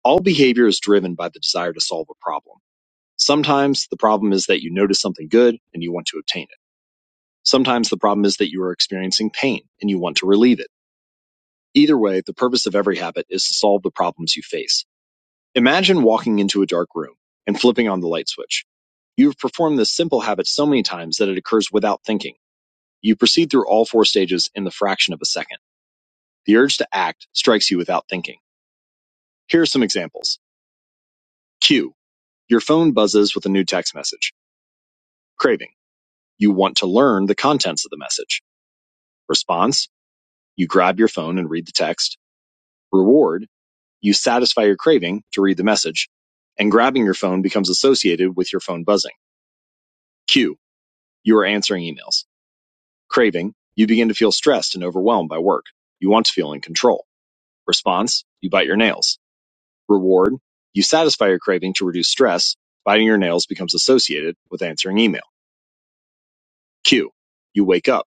All behavior is driven by the desire to solve a problem. Sometimes the problem is that you notice something good and you want to obtain it. Sometimes the problem is that you are experiencing pain and you want to relieve it. Either way, the purpose of every habit is to solve the problems you face. Imagine walking into a dark room and flipping on the light switch. You have performed this simple habit so many times that it occurs without thinking. You proceed through all four stages in the fraction of a second. The urge to act strikes you without thinking. Here are some examples. Q. Your phone buzzes with a new text message. Craving. You want to learn the contents of the message. Response: You grab your phone and read the text. Reward: You satisfy your craving to read the message. And grabbing your phone becomes associated with your phone buzzing. Cue: You are answering emails. Craving: You begin to feel stressed and overwhelmed by work. You want to feel in control. Response: You bite your nails. Reward: You satisfy your craving to reduce stress. Biting your nails becomes associated with answering email. Cue: You wake up.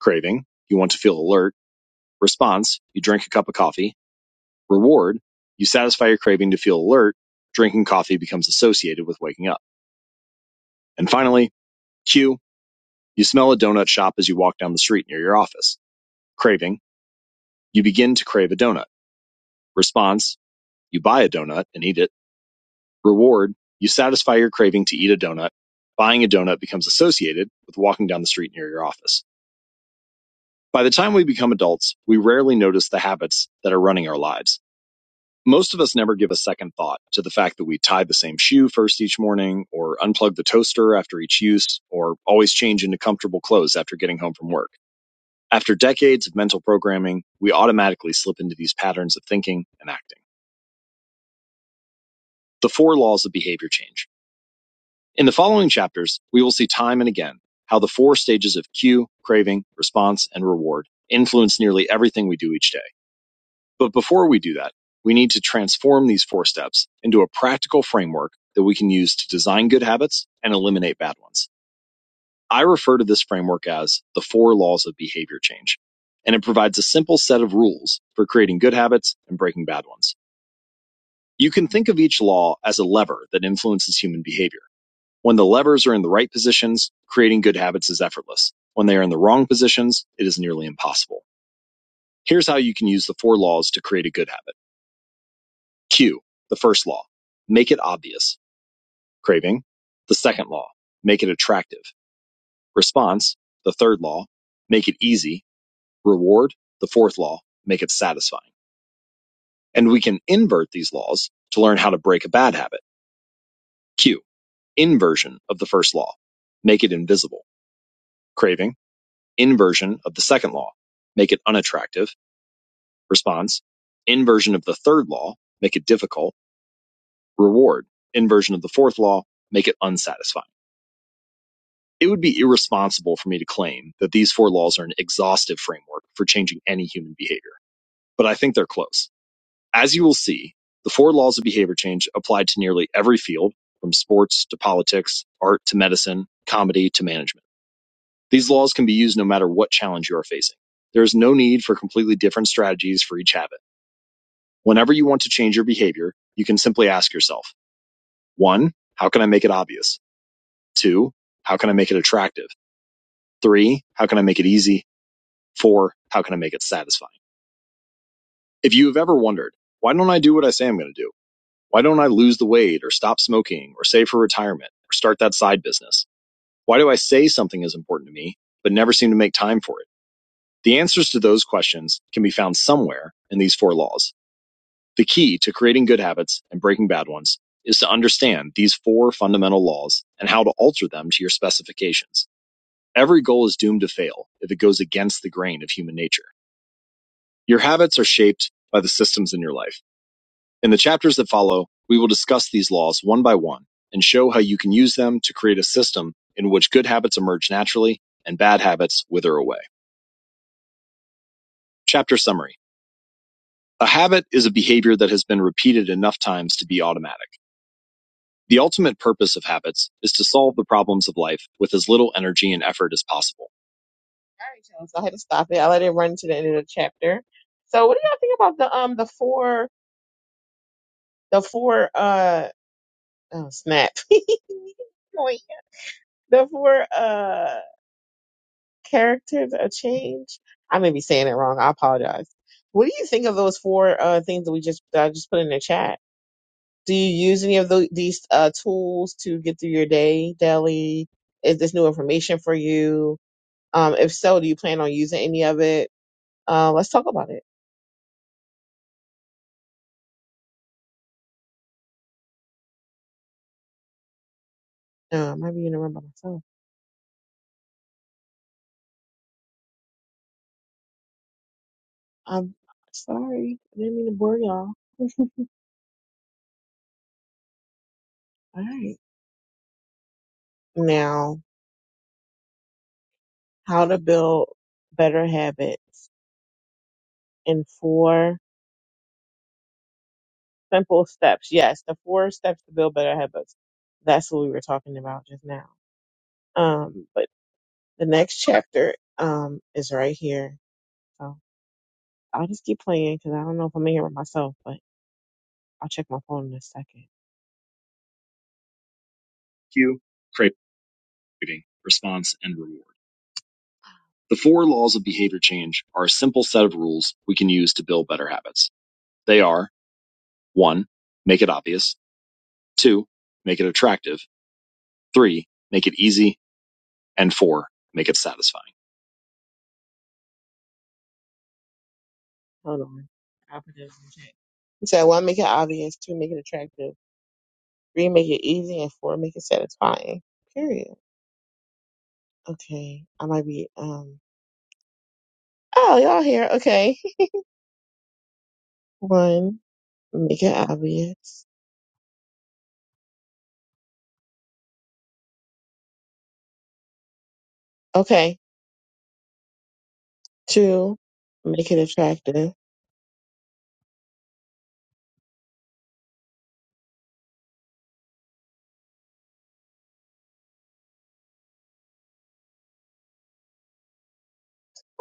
Craving: You want to feel alert. Response: You drink a cup of coffee Reward: You satisfy your craving to feel alert. Drinking coffee becomes associated with waking up. And finally, Q: You smell a donut shop as you walk down the street near your office. Craving: You begin to crave a donut. Response: You buy a donut and eat it. Reward: You satisfy your craving to eat a donut. Buying a donut becomes associated with walking down the street near your office. By the time we become adults, we rarely notice the habits that are running our lives. most of us never give a second thought to the fact that we tie the same shoe first each morning or unplug the toaster after each use or always change into comfortable clothes after getting home from work. After decades of mental programming, we automatically slip into these patterns of thinking and acting. The four laws of behavior change. In the following chapters, we will see time and again how the four stages of cue, craving, response, and reward influence nearly everything we do each day. But before we do that, we need to transform these four steps into a practical framework that we can use to design good habits and eliminate bad ones. I refer to this framework as the four laws of behavior change, and it provides a simple set of rules for creating good habits and breaking bad ones. You can think of each law as a lever that influences human behavior. When the levers are in the right positions, creating good habits is effortless. When they are in the wrong positions, it is nearly impossible. Here's how you can use the four laws to create a good habit. Q, the first law, make it obvious. Craving, the second law, make it attractive. Response, the third law, make it easy. Reward, the fourth law, make it satisfying. And we can invert these laws to learn how to break a bad habit. Q, inversion of the first law, make it invisible. Craving, inversion of the second law, make it unattractive. Response, inversion of the third law, make it difficult. Reward, inversion of the fourth law, make it unsatisfying. It would be irresponsible for me to claim that these four laws are an exhaustive framework for changing any human behavior, but I think they're close. As you will see, the four laws of behavior change apply to nearly every field, from sports to politics, art to medicine, comedy to management. These laws can be used no matter what challenge you are facing. There is no need for completely different strategies for each habit. Whenever you want to change your behavior, you can simply ask yourself, one, how can I make it obvious? Two, how can I make it attractive? Three, how can I make it easy? Four, how can I make it satisfying? If you have ever wondered, why don't I do what I say I'm going to do? Why don't I lose the weight or stop smoking or save for retirement or start that side business? Why do I say something is important to me, but never seem to make time for it? The answers to those questions can be found somewhere in these four laws. The key to creating good habits and breaking bad ones is to understand these four fundamental laws and how to alter them to your specifications. Every goal is doomed to fail if it goes against the grain of human nature. Your habits are shaped by the systems in your life. In the chapters that follow, we will discuss these laws one by one and show how you can use them to create a system in which good habits emerge naturally and bad habits wither away. Chapter summary. A habit is a behavior that has been repeated enough times to be automatic. The ultimate purpose of habits is to solve the problems of life with as little energy and effort as possible. All right, John, So I had to stop it. I let it run to the end of the chapter. So what do y'all think about the um the four the four uh Oh snap. Wait, the four uh characters are changed. I may be saying it wrong. I apologize. What do you think of those four uh things that we just that I just put in the chat? Do you use any of tho- these uh tools to get through your day daily? Is this new information for you? Um, if so, do you plan on using any of it? Uh, let's talk about it. Uh, I might be in the room by myself. I'm sorry. I didn't mean to bore y'all. All right. Now. how to build better habits in four simple steps. Yes, the four steps to build better habits. That's what we were talking about just now. Um, but the next chapter um is right here. So I'll just keep playing because I don't know if I'm in here with myself, but I'll check my phone in a second. Cue, craving, response, and reward. The four laws of behavior change are a simple set of rules we can use to build better habits. They are 1. Make it obvious. 2. Make it attractive. Three, make it easy. And four, make it satisfying. Hold on. I'll put those in the chat. You said one, make it obvious. Two, make it attractive. Three, make it easy. And four, make it satisfying. Period. Okay. I might be, um, oh, y'all here. Okay. One, make it obvious. Okay. Two, make it attractive.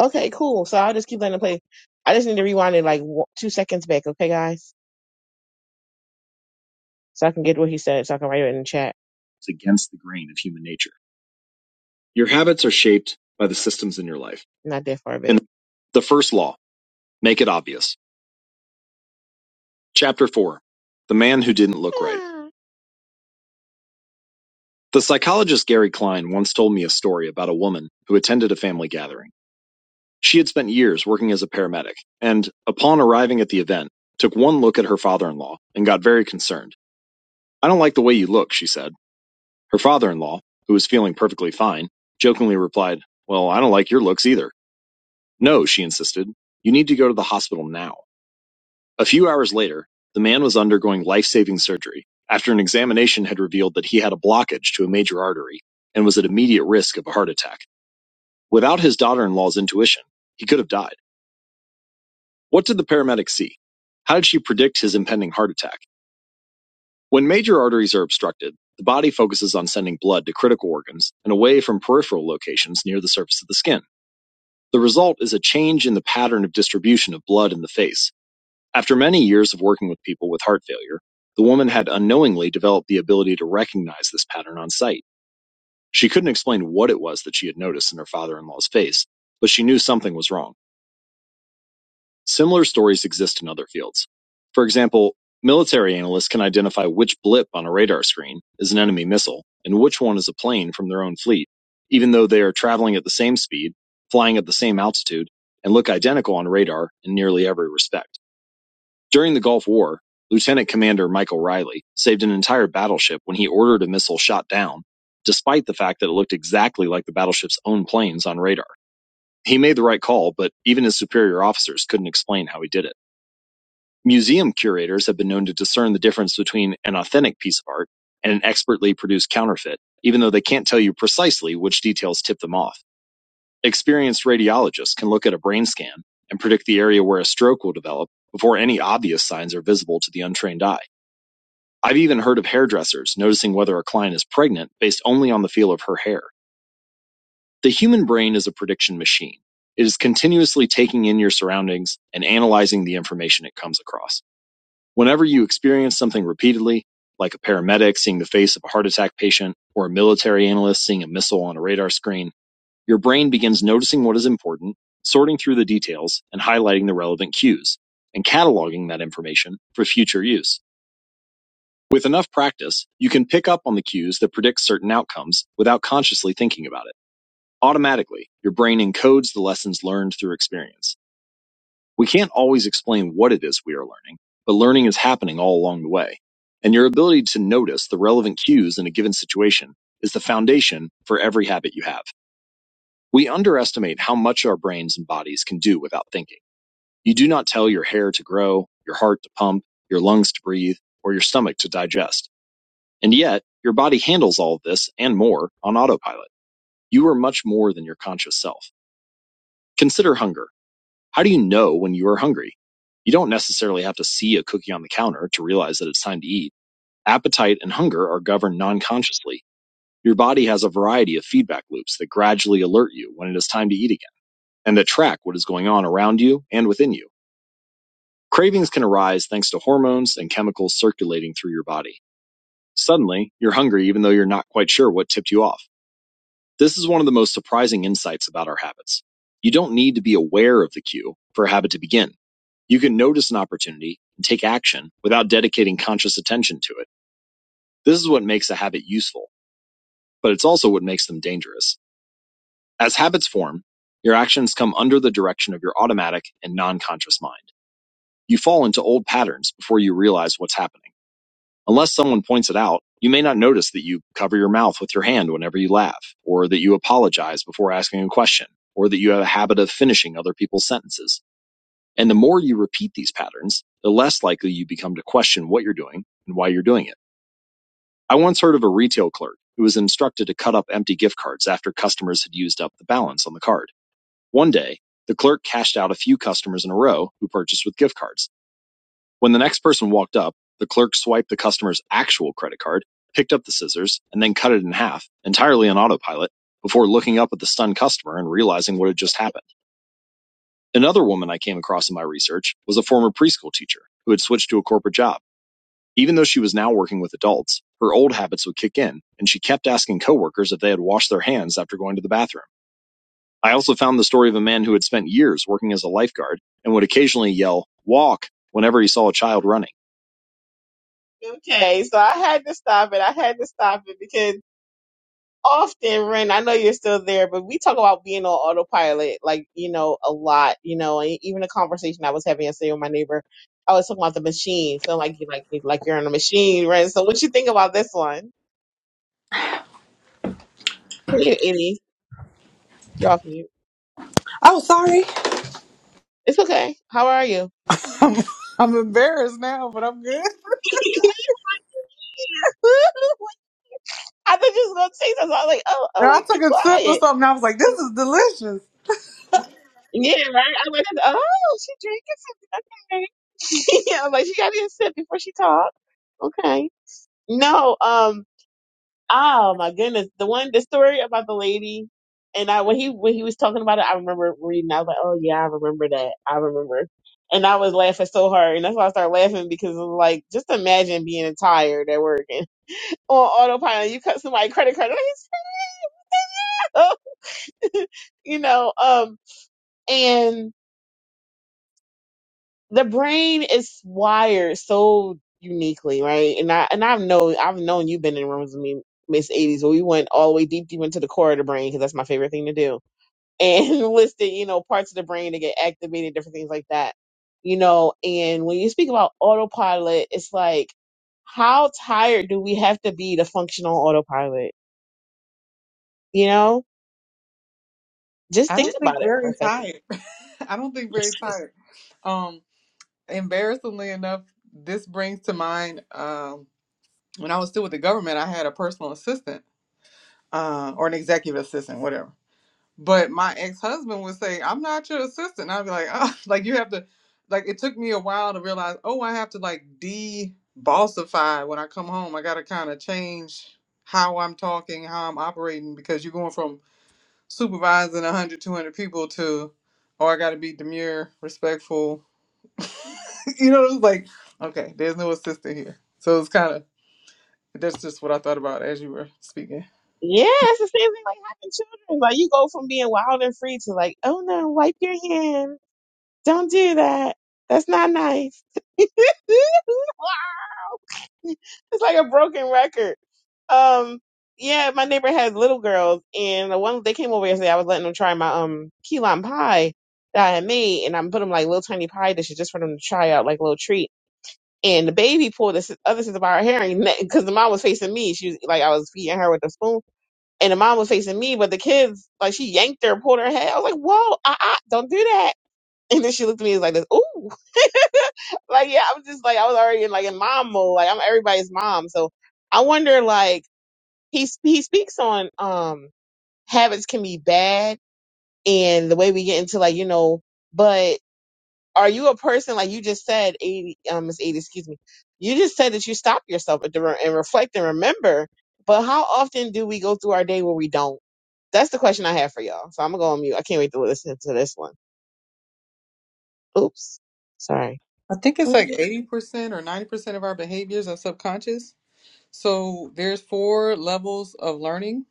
Okay, cool. So I'll just keep letting it play. I just need to rewind it like wo- two seconds back. Okay, guys? So I can get what he said so I can write it in the chat. It's against the grain of human nature. Your habits are shaped by the systems in your life. Not that far back. And the first law, make it obvious. Chapter 4, The Man Who Didn't Look yeah. Right. Yeah. The psychologist Gary Klein once told me a story about a woman who attended a family gathering. She had spent years working as a paramedic and, upon arriving at the event, took one look at her father in law and got very concerned. I don't like the way you look, she said. Her father in law, who was feeling perfectly fine, jokingly replied, Well, I don't like your looks either. No, she insisted. You need to go to the hospital now. A few hours later, the man was undergoing life-saving surgery after an examination had revealed that he had a blockage to a major artery and was at immediate risk of a heart attack. Without his daughter-in-law's intuition, he could have died. What did the paramedic see? How did she predict his impending heart attack? When major arteries are obstructed, the body focuses on sending blood to critical organs and away from peripheral locations near the surface of the skin. The result is a change in the pattern of distribution of blood in the face, After many years of working with people with heart failure, the woman had unknowingly developed the ability to recognize this pattern on sight. She couldn't explain what it was that she had noticed in her father in law's face, but she knew something was wrong. Similar stories exist in other fields. For example, military analysts can identify which blip on a radar screen is an enemy missile and which one is a plane from their own fleet, even though they are traveling at the same speed, flying at the same altitude, and look identical on radar in nearly every respect. During the Gulf War, Lieutenant Commander Michael Riley saved an entire battleship when he ordered a missile shot down, despite the fact that it looked exactly like the battleship's own planes on radar. He made the right call, but even his superior officers couldn't explain how he did it. Museum curators have been known to discern the difference between an authentic piece of art and an expertly produced counterfeit, even though they can't tell you precisely which details tip them off. Experienced radiologists can look at a brain scan and predict the area where a stroke will develop before any obvious signs are visible to the untrained eye. I've even heard of hairdressers noticing whether a client is pregnant based only on the feel of her hair. The human brain is a prediction machine. It is continuously taking in your surroundings and analyzing the information it comes across. Whenever you experience something repeatedly, like a paramedic seeing the face of a heart attack patient or a military analyst seeing a missile on a radar screen, your brain begins noticing what is important, sorting through the details, and highlighting the relevant cues, and cataloging that information for future use. With enough practice, you can pick up on the cues that predict certain outcomes without consciously thinking about it. Automatically, your brain encodes the lessons learned through experience. We can't always explain what it is we are learning, but learning is happening all along the way. And your ability to notice the relevant cues in a given situation is the foundation for every habit you have. We underestimate how much our brains and bodies can do without thinking. You do not tell your hair to grow, your heart to pump, your lungs to breathe, or your stomach to digest and yet, your body handles all of this and more on autopilot. You are much more than your conscious self. Consider hunger. How do you know when you are hungry? You don't necessarily have to see a cookie on the counter to realize that it's time to eat. Appetite and hunger are governed non consciously. Your body has a variety of feedback loops that gradually alert you when it is time to eat again and that track what is going on around you and within you. Cravings can arise thanks to hormones and chemicals circulating through your body. Suddenly, you're hungry even though you're not quite sure what tipped you off. This is one of the most surprising insights about our habits. You don't need to be aware of the cue for a habit to begin. You can notice an opportunity and take action without dedicating conscious attention to it. This is what makes a habit useful, but it's also what makes them dangerous. As habits form, your actions come under the direction of your automatic and non conscious mind. You fall into old patterns before you realize what's happening. Unless someone points it out, you may not notice that you cover your mouth with your hand whenever you laugh, or that you apologize before asking a question, or that you have a habit of finishing other people's sentences. And the more you repeat these patterns, the less likely you become to question what you're doing and why you're doing it. I once heard of a retail clerk who was instructed to cut up empty gift cards after customers had used up the balance on the card. One day, the clerk cashed out a few customers in a row who purchased with gift cards. When the next person walked up, the clerk swiped the customer's actual credit card, picked up the scissors, and then cut it in half, entirely on autopilot, before looking up at the stunned customer and realizing what had just happened. Another woman I came across in my research was a former preschool teacher who had switched to a corporate job. Even though she was now working with adults, her old habits would kick in, and she kept asking coworkers if they had washed their hands after going to the bathroom. I also found the story of a man who had spent years working as a lifeguard and would occasionally yell, walk, whenever he saw a child running. Okay, so I had to stop it. I had to stop it because often, Ren, I know you're still there, but we talk about being on autopilot, like, you know, a lot, you know, and even a conversation I was having yesterday with my neighbor, I was talking about the machine, feeling like you like like you're in a machine, Ren. So what you think about this one? You idiot. You're off mute. Oh, sorry. It's okay. How are you? I'm, I'm embarrassed now, but I'm good. I thought you was gonna say something. I was like, oh, oh, Now, let I me took be a sip of quiet. something. I was like, this is delicious. Yeah, right. I went, oh, she drinking something. Okay. yeah, I'm like, she got in a sip before she talked. Okay. No, um, oh my goodness. The one, the story about the lady and I, when he, when he was talking about it, I remember reading, I was like, oh yeah, I remember that. I remember. And I was laughing so hard. And that's why I started laughing because it was like, just imagine being tired at work and on autopilot, you cut somebody credit card. you know, um, the brain is wired so uniquely, right? And I and I've known I've known you've been in rooms with me, Miss Eighties, where we went all the way deep deep into the core of the brain because that's my favorite thing to do, and listed you know parts of the brain that get activated, different things like that, you know. And when you speak about autopilot, it's like how tired do we have to be to function on autopilot? You know, just I think don't think about it for a Barry's second. tired. I don't think Barry's tired. Um, embarrassingly enough, this brings to mind um, when I was still with the government, I had a personal assistant uh, or an executive assistant, whatever. But my ex husband would say, I'm not your assistant. I'd be like, oh, like you have to, like, it took me a while to realize, oh, I have to like de bossify when I come home. I got to kind of change how I'm talking, how I'm operating, because you're going from supervising 100, 200 people to, oh, I got to be demure, respectful. you know, it's like, okay, there's no assistant here. So it's kind of, that's just what I thought about as you were speaking. Yeah, it's the same thing like having children. Like you go from being wild and free to like, oh no, wipe your hand. Don't do that. That's not nice. wow. It's like a broken record. Um, yeah, my neighbor had little girls and the one they came over yesterday, I was letting them try my um key lime pie that I had made and I put them like little tiny pie dishes just for them to try out like a little treat. And the baby pulled this other sister by her hair because the mom was facing me. She was like, I was feeding her with the spoon and the mom was facing me, but the kids, like she yanked her, pulled her head. I was like, whoa, uh, uh, don't do that. And then she looked at me like this, ooh. like, yeah, I was just like, I was already in like in mom mode. Like I'm everybody's mom. So I wonder, like, he, sp- he speaks on, um, habits can be bad and the way we get into like, you know, but are you a person like you just said, eighty, um, Miss eighty, excuse me? You just said that you stop yourself at the re- and reflect and remember. But how often do we go through our day where we don't? That's the question I have for y'all. So I'm gonna go on mute. I can't wait to listen to this one. Oops, sorry. I think it's What did I like do? 80% or 90% of our behaviors are subconscious So there's four levels of learning.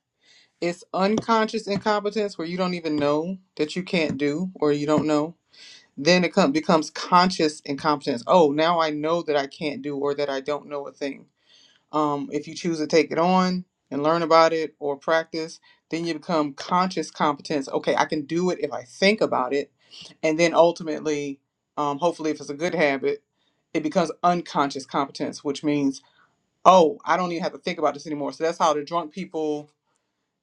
It's unconscious incompetence where you don't even know that you can't do or you don't know. Then it com- becomes conscious incompetence. Oh, now I know that I can't do or that I don't know a thing. Um, if you choose to take it on and learn about it or practice, then you become conscious competence. Okay, I can do it if I think about it. And then ultimately, um, hopefully, if it's a good habit, it becomes unconscious competence, which means oh, I don't even have to think about this anymore. So that's how the drunk people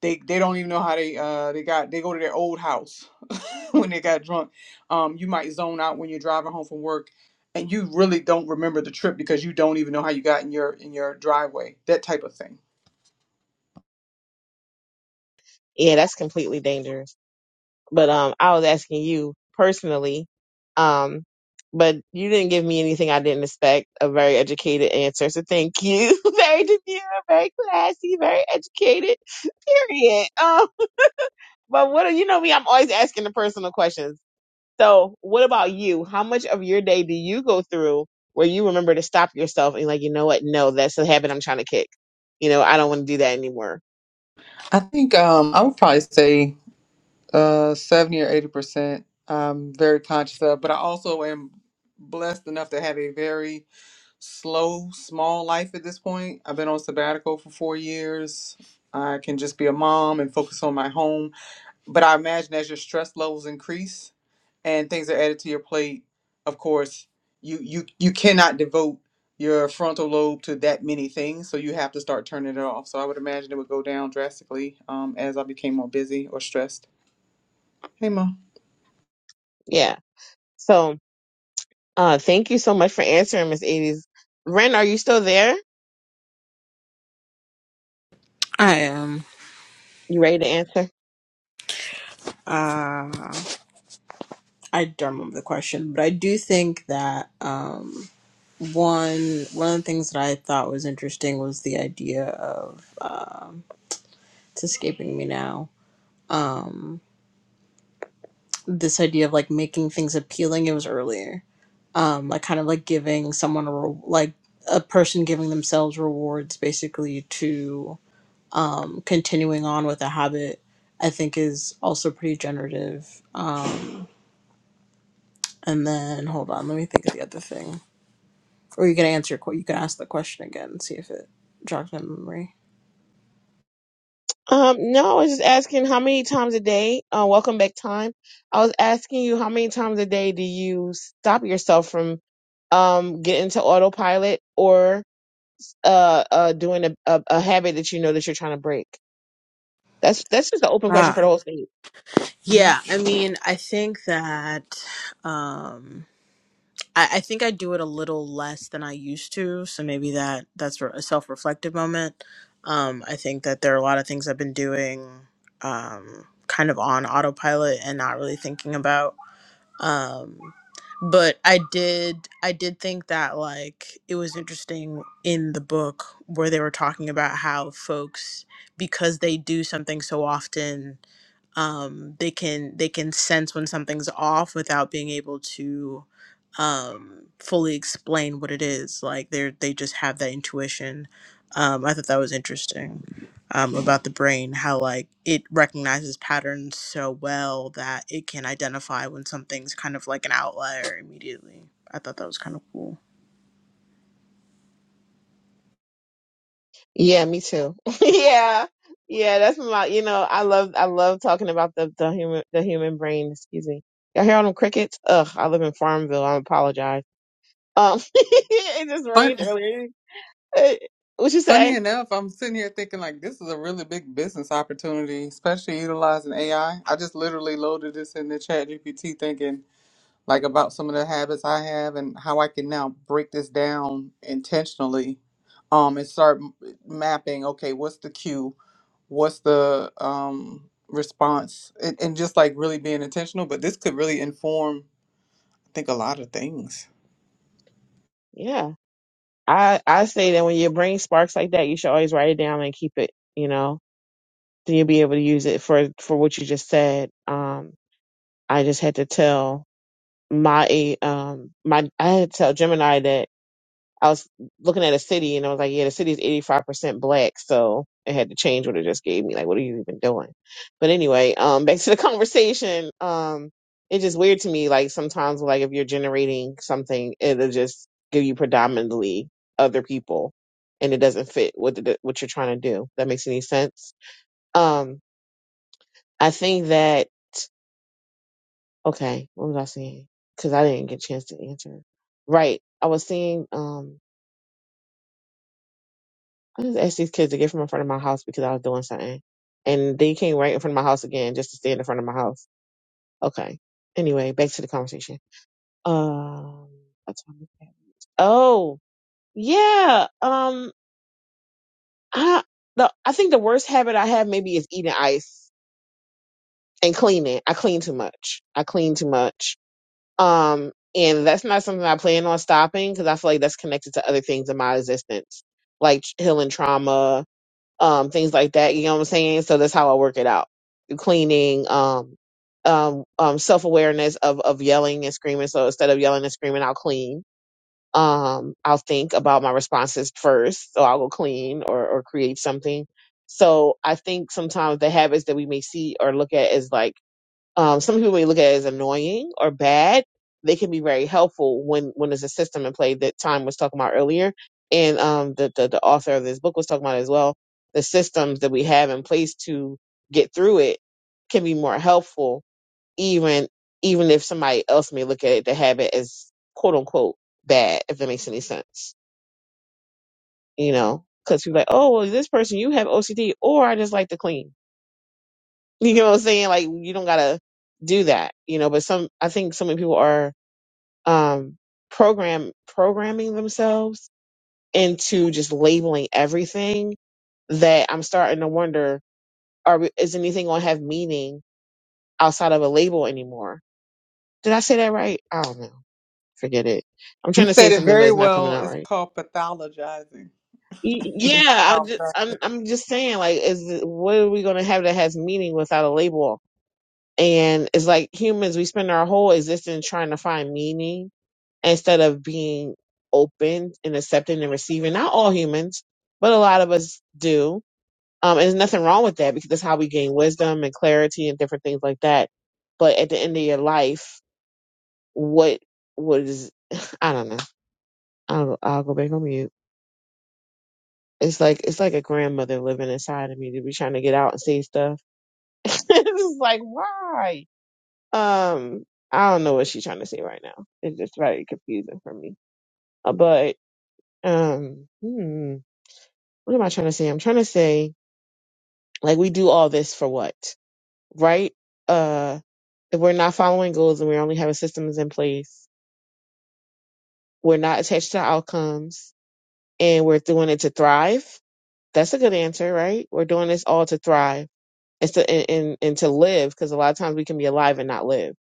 they they don't even know how they uh they got they go to their old house when they got drunk. Um, you might zone out when you're driving home from work, and you really don't remember the trip because you don't even know how you got in your in your driveway. That type of thing. Yeah, that's completely dangerous. But um, I was asking you personally, um, but you didn't give me anything I didn't expect. A very educated answer, so thank you. very demure, very classy, very educated. Period. Um, But what you know me, I'm always asking the personal questions. So what about you? How much of your day do you go through where you remember to stop yourself and you're like, you know what? No, that's the habit I'm trying to kick. You know, I don't want to do that anymore. I think um, I would probably say uh, 70 or 80%. I'm very conscious of, but I also am blessed enough to have a very slow, small life at this point. I've been on sabbatical for four years. I can just be a mom and focus on my home. But I imagine as your stress levels increase and things are added to your plate, of course, you you you cannot devote your frontal lobe to that many things, so you have to start turning it off. So I would imagine it would go down drastically um, as I became more busy or stressed. Hey, mom. Yeah. So uh thank you so much for answering, Miss Edie's. Ren, are you still there? I am You ready to answer? uh I don't remember the question, but I do think that um one one of the things that I thought was interesting was the idea of um it's escaping me now. Um this idea of like making things appealing it was earlier um like kind of like giving someone a re- like a person giving themselves rewards basically to um continuing on with a habit i think is also pretty generative um and then hold on let me think of the other thing or you can answer your que- you can ask the question again and see if it jogs my memory Um, no, I was just asking how many times a day, uh, welcome back time. I was asking you how many times a day do you stop yourself from um get into autopilot or uh uh doing a, a a habit that you know that you're trying to break? That's that's just an open question for the Ah, whole state. Mhm. yeah. I mean, I think that. Um, I, I think I do it a little less than I used to. So maybe that that's re- a self reflective moment. Um, I think that there are a lot of things I've been doing um, kind of on autopilot and not really thinking about um but i did i did think that like it was interesting in the book where they were talking about how folks because they do something so often um they can they can sense when something's off without being able to um fully explain what it is like they're they just have that intuition um i thought that was interesting um, about the brain, how like it recognizes patterns so well that it can identify when something's kind of like an outlier immediately. I thought that was kind of cool. Yeah, me too. yeah, yeah. That's my. You know, I love I love talking about the the human the human brain. Excuse me. Y'all hear all them crickets? Ugh, I live in Farmville. I apologize. Um, it just Fun, rained earlier. Eh, What you say? Funny enough, I'm sitting here thinking like this is a really big business opportunity, especially utilizing AI. I I just literally loaded this in the chat GPT thinking like about some of the habits I have and how I can now break this down intentionally um and start m- mapping okay, what's the cue? What's the um response? And, and just like really being intentional, but this could really inform I think a lot of things. Yeah, I I say that when your brain sparks like that, you should always write it down and keep it. You know, then you'll be able to use it for for what you just said. Um, I just had to tell my um my I had to tell Gemini that I was looking at a city and I was like, yeah, the city is eighty five percent black, so it had to change what it just gave me. Like, what are you even doing? But anyway, um, back to the conversation. Um, it's just weird to me. Like sometimes, like if you're generating something, it'll just give you predominantly other people, and it doesn't fit what the, what you're trying to do. That makes any sense? Um, I think that Okay, what was I saying? Because I didn't get a chance to answer. Right, I was seeing. Um, I just asked these kids to get from in front of my house because I was doing something, and they came right in front of my house again just to stand in front of my house. Okay. Anyway, back to the conversation. Um, that's what I'm looking at. oh yeah. Um, I the I think the worst habit I have maybe is eating ice and cleaning. I clean too much. I clean too much Um, and that's not something I plan on stopping because I feel like that's connected to other things in my existence, like tr- healing trauma, um, things like that. You know what I'm saying? So that's how I work it out. Through Cleaning, um, um, um, self awareness of of yelling and screaming. So instead of yelling and screaming, I'll clean. Um, I'll think about my responses first. So I'll go clean or or create something. So I think sometimes the habits that we may see or look at is like um, some people may look at it as annoying or bad. They can be very helpful when when there's a system in play that time was talking about earlier, and um, the, the the author of this book was talking about as well. The systems that we have in place to get through it can be more helpful, even even if somebody else may look at it to have it as quote unquote bad, if that makes any sense, you know. Because people are like, oh, well, this person you have OCD, or I just like to clean you know what I'm saying? Like you don't gotta do that, you know. But some, I think so many people are um program programming themselves into just labeling everything that I'm starting to wonder: Are we- is anything gonna have meaning outside of a label anymore? Did I say that right? I don't know. Forget it. I'm trying You to say said it something, but very it's not coming well. out It's right. called pathologizing. Y- They Yeah, I just, I'm, I'm just saying, like, is it- what are we gonna have that has meaning without a label And it's like humans, we spend our whole existence trying to find meaning instead of being open and accepting and receiving. Not all humans, but a lot of us do. Um, and there's nothing wrong with that because that's how we gain wisdom and clarity and different things like that. But at the end of your life, what was, I don't know. I'll, I'll go back on mute. It's like, it's like a grandmother living inside of me to be trying to get out and say stuff. it's like, why? Um, I don't know what she's trying to say right now. It's just very confusing for me. Uh, But um, hmm, what am I trying to say? I'm trying to say like we do all this for what, right? Uh, if we're not following goals and we're only having systems in place, we're not attached to outcomes, and we're doing it to thrive. That's a good answer, right? We're doing this all to thrive. It's to and, and, and to live because a lot of times we can be alive and not live.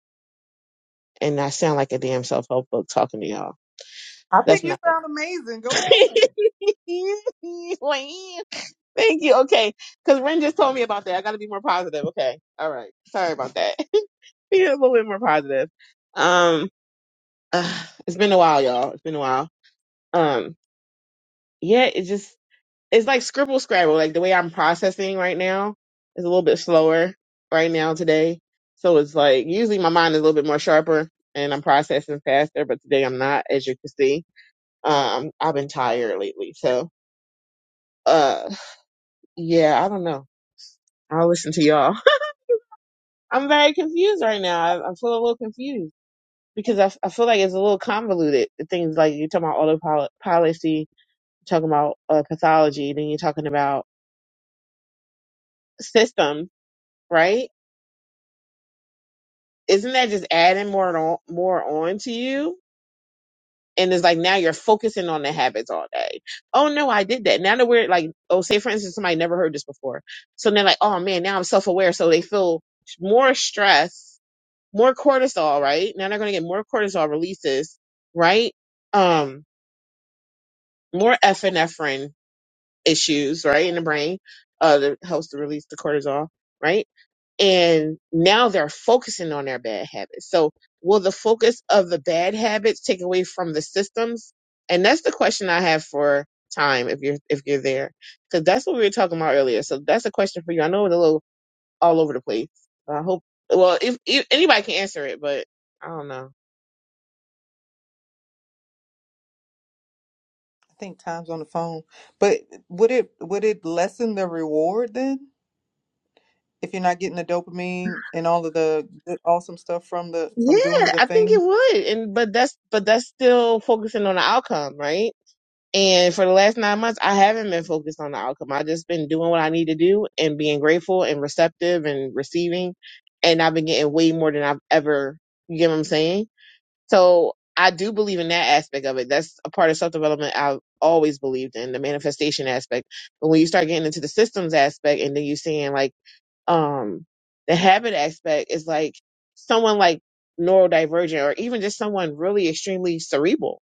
And I sound like a damn self help book talking to y'all. I That's think you not. sound amazing. Go Thank on. you. Okay. Because Ren just told me about that. I got to be more positive. Okay. All right. Sorry about that. be a little bit more positive. Um, uh, it's been a while, y'all. It's been a while. Um, yeah, it just it's like scribble scrabble. Like the way I'm processing right now is a little bit slower right now today. So it's like usually my mind is a little bit more sharper and I'm processing faster, but today I'm not, as you can see. Um, I've been tired lately, so. uh, Yeah, I don't know. I'll listen to y'all. I'm very confused right now. I, I feel a little confused because I, I feel like it's a little convoluted. The Things like you're talking about auto policy, talking about uh, pathology, then you're talking about systems, right? Isn't that just adding more on, more on to you? And it's like now you're focusing on the habits all day. Oh no, I did that. Now that we're like, oh, say for instance, somebody never heard this before, so they're like, oh man, now I'm self aware, so they feel more stress more cortisol, right? Now they're going to get more cortisol releases, right? Um, more epinephrine issues, right, in the brain, uh, that helps to release the cortisol, right? And now they're focusing on their bad habits. So will the focus of the bad habits take away from the systems? And that's the question I have for time if you're if you're there because that's what we were talking about earlier so that's a question for you i know it's a little all over the place i hope well if, if anybody can answer it but i don't know I think time's on the phone. But would it would it lessen the reward then? If you're not getting the dopamine and all of the good, awesome stuff from the from Yeah, doing the I think it thing? would. And but that's but that's still focusing on the outcome, right? And for the last nine months, I haven't been focused on the outcome. I've just been doing what I need to do and being grateful and receptive and receiving. And I've been getting way more than I've ever, you get what I'm saying? So I do believe in that aspect of it. That's a part of self development I've always believed in, the manifestation aspect. But when you start getting into the systems aspect and then you're seeing like, um the habit aspect is like someone like neurodivergent or even just someone really extremely cerebral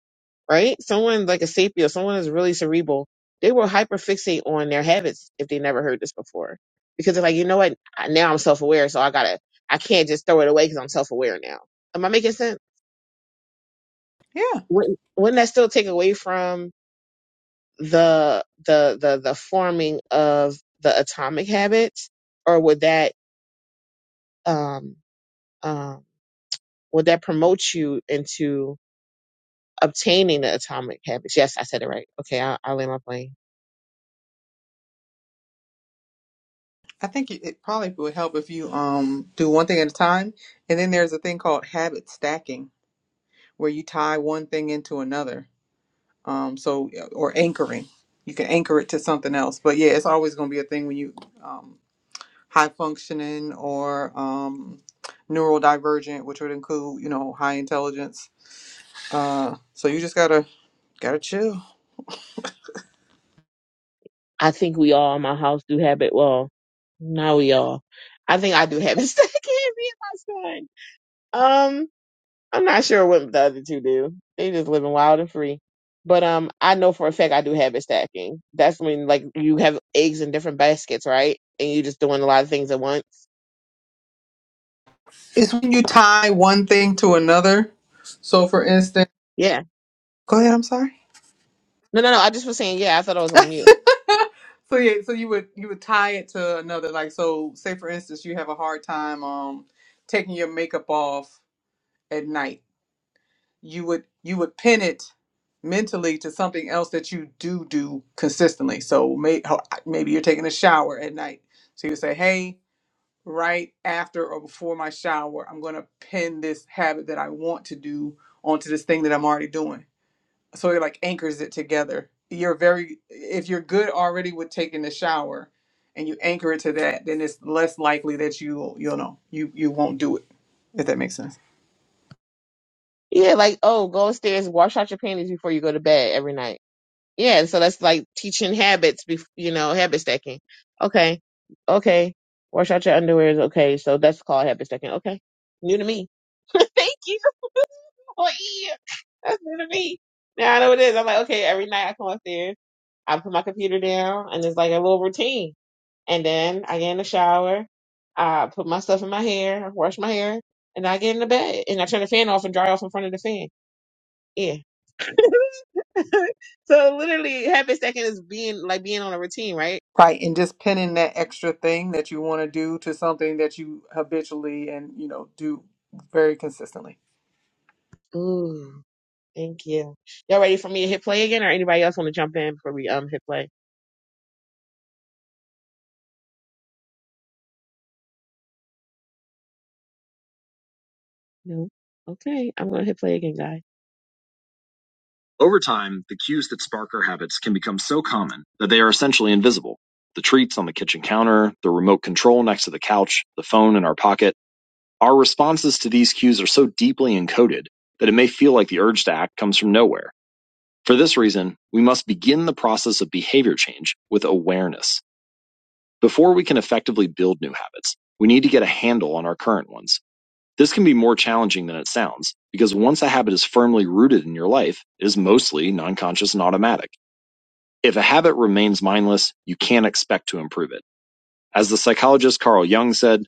right someone like a sapio someone is really cerebral they will hyperfixate on their habits if they never heard this before because they're like you know what I- now i'm self-aware so i gotta i can't just throw it away because i'm self-aware now am i making sense Yeah. wouldn't, wouldn't that still take away from the the the the forming of the atomic habits or would that um um Will that promote you into obtaining the atomic habits? Yes, I said it right. Okay, I, I'll land my plane. I think it it probably would help if you um do one thing at a time. And then there's a thing called habit stacking where you tie one thing into another. Um so or anchoring. You can anchor it to something else. But yeah, it's always going to be a thing when you um high functioning or um, neurodivergent, which would include you know high intelligence. Uh, so you just gotta gotta chill. I think we all in my house do habit. Well, now we all. I think I do habits that can't be my son. Um, I'm not sure what the other two do. They just living wild and free. But um, I know for a fact I do habit stacking. That's when like you have eggs in different baskets, right? And you just doing a lot of things at once. It's when you tie one thing to another. So for instance, Yeah. go ahead. I'm sorry. No, no, no. I just was saying. Yeah, I thought I was on mute. so yeah, so you would you would tie it to another. Like so, say for instance, you have a hard time um taking your makeup off at night you would you would pin it mentally to something else that you do do consistently. So may, ho- maybe you're taking a shower at night. So you say, "Hey, right after or before my shower, I'm going to pin this habit that I want to do onto this thing that I'm already doing." So it like anchors it together. You're very if you're good already with taking the shower and you anchor it to that, then it's less likely that you you'll know you you won't do it if that makes sense. Yeah, like, oh, go upstairs, wash out your panties before you go to bed every night. Yeah, so that's like teaching habits, bef- you know, habit stacking. Okay, okay, wash out your underwear is okay. So that's called habit stacking. Okay, new to me. Thank you. Oh, yeah. That's new to me. Now I know what it is. I'm like, okay, every night I come upstairs, I put my computer down, and it's like a little routine. And then I get in the shower, I put my stuff in my hair, I wash my hair, and I get in the bed, and I turn the fan off and dry off in front of the fan. Yeah so literally half a second is being like being on a routine, right? Right, and just pinning that extra thing that you want to do to something that you habitually and you know do very consistently. Ooh, thank you. Y'all ready for me to hit play again or anybody else want to jump in before we um hit play? No. Okay, I'm gonna hit play again, guys. Over time, the cues that spark our habits can become so common that they are essentially invisible. The treats on the kitchen counter, the remote control next to the couch, the phone in our pocket. Our responses to these cues are so deeply encoded that it may feel like the urge to act comes from nowhere. For this reason, we must begin the process of behavior change with awareness. Before we can effectively build new habits, we need to get a handle on our current ones. This can be more challenging than it sounds, because once a habit is firmly rooted in your life, it is mostly non conscious and automatic. If a habit remains mindless, you can't expect to improve it. As the psychologist Carl Jung said,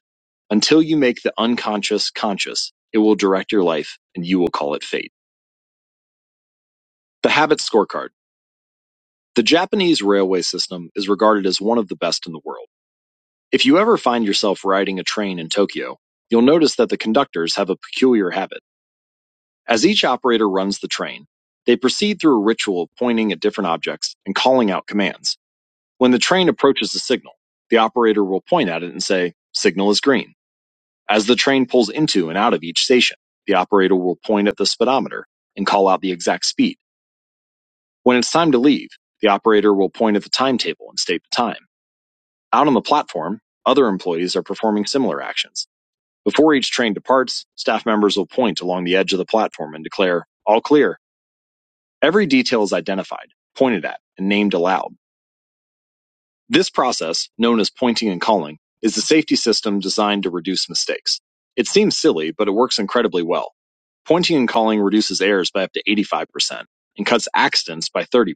until you make the unconscious conscious, it will direct your life and you will call it fate. The habit scorecard. The Japanese railway system is regarded as one of the best in the world. If you ever find yourself riding a train in Tokyo, you'll notice that the conductors have a peculiar habit. As each operator runs the train, they proceed through a ritual of pointing at different objects and calling out commands. When the train approaches a signal, the operator will point at it and say, Signal is green. As the train pulls into and out of each station, the operator will point at the speedometer and call out the exact speed. When it's time to leave, the operator will point at the timetable and state the time. Out on the platform, other employees are performing similar actions. Before each train departs, staff members will point along the edge of the platform and declare, all clear. Every detail is identified, pointed at, and named aloud. This process, known as pointing and calling, is a safety system designed to reduce mistakes. It seems silly, but it works incredibly well. Pointing and calling reduces errors by up to 85% and cuts accidents by 30%.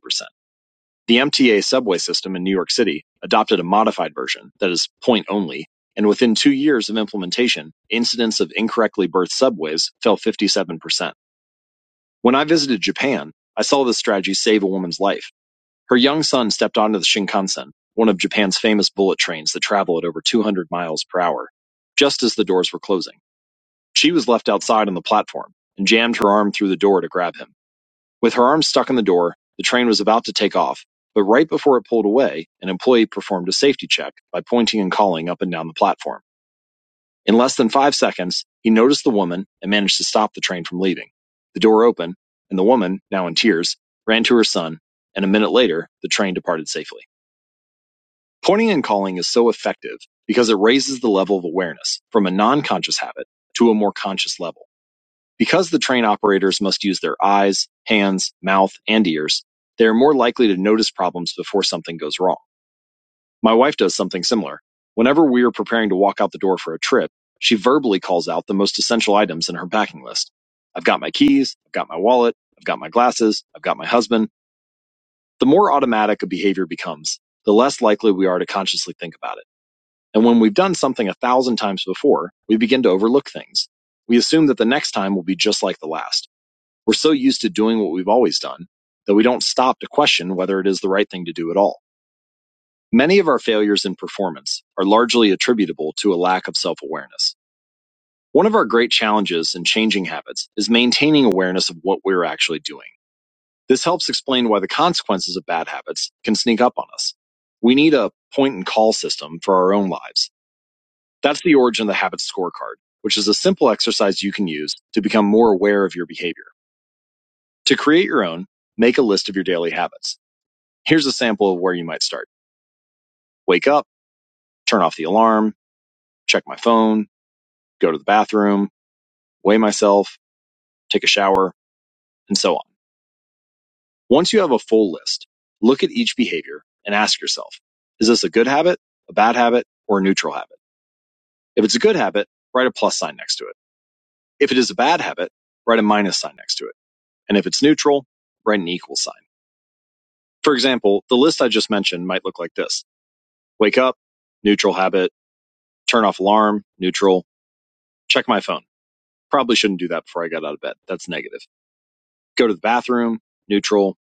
The MTA subway system in New York City adopted a modified version that is point-only, and within two years of implementation, incidents of incorrectly berthed subways fell 57%. When I visited Japan, I saw this strategy save a woman's life. Her young son stepped onto the Shinkansen, one of Japan's famous bullet trains that travel at over 200 miles per hour, just as the doors were closing. She was left outside on the platform and jammed her arm through the door to grab him. With her arm stuck in the door, the train was about to take off, but right before it pulled away, an employee performed a safety check by pointing and calling up and down the platform. In less than five seconds, he noticed the woman and managed to stop the train from leaving. The door opened, and the woman, now in tears, ran to her son, and a minute later, the train departed safely. Pointing and calling is so effective because it raises the level of awareness from a non conscious habit to a more conscious level. Because the train operators must use their eyes, hands, mouth, and ears, they are more likely to notice problems before something goes wrong. My wife does something similar. Whenever we are preparing to walk out the door for a trip, she verbally calls out the most essential items in her packing list. I've got my keys, I've got my wallet, I've got my glasses, I've got my husband. The more automatic a behavior becomes, the less likely we are to consciously think about it. And when we've done something a thousand times before, we begin to overlook things. We assume that the next time will be just like the last. We're so used to doing what we've always done that we don't stop to question whether it is the right thing to do at all. Many of our failures in performance are largely attributable to a lack of self awareness. One of our great challenges in changing habits is maintaining awareness of what we're actually doing. This helps explain why the consequences of bad habits can sneak up on us. We need a point and call system for our own lives. That's the origin of the habit scorecard, which is a simple exercise you can use to become more aware of your behavior. To create your own, make a list of your daily habits. Here's a sample of where you might start. Wake up, turn off the alarm, check my phone, go to the bathroom, weigh myself, take a shower, and so on. Once you have a full list, look at each behavior and ask yourself, is this a good habit, a bad habit, or a neutral habit? If it's a good habit, write a plus sign next to it. If it is a bad habit, write a minus sign next to it. And if it's neutral, write an equal sign. For example, the list I just mentioned might look like this. Wake up, neutral habit, turn off alarm, neutral, check my phone Probably shouldn't do that before I got out of bed. That's negative. Go to the bathroom, neutral,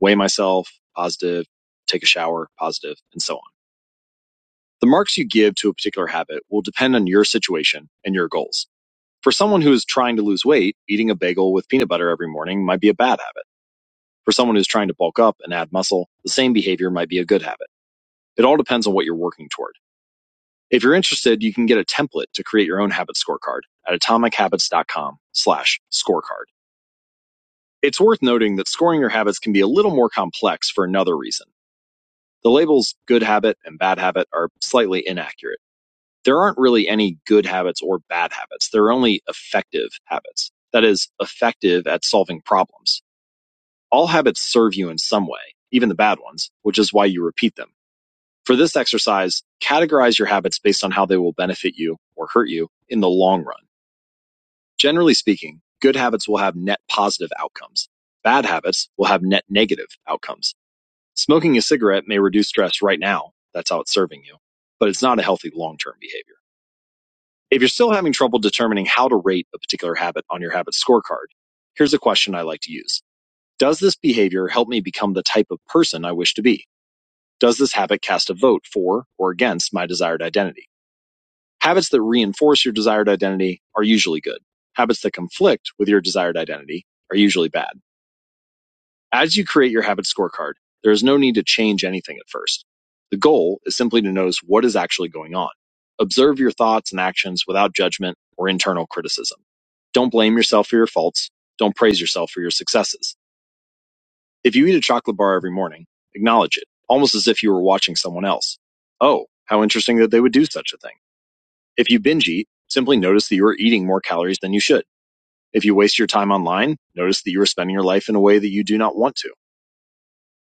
weigh myself, positive, take a shower, positive, and so on. The marks you give to a particular habit will depend on your situation and your goals. For someone who is trying to lose weight, eating a bagel with peanut butter every morning might be a bad habit. For someone who's trying to bulk up and add muscle, the same behavior might be a good habit. It all depends on what you're working toward. If you're interested, you can get a template to create your own habit scorecard at atomichabits.com slash scorecard. It's worth noting that scoring your habits can be a little more complex for another reason. The labels good habit and bad habit are slightly inaccurate. There aren't really any good habits or bad habits. There are only effective habits. That is, effective at solving problems. All habits serve you in some way, even the bad ones, which is why you repeat them. For this exercise, categorize your habits based on how they will benefit you or hurt you in the long run. Generally speaking, good habits will have net positive outcomes. Bad habits will have net negative outcomes. Smoking a cigarette may reduce stress right now. That's how it's serving you. But it's not a healthy long term behavior. If you're still having trouble determining how to rate a particular habit on your habit scorecard, here's a question I like to use Does this behavior help me become the type of person I wish to be? Does this habit cast a vote for or against my desired identity? Habits that reinforce your desired identity are usually good. Habits that conflict with your desired identity are usually bad. As you create your habit scorecard, there is no need to change anything at first. The goal is simply to notice what is actually going on. Observe your thoughts and actions without judgment or internal criticism. Don't blame yourself for your faults. Don't praise yourself for your successes. If you eat a chocolate bar every morning, acknowledge it, almost as if you were watching someone else. Oh, how interesting that they would do such a thing. If you binge eat, simply notice that you are eating more calories than you should. If you waste your time online, notice that you are spending your life in a way that you do not want to.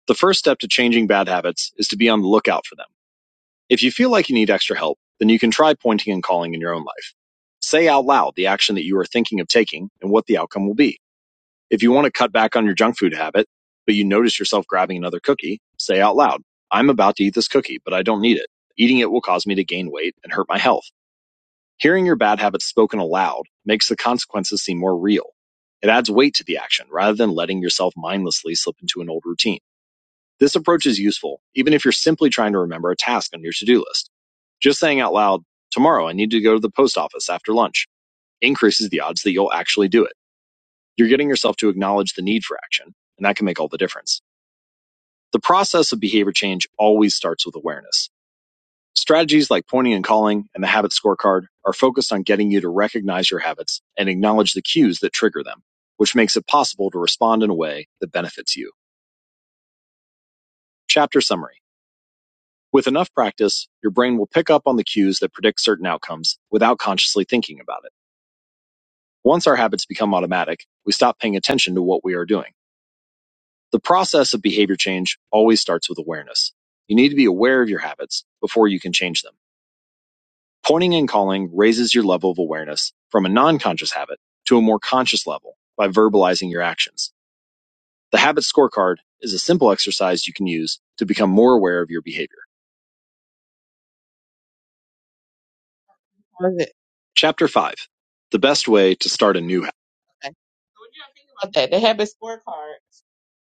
The first step to changing bad habits is to be on the lookout for them. If you feel like you need extra help, then you can try pointing and calling in your own life. Say out loud the action that you are thinking of taking and what the outcome will be. If you want to cut back on your junk food habit, but you notice yourself grabbing another cookie, say out loud, I'm about to eat this cookie, but I don't need it. Eating it will cause me to gain weight and hurt my health. Hearing your bad habits spoken aloud makes the consequences seem more real. It adds weight to the action rather than letting yourself mindlessly slip into an old routine. This approach is useful, even if you're simply trying to remember a task on your to do list. Just saying out loud, tomorrow I need to go to the post office after lunch, increases the odds that you'll actually do it. You're getting yourself to acknowledge the need for action, and that can make all the difference. The process of behavior change always starts with awareness. Strategies like pointing and calling and the habit scorecard are focused on getting you to recognize your habits and acknowledge the cues that trigger them, which makes it possible to respond in a way that benefits you. Chapter summary. With enough practice, your brain will pick up on the cues that predict certain outcomes without consciously thinking about it. Once our habits become automatic, we stop paying attention to what we are doing. The process of behavior change always starts with awareness. You need to be aware of your habits before you can change them. Pointing and calling raises your level of awareness from a non-conscious habit to a more conscious level by verbalizing your actions. The habit scorecard is a simple exercise you can use to become more aware of your behavior. was it? Chapter 5 The Best Way to Start a New Habit. Okay. So what do y'all think about that? The habit scorecard.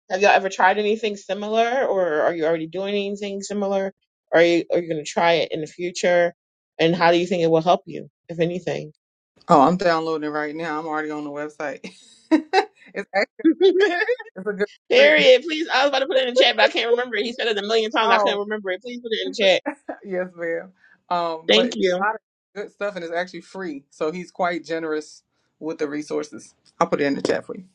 Have y'all ever tried anything similar, or are you already doing anything similar? Or are you are you going to try it in the future? And how do you think it will help you, if anything? Oh, I'm downloading it right now. I'm already on the website. it's actually it's a good. Period. Please, I was about to put it in the chat, but I can't remember it. He said it a million times. I couldn't Oh remember it. Please put it in the chat. Yes, ma'am. Um, but Thank it's you. a lot of good stuff and it's actually free. So he's quite generous with the resources. I'll put it in the chat for you.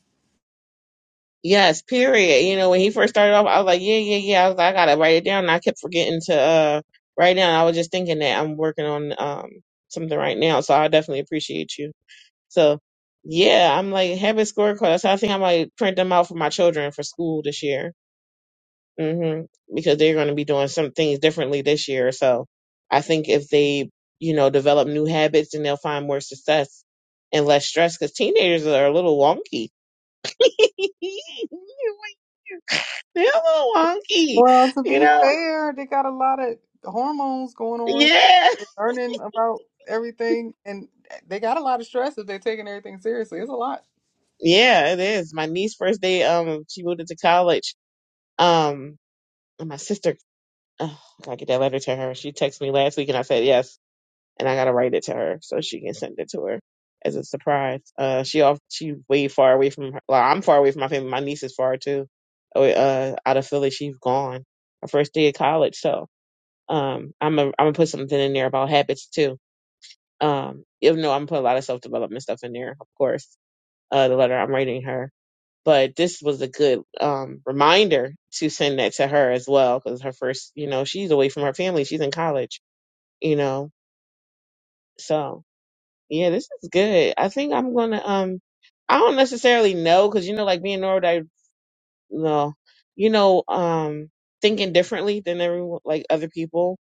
Yes, period. You know, when he first started off, I was like, yeah, yeah, yeah. I was like, I gotta write it down. And I kept forgetting to uh write it down. I was just thinking that I'm working on um something right now, so I definitely appreciate you. So yeah, I'm like habit scorecards. I think I might print them out for my children for school this year. hmm Because they're going to be doing some things differently this year. So I think if they, you know, develop new habits, then they'll find more success and less stress. Because teenagers are a little wonky They're a little wonky, Well, to you be know? fair, they got a lot of hormones going on. Yeah. They're learning about everything and they got a lot of stress if they're taking everything seriously. It's a lot. Yeah, it is. My niece first day, um, she moved into college. Um, and my sister, oh, I gotta get that letter to her. She texted me last week and I said yes. And I gotta write it to her so she can send it to her as a surprise. Uh, she off, she way far away from her. Well, I'm far away from my family. My niece is far too. Oh, Uh, out of Philly, she's gone. Her first day of college. So, um, I'm i I'm gonna put something in there about habits too Um, even though I'm putting a lot of self development stuff in there, of course, uh, the letter I'm writing her. But this was a good um, reminder to send that to her as well, because her first, you know, she's away from her family. She's in college, you know. So yeah, this is good. I think I'm gonna. Um, I don't necessarily know, because you know, like being neurodivergent, no, you know, um, thinking differently than everyone, like other people.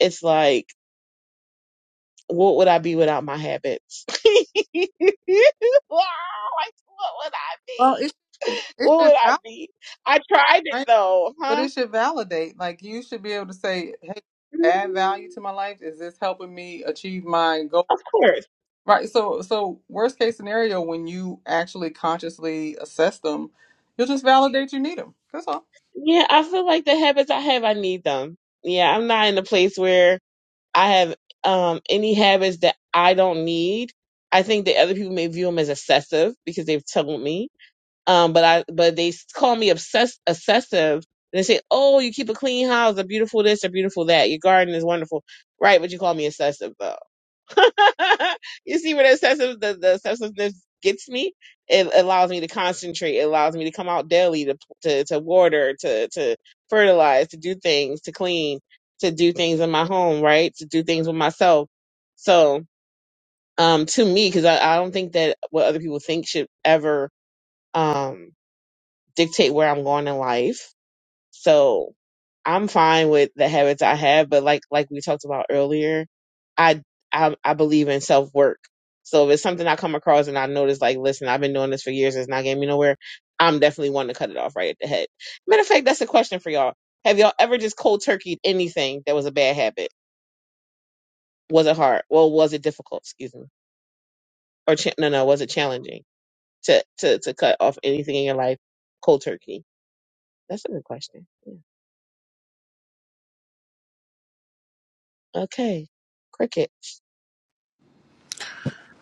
It's like what would I be without my habits? Wow, like, what would I Well, be? it, it What should would I validate, be? I tried it right? though, But huh? it should validate. Like you should be able to say, hey, add value Mm, to my life. Is this helping me achieve my goals? Of course. Right. So, so worst case scenario, when you actually consciously assess them, you'll just validate you need them. That's all. Yeah, I feel like the habits I have, I need them. Yeah, I'm not in a place where I have um any habits that I don't need. I think that other people may view them as excessive because they've told me. Um, but I but they call me obsessed obsessive. And they say, "Oh, you keep a clean house, a beautiful this, a beautiful that. Your garden is wonderful, right?" But you call me obsessive though. you see where the obsessive the, the obsessiveness gets me. It allows me to concentrate. It allows me to come out daily to to to water, to to fertilize, to do things, to clean, to do things in my home, right? To do things with myself. So, um, to me, because I, I don't think that what other people think should ever. Um, dictate where I'm going in life. So I'm fine with the habits I have, but like like we talked about earlier, I I, I believe in self work. So if it's something I come across and I notice, like, listen, I've been doing this for years, it's not getting me nowhere. I'm definitely wanting to cut it off right at the head. Matter of fact, that's a question for y'all. Have y'all ever just cold turkeyed anything that was a bad habit? Was it hard? Well, was it difficult? Excuse me. Or cha- no, no, was it challenging to to to cut off anything in your life cold turkey? That's a good question. okay, crickets,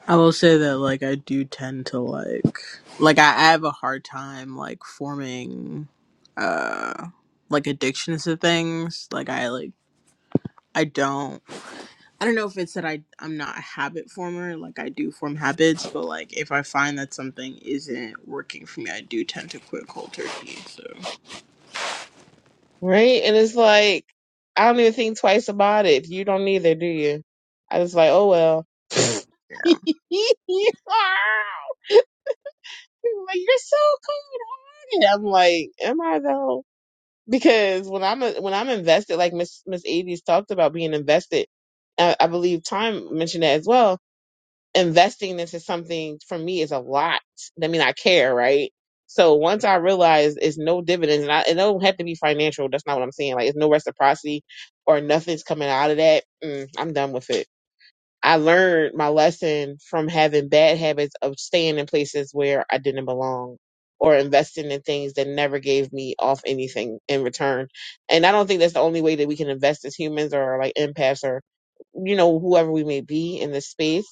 I will say that like I do tend to like like I, I have a hard time like forming uh like addictions to things. Like I like I don't I don't know if it's that I I'm not a habit former, like I do form habits, but like if I find that something isn't working for me, I do tend to quit cold turkey. So right? And it's like, I don't even think twice about it. You don't either, do you? I was like, oh well. like, you're so cold hearted. I'm like, am I though? Because when I'm when I'm invested, like Miss Miss Avies talked about being invested, I, I believe Time mentioned that as well investing into something for me is a lot. I mean, I care, right? So once I realize it's no dividends, and, I, it don't have to be financial. That's not what I'm saying. Like it's no reciprocity or nothing's coming out of that. Mm, I'm done with it. I learned my lesson from having bad habits of staying in places where I didn't belong or investing in things that never gave me off anything in return. And I don't think that's the only way that we can invest as humans or like empaths or, you know, whoever we may be in this space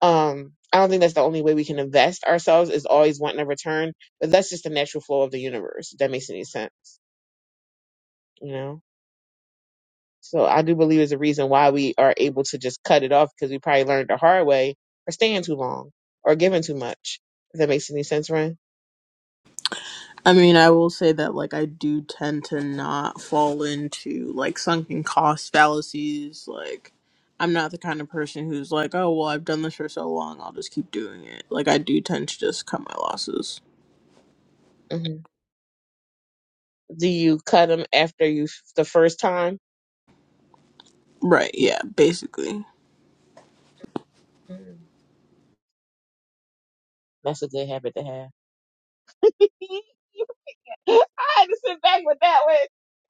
um i don't think that's the only way we can invest ourselves is always wanting a return but that's just the natural flow of the universe if that makes any sense you know so I do believe is a reason why we are able to just cut it off because we probably learned the hard way or staying too long or giving too much. If that makes any sense, Ren? I mean, I will say that like I do tend to not fall into like sunken cost fallacies. Like I'm not the kind of person who's like, oh well, I've done this for so long, I'll just keep doing it. Like I do tend to just cut my losses. hmm Do you cut them after you the first time? Right? Yeah. Basically. Mm. That's a good habit to have. I had to sit back with that one.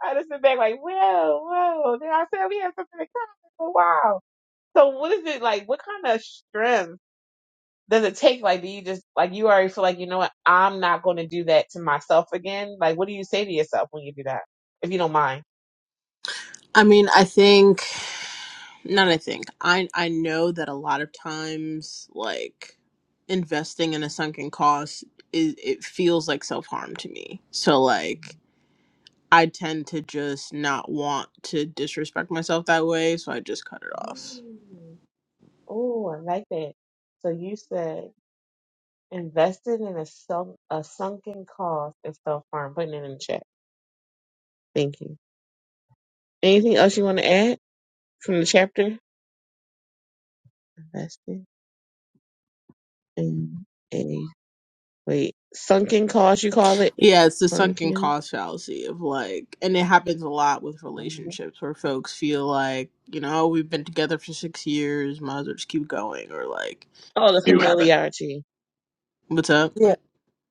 I had to sit back like, whoa, whoa. Then I said we have something in common for a while. So what is it like? What kind of strength does it take? Like, do you just like you already feel like you know what? I'm not going to do that to myself again. Like, what do you say to yourself when you do that, if you don't mind? I mean, I think not. I think I I know that a lot of times like investing in a sunken cost is it feels like self harm to me. So like I tend to just not want to disrespect myself that way, so I just cut it off. Oh, I like that. So you said. Invested in a self a sunken cause is self harm. Putting it in the chat. Thank you. Anything else you want to add from the chapter? Invested in a wait sunken cause. You call it Yeah, it's the sunken sunken. cost fallacy of like, and it happens a lot with Oh, relationships where folks feel like, you know, "Oh, we've been together for six years, might as well just keep going, or like, the You have it. familiarity. what's up? Yeah,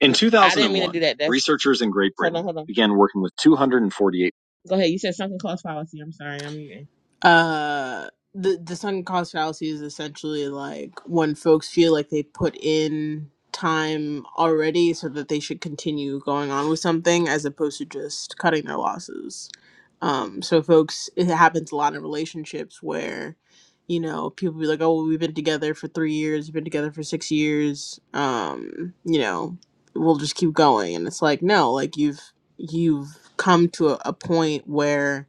In I didn't mean to two thousand one, do 2001, that. That's researchers in Great hold on, Britain hold on. began working with 248. Go ahead. You said sunken cost policy. I'm sorry. I'm muting. uh the the sunk cost fallacy is essentially like when folks feel like they put in time already so that they should continue going on with something as opposed to just cutting their losses um so folks it happens a lot in relationships where you know people be like oh we've been together for three years we've been together for six years um you know we'll just keep going and it's like no like you've you've come to a, a point where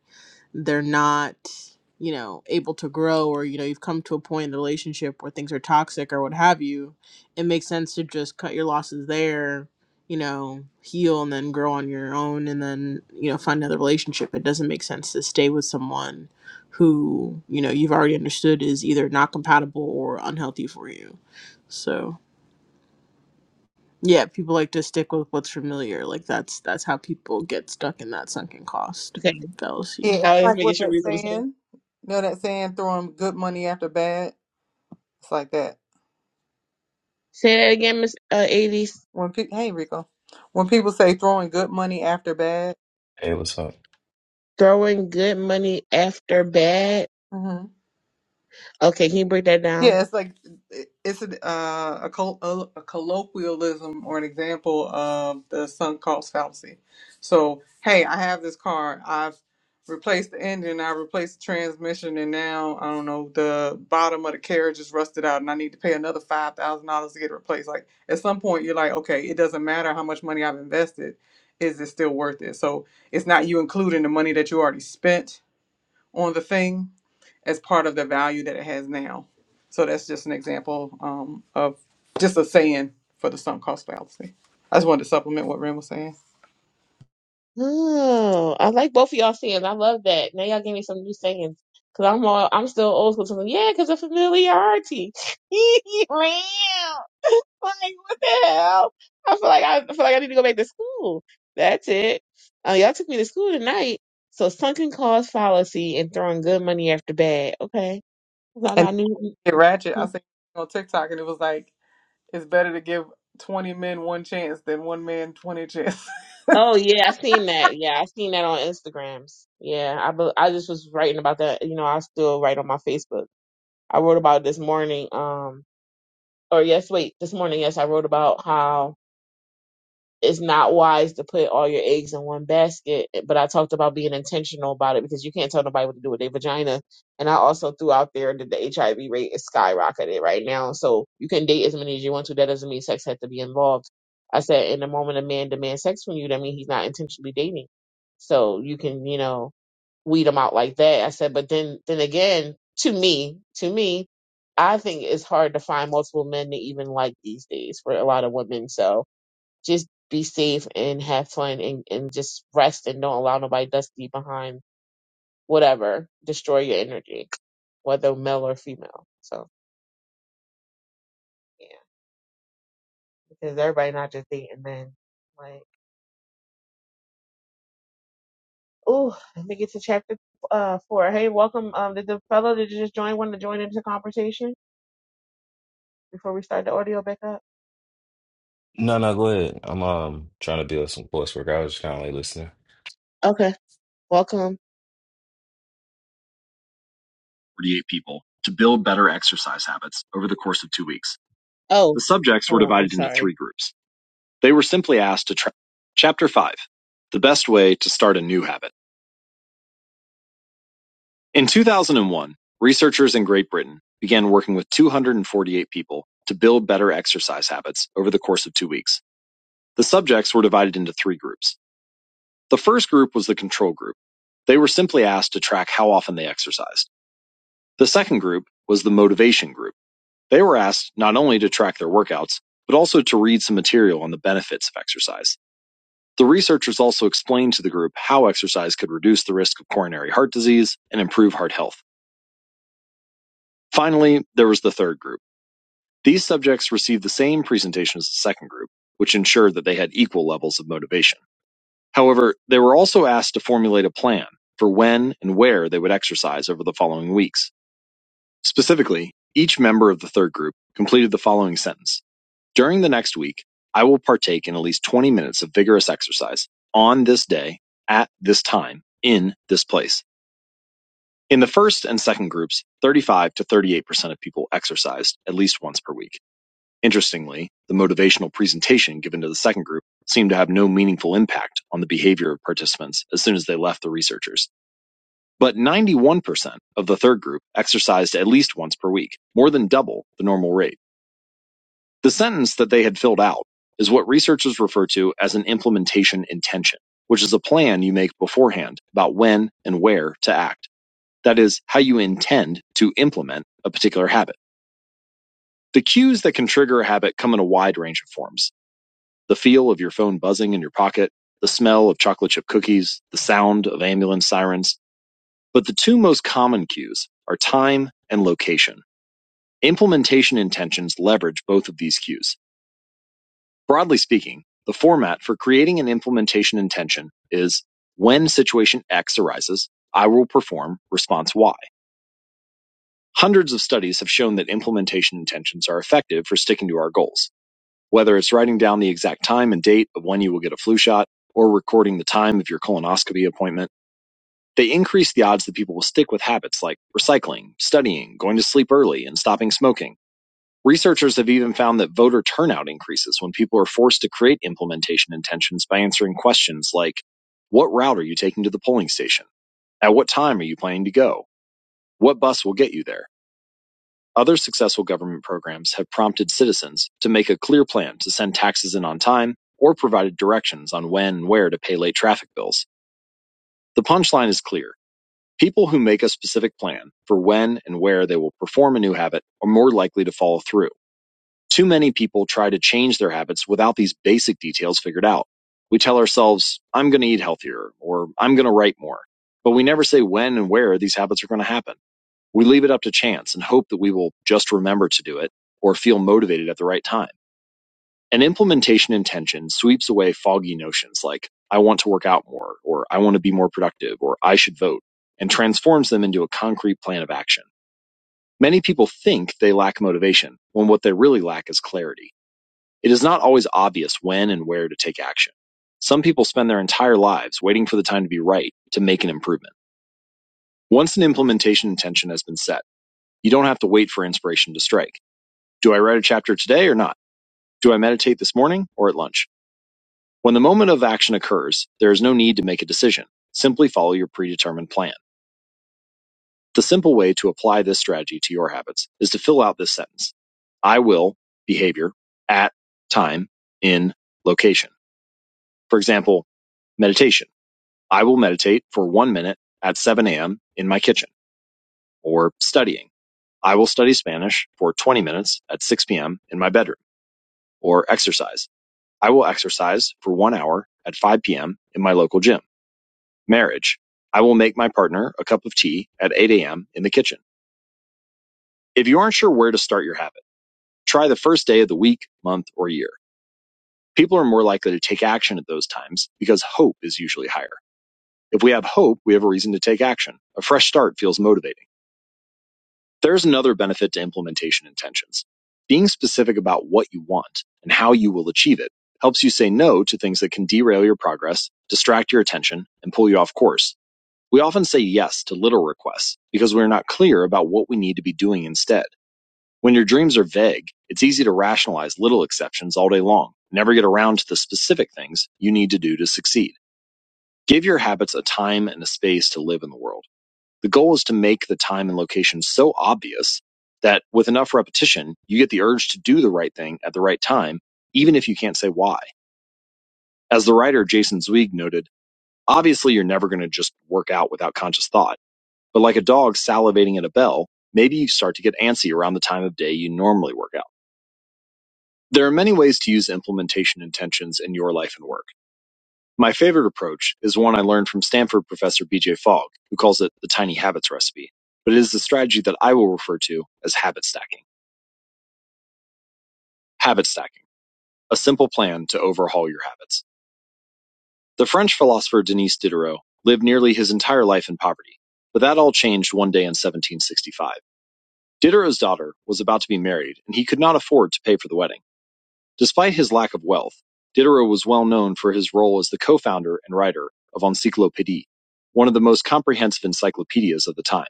they're not you know able to grow or you know you've come to a point in the relationship where things are toxic or what have you it makes sense to just cut your losses there you know heal and then grow on your own and then you know find another relationship it doesn't make sense to stay with someone who you know you've already understood is either not compatible or unhealthy for you so yeah people like to stick with what's familiar like that's that's how people get stuck in that sunken cost Okay. fallacy yeah. It's I was like what making sure that we was on the same. saying. You know that saying, throwing good money after bad. It's like that. Say that again, Miss uh, 80s. When pe- hey Rico, when people say throwing good money after bad, Hey, what's up? Throwing good money after bad. mm-hmm. Okay, can you break that down? Yeah, it's like it's an, uh, a, col- a, a colloquialism or an example of the sunk cost fallacy. So, hey, I have this car. I've replaced the engine. I replaced the transmission, and now I don't know the bottom of the carriage is rusted out, and I need to pay another five thousand dollars to get it replaced. Like at some point, you're like, okay, it doesn't matter how much money I've invested. Is it still worth it? So it's not you including the money that you already spent on the thing as part of the value that it has now. So that's just an example um, of just a saying for the sunk cost fallacy. I just wanted to supplement what Ren was saying. Oh, I like both of y'all sayings. I love that. Now y'all gave me some new sayings. Cause I'm all, I'm still old school. Something. Yeah, cause of familiarity. Man, like what the hell? I feel like I, I feel like I need to go back to school. That's it. Uh, y'all took me to school tonight. So sunken cost fallacy and throwing good money after bad. Okay, 'Cause I And got new. get ratchet. I seen on TikTok and it was like, it's better to give 20 men one chance than one man 20 chances. Oh yeah, I seen that. Yeah, I seen that on Instagrams. Yeah, I bu- I just was writing about that. You know, I still write on my Facebook. I wrote about it this morning. Um, or yes, wait, this morning, yes, I wrote about how it's not wise to put all your eggs in one basket. But I talked about being intentional about it because you can't tell nobody what to do with their vagina. And I also threw out there that the HIV rate is skyrocketed right now. So you can date as many as you want to. That doesn't mean sex has to be involved. I said, in the moment a man demands sex from you, that means he's not intentionally dating. So you can, you know, weed them out like that. I said, but then, then again, to me, to me, I think it's hard to find multiple men to even like these days for a lot of women. So, just be safe and have fun and, and just rest and don't allow nobody dusty behind whatever destroy your energy, whether male or female. So yeah, because everybody not just dating men. Like, ooh, let me get to chapter uh four. Hey, welcome. Um, did the fellow that just joined want to join into the conversation before we start the audio back up? No, no, go ahead. I'm um trying to build some coursework. I was just kind of like listening. Okay, welcome. 48 people to build better exercise habits over the course of two weeks. Oh, The subjects were hold on. I'm divided into sorry. three groups. They were simply asked to try. Chapter 5 The Best Way to Start a New Habit. In 2001, researchers in Great Britain began working with 248 people to build better exercise habits over the course of two weeks. The subjects were divided into three groups. The first group was the control group. They were simply asked to track how often they exercised. The second group was the motivation group. They were asked not only to track their workouts, but also to read some material on the benefits of exercise. The researchers also explained to the group how exercise could reduce the risk of coronary heart disease and improve heart health. Finally, there was the third group. These subjects received the same presentation as the second group, which ensured that they had equal levels of motivation. However, they were also asked to formulate a plan for when and where they would exercise over the following weeks. Specifically, each member of the third group completed the following sentence During the next week, I will partake in at least 20 minutes of vigorous exercise on this day, at this time, in this place. In the first and second groups, 35 to 38% of people exercised at least once per week. Interestingly, the motivational presentation given to the second group seemed to have no meaningful impact on the behavior of participants as soon as they left the researchers. But 91% of the third group exercised at least once per week, more than double the normal rate. The sentence that they had filled out is what researchers refer to as an implementation intention, which is a plan you make beforehand about when and where to act. That is, how you intend to implement a particular habit. The cues that can trigger a habit come in a wide range of forms the feel of your phone buzzing in your pocket, the smell of chocolate chip cookies, the sound of ambulance sirens. But the two most common cues are time and location. Implementation intentions leverage both of these cues Broadly speaking, the format for creating an implementation intention is when situation X arises, I will perform response Y. Hundreds of studies have shown that implementation intentions are effective for sticking to our goals. Whether it's writing down the exact time and date of when you will get a flu shot or recording the time of your colonoscopy appointment, they increase the odds that people will stick with habits like recycling, studying, going to sleep early, and stopping smoking. Researchers have even found that voter turnout increases when people are forced to create implementation intentions by answering questions like, What route are you taking to the polling station? At what time are you planning to go? What bus will get you there? Other successful government programs have prompted citizens to make a clear plan to send taxes in on time or provided directions on when and where to pay late traffic bills. The punchline is clear. People who make a specific plan for when and where they will perform a new habit are more likely to follow through. Too many people try to change their habits without these basic details figured out. We tell ourselves, I'm going to eat healthier or I'm going to write more, but we never say when and where these habits are going to happen. We leave it up to chance and hope that we will just remember to do it or feel motivated at the right time. An implementation intention sweeps away foggy notions like, I want to work out more or I want to be more productive or I should vote and transforms them into a concrete plan of action. Many people think they lack motivation when what they really lack is clarity. It is not always obvious when and where to take action. Some people spend their entire lives waiting for the time to be right to make an improvement. Once an implementation intention has been set, you don't have to wait for inspiration to strike. Do I write a chapter today or not? Do I meditate this morning or at lunch? When the moment of action occurs, there is no need to make a decision. Simply follow your predetermined plan. The simple way to apply this strategy to your habits is to fill out this sentence. I will behavior at time in location. For example, meditation. I will meditate for one minute at 7 a.m. in my kitchen or studying. I will study Spanish for 20 minutes at 6 p.m. in my bedroom or exercise. I will exercise for one hour at 5 p.m. in my local gym. Marriage. I will make my partner a cup of tea at 8 a.m. in the kitchen. If you aren't sure where to start your habit, try the first day of the week, month, or year. People are more likely to take action at those times because hope is usually higher. If we have hope, we have a reason to take action. A fresh start feels motivating. There's another benefit to implementation intentions. Being specific about what you want and how you will achieve it helps you say no to things that can derail your progress, distract your attention, and pull you off course. We often say yes to little requests because we're not clear about what we need to be doing instead. When your dreams are vague, it's easy to rationalize little exceptions all day long, never get around to the specific things you need to do to succeed. Give your habits a time and a space to live in the world. The goal is to make the time and location so obvious that with enough repetition, you get the urge to do the right thing at the right time, even if you can't say why. As the writer Jason Zweig noted, obviously you're never going to just work out without conscious thought, but like a dog salivating at a bell, maybe you start to get antsy around the time of day you normally work out. There are many ways to use implementation intentions in your life and work. My favorite approach is one I learned from Stanford professor BJ Fogg, who calls it the tiny habits recipe, but it is the strategy that I will refer to as habit stacking. Habit stacking, a simple plan to overhaul your habits. The French philosopher Denis Diderot lived nearly his entire life in poverty, but that all changed one day in 1765. Diderot's daughter was about to be married, and he could not afford to pay for the wedding. Despite his lack of wealth, Diderot was well known for his role as the co-founder and writer of Encyclopédie, one of the most comprehensive encyclopedias of the time.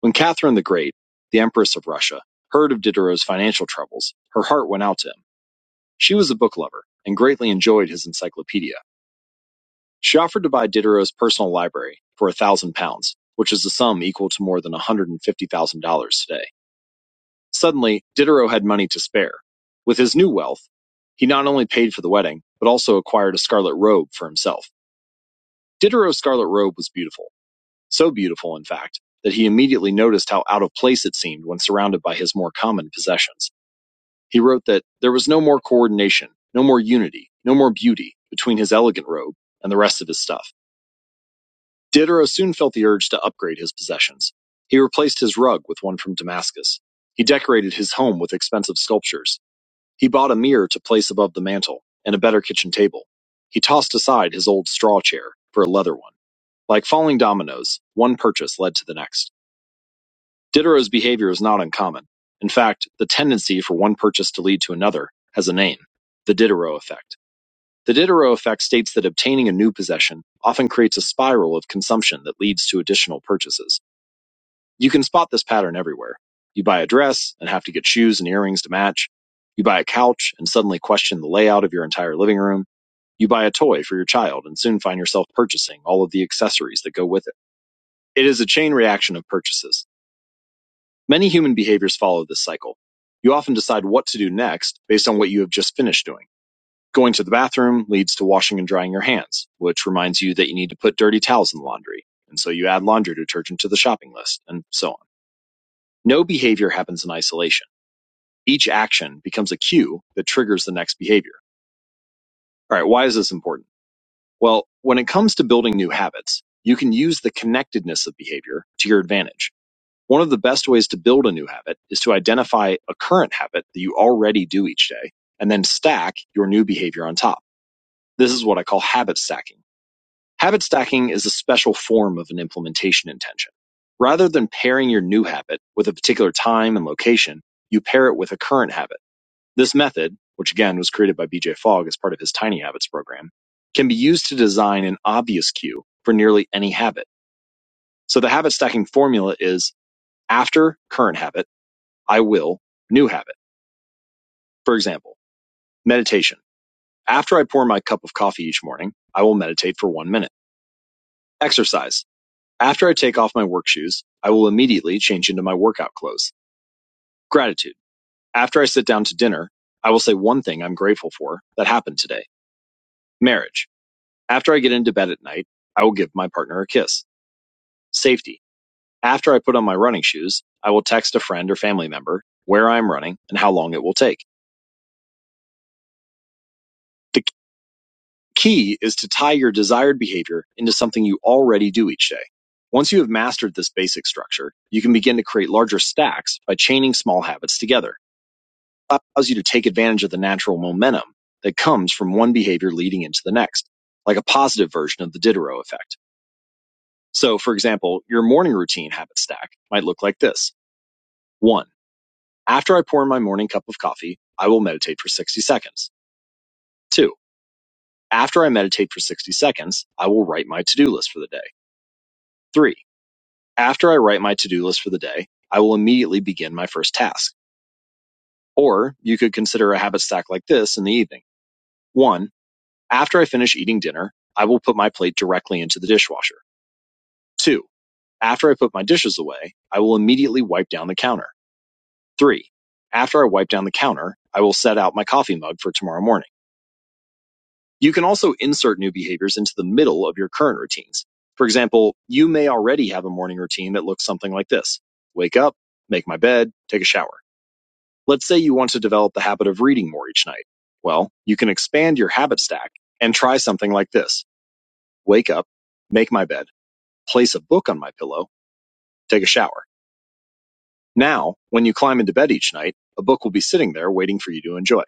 When Catherine the Great, the Empress of Russia, heard of Diderot's financial troubles, her heart went out to him. She was a book lover and greatly enjoyed his encyclopedia. She offered to buy Diderot's personal library for a thousand pounds, which is a sum equal to more than $150,000 today. Suddenly, Diderot had money to spare. With his new wealth, he not only paid for the wedding, but also acquired a scarlet robe for himself. Diderot's scarlet robe was beautiful, so beautiful, in fact, that he immediately noticed how out of place it seemed when surrounded by his more common possessions. He wrote that there was no more coordination, no more unity, no more beauty between his elegant robe and the rest of his stuff. Diderot soon felt the urge to upgrade his possessions. He replaced his rug with one from Damascus. He decorated his home with expensive sculptures He bought a mirror to place above the mantel, and a better kitchen table. He tossed aside his old straw chair for a leather one. Like falling dominoes, one purchase led to the next. Diderot's behavior is not uncommon. In fact, the tendency for one purchase to lead to another has a name the Diderot effect. The Diderot effect states that obtaining a new possession often creates a spiral of consumption that leads to additional purchases. You can spot this pattern everywhere. You buy a dress and have to get shoes and earrings to match. You buy a couch and suddenly question the layout of your entire living room. You buy a toy for your child and soon find yourself purchasing all of the accessories that go with it. It is a chain reaction of purchases. Many human behaviors follow this cycle. You often decide what to do next based on what you have just finished doing. Going to the bathroom leads to washing and drying your hands, which reminds you that you need to put dirty towels in the laundry. And so you add laundry detergent to the shopping list, and so on. No behavior happens in isolation. Each action becomes a cue that triggers the next behavior. All right, why is this important? Well, when it comes to building new habits, you can use the connectedness of behavior to your advantage. One of the best ways to build a new habit is to identify a current habit that you already do each day and then stack your new behavior on top. This is what I call habit stacking. Habit stacking is a special form of an implementation intention. Rather than pairing your new habit with a particular time and location, you pair it with a current habit. This method, which again was created by BJ Fogg as part of his Tiny Habits program, can be used to design an obvious cue for nearly any habit. So the habit stacking formula is after current habit, I will new habit. For example, meditation. After I pour my cup of coffee each morning, I will meditate for one minute. Exercise. After I take off my work shoes, I will immediately change into my workout clothes. Gratitude. After I sit down to dinner, I will say one thing I'm grateful for that happened today. Marriage. After I get into bed at night, I will give my partner a kiss. Safety. After I put on my running shoes, I will text a friend or family member where I am running and how long it will take. The key is to tie your desired behavior into something you already do each day. Once you have mastered this basic structure, you can begin to create larger stacks by chaining small habits together. It allows you to take advantage of the natural momentum that comes from one behavior leading into the next, like a positive version of the Diderot effect. So, for example, your morning routine habit stack might look like this. One, after I pour in my morning cup of coffee, I will meditate for 60 seconds. Two, after I meditate for 60 seconds, I will write my to do list for the day. Three, after I write my to do list for the day, I will immediately begin my first task. Or you could consider a habit stack like this in the evening. One, after I finish eating dinner, I will put my plate directly into the dishwasher. Two, after I put my dishes away, I will immediately wipe down the counter. Three, after I wipe down the counter, I will set out my coffee mug for tomorrow morning. You can also insert new behaviors into the middle of your current routines. For example, you may already have a morning routine that looks something like this. Wake up, make my bed, take a shower. Let's say you want to develop the habit of reading more each night. Well, you can expand your habit stack and try something like this. Wake up, make my bed, place a book on my pillow, take a shower. Now, when you climb into bed each night, a book will be sitting there waiting for you to enjoy.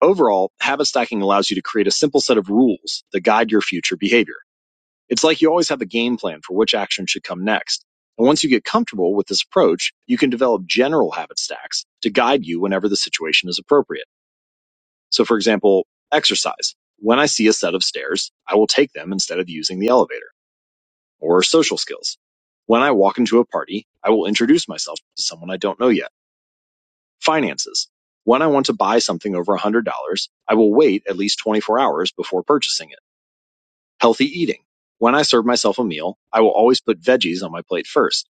Overall, habit stacking allows you to create a simple set of rules that guide your future behavior. It's like you always have a game plan for which action should come next. And once you get comfortable with this approach, you can develop general habit stacks to guide you whenever the situation is appropriate. So for example, exercise. When I see a set of stairs, I will take them instead of using the elevator. Or social skills. When I walk into a party, I will introduce myself to someone I don't know yet Finances. When I want to buy something over $100, I will wait at least 24 hours before purchasing it. Healthy eating. When I serve myself a meal, I will always put veggies on my plate first.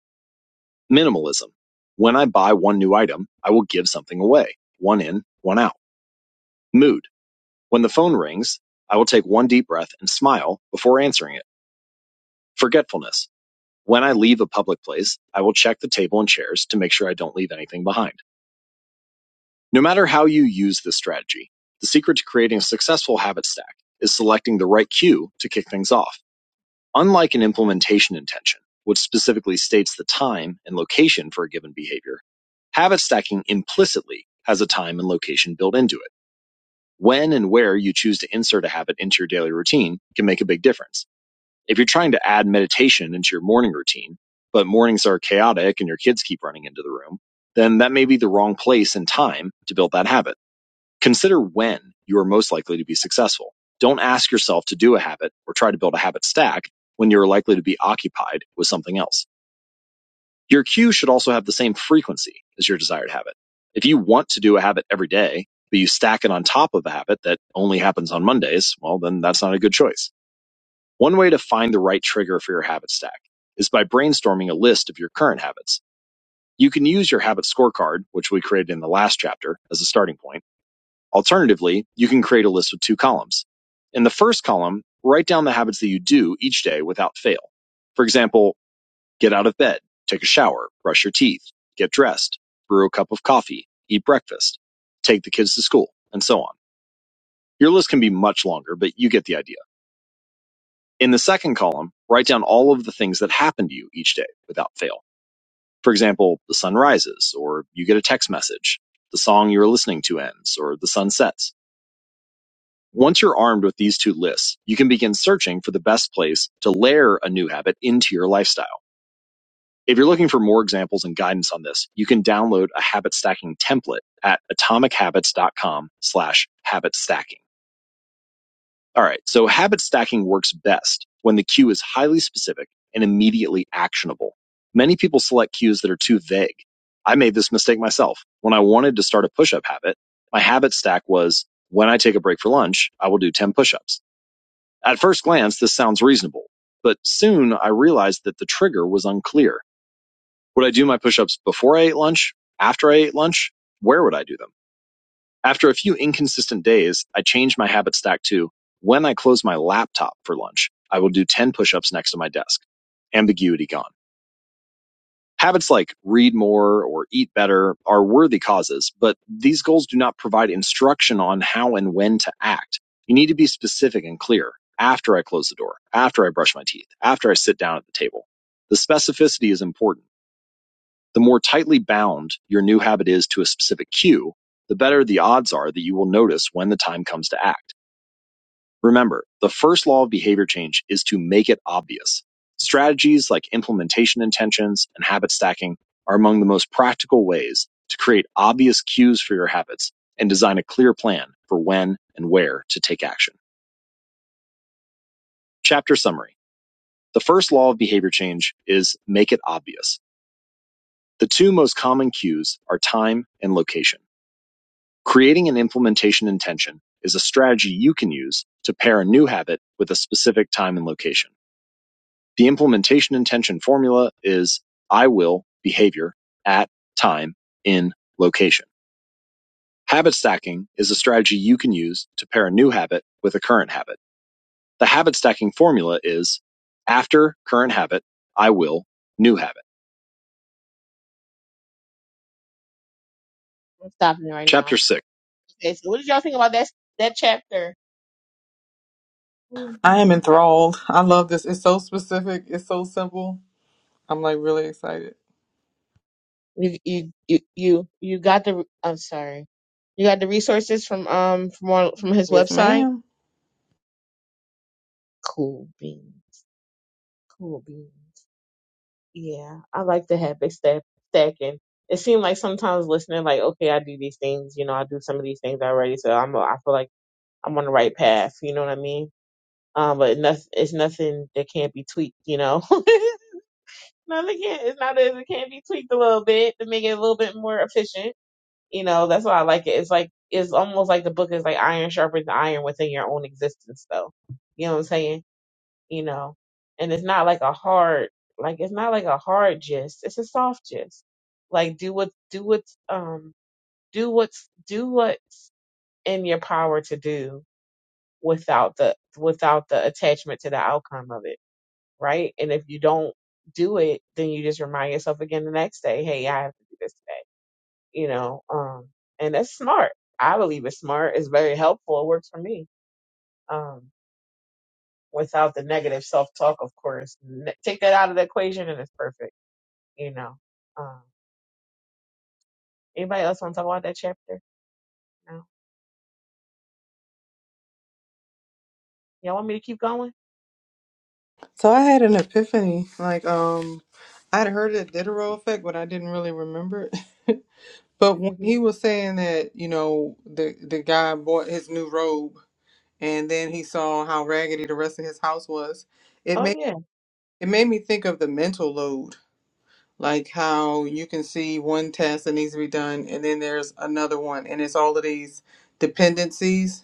Minimalism. When I buy one new item, I will give something away. One in, one out. Mood. When the phone rings, I will take one deep breath and smile before answering it. Forgetfulness. When I leave a public place, I will check the table and chairs to make sure I don't leave anything behind. No matter how you use this strategy, the secret to creating a successful habit stack is selecting the right cue to kick things off. Unlike an implementation intention, which specifically states the time and location for a given behavior, habit stacking implicitly has a time and location built into it. When and where you choose to insert a habit into your daily routine can make a big difference. If you're trying to add meditation into your morning routine, but mornings are chaotic and your kids keep running into the room, then that may be the wrong place and time to build that habit. Consider when you are most likely to be successful. Don't ask yourself to do a habit or try to build a habit stack when you are likely to be occupied with something else. Your cue should also have the same frequency as your desired habit. If you want to do a habit every day, but you stack it on top of a habit that only happens on Mondays, well, then that's not a good choice. One way to find the right trigger for your habit stack is by brainstorming a list of your current habits. You can use your habit scorecard, which we created in the last chapter, as a starting point Alternatively, you can create a list with two columns. In the first column, write down the habits that you do each day without fail. For example, get out of bed, take a shower, brush your teeth, get dressed, brew a cup of coffee, eat breakfast, take the kids to school, and so on. Your list can be much longer, but you get the idea. In the second column, write down all of the things that happen to you each day without fail. For example, the sun rises, or you get a text message, the song you're listening to ends, or the sun sets. Once you're armed with these two lists, you can begin searching for the best place to layer a new habit into your lifestyle. If you're looking for more examples and guidance on this, you can download a habit stacking template at atomichabits.com slash habit stacking. All right. So habit stacking works best when the cue is highly specific and immediately actionable. Many people select cues that are too vague. I made this mistake myself. When I wanted to start a push up habit, my habit stack was when I take a break for lunch, I will do 10 push ups. At first glance, this sounds reasonable, but soon I realized that the trigger was unclear. Would I do my push ups before I ate lunch? After I ate lunch? Where would I do them? After a few inconsistent days, I changed my habit stack to when I close my laptop for lunch, I will do 10 push ups next to my desk. Ambiguity gone. Habits like read more or eat better are worthy causes, but these goals do not provide instruction on how and when to act. You need to be specific and clear after I close the door, after I brush my teeth, after I sit down at the table. The specificity is important. The more tightly bound your new habit is to a specific cue, the better the odds are that you will notice when the time comes to act. Remember, the first law of behavior change is to make it obvious. Strategies like implementation intentions and habit stacking are among the most practical ways to create obvious cues for your habits and design a clear plan for when and where to take action. Chapter summary. The first law of behavior change is make it obvious. The two most common cues are time and location. Creating an implementation intention is a strategy you can use to pair a new habit with a specific time and location. The implementation intention formula is I will behavior at time in location. Habit stacking is a strategy you can use to pair a new habit with a current habit. The habit stacking formula is after current habit, I will new habit. I'm stopping it right now. Chapter now. six. Okay, so what did y'all think about that that chapter? I You am enthralled. I love this. It's so specific. It's so simple. I'm like really excited. you you you you got the I'm sorry. You got the resources from um from on, from his Yes, website. ma'am. Cool beans. Cool beans. Yeah, I like to have big stack stacking. It seemed like sometimes listening, like, okay, I do these things, you know, I do some of these things already, so I'm, I feel like I'm on the right path. You know what I mean? Um, but nothing, it's nothing that can't be tweaked. You know, nothing can. not It's not as it can't be tweaked a little bit to make it a little bit more efficient. You know, that's why I like it. It's like it's almost like the book is like iron sharpens iron within your own existence, though. You know what I'm saying? you know. And it's not like a hard, like it's not like a hard gist. It's a soft gist. Like do what, do what's, um, do what's, do what's in your power to do without the, without the attachment to the outcome of it, right? And if you don't do it, then you just remind yourself again the next day, hey, I have to do this today, you know. Um, and that's smart. I believe it's smart. It's very helpful. It works for me. Um. without the negative self talk, of course. N- take that out of the equation and it's perfect, you know. Um, anybody else want to talk about that chapter? No. Y'all want me to keep going? So I had an epiphany. Like, um, I'd heard of the Diderot effect, but I didn't really remember it. But when hmm he was saying that, you know, the the guy bought his new robe and then he saw how raggedy the rest of his house was, it Oh made yeah, it made me think of the mental load. Like how you can see one task that needs to be done and then there's another one and it's all of these dependencies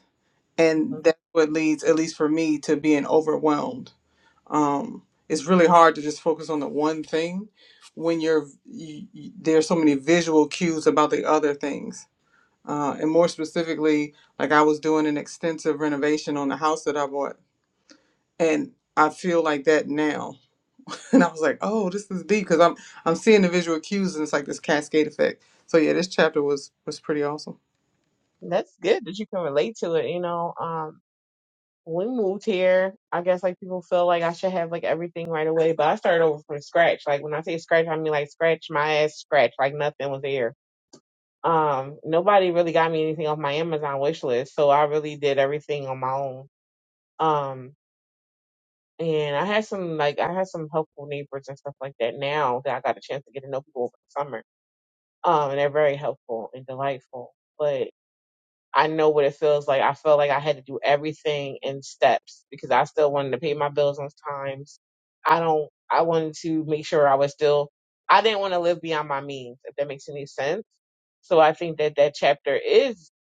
hmm and that's what leads, at least for me, to being overwhelmed. Um, it's really hard to just focus on the one thing when you're you, you, there's so many visual cues about the other things uh, and more specifically, like I was doing an extensive renovation on the house that I bought, and I feel like that now. And I was like, oh, this is deep because I'm I'm seeing the visual cues, and it's like this cascade effect. So yeah, this chapter was was pretty awesome. that's good that you can relate to it. You know, um, we moved here, I guess like people feel like I should have like everything right away, but I started over from scratch. Like when I say scratch, I mean like scratch my ass, scratch like nothing was there. Um, nobody really got me anything off my Amazon wish list, so I really did everything on my own. Um, and I had some like I had some helpful neighbors and stuff like that. Now that I got a chance to get to know people over the summer, um, and they're very helpful and delightful. I know what it feels like. I felt like I had to do everything in steps because I still wanted to pay my bills on times. I don't, I wanted to make sure I was still, I didn't want to live beyond my means, if that makes any sense. So I think that that chapter is,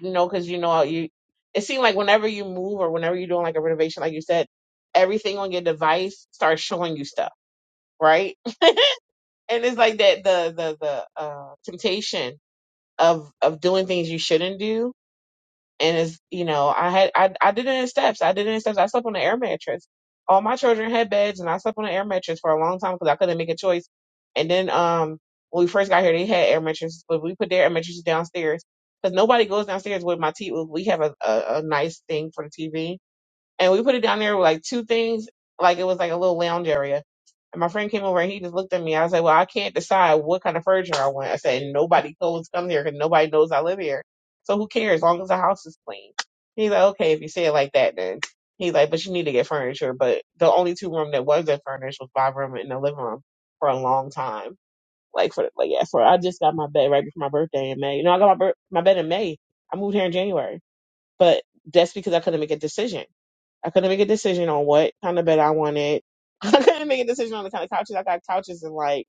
you know, cause you know, you, it seemed like whenever you move or whenever you're doing like a renovation, like you said, everything on your device starts showing you stuff, right? and it's like that, the, the, the, uh, temptation of, of doing things you shouldn't do and it's you know I had I I did it in steps. I did it in steps. I slept on an air mattress. All my children had beds, and I slept on an air mattress for a long time because I couldn't make a choice. And then um when we first got here, they had air mattresses, but we put their air mattresses downstairs because nobody goes downstairs with my TV. We have a, a a nice thing for the TV and we put it down there with like two things, like it was like a little lounge area. And my friend came over and he just looked at me. I was like, well, I can't decide what kind of furniture I want. I said, "And nobody goes come here because nobody knows I live here. So who cares? As long as the house is clean. He's like, okay, if you say it like that, then he's like, but you need to get furniture. But the only two room that wasn't furnished was my room and the living room for a long time. Like for like yeah, for I just got my bed right before my birthday in May. You know, I got my bir- my bed in May. I moved here in January. But that's because I couldn't make a decision. I couldn't make a decision on what kind of bed I wanted. I couldn't make a decision on the kind of couches. I got couches in like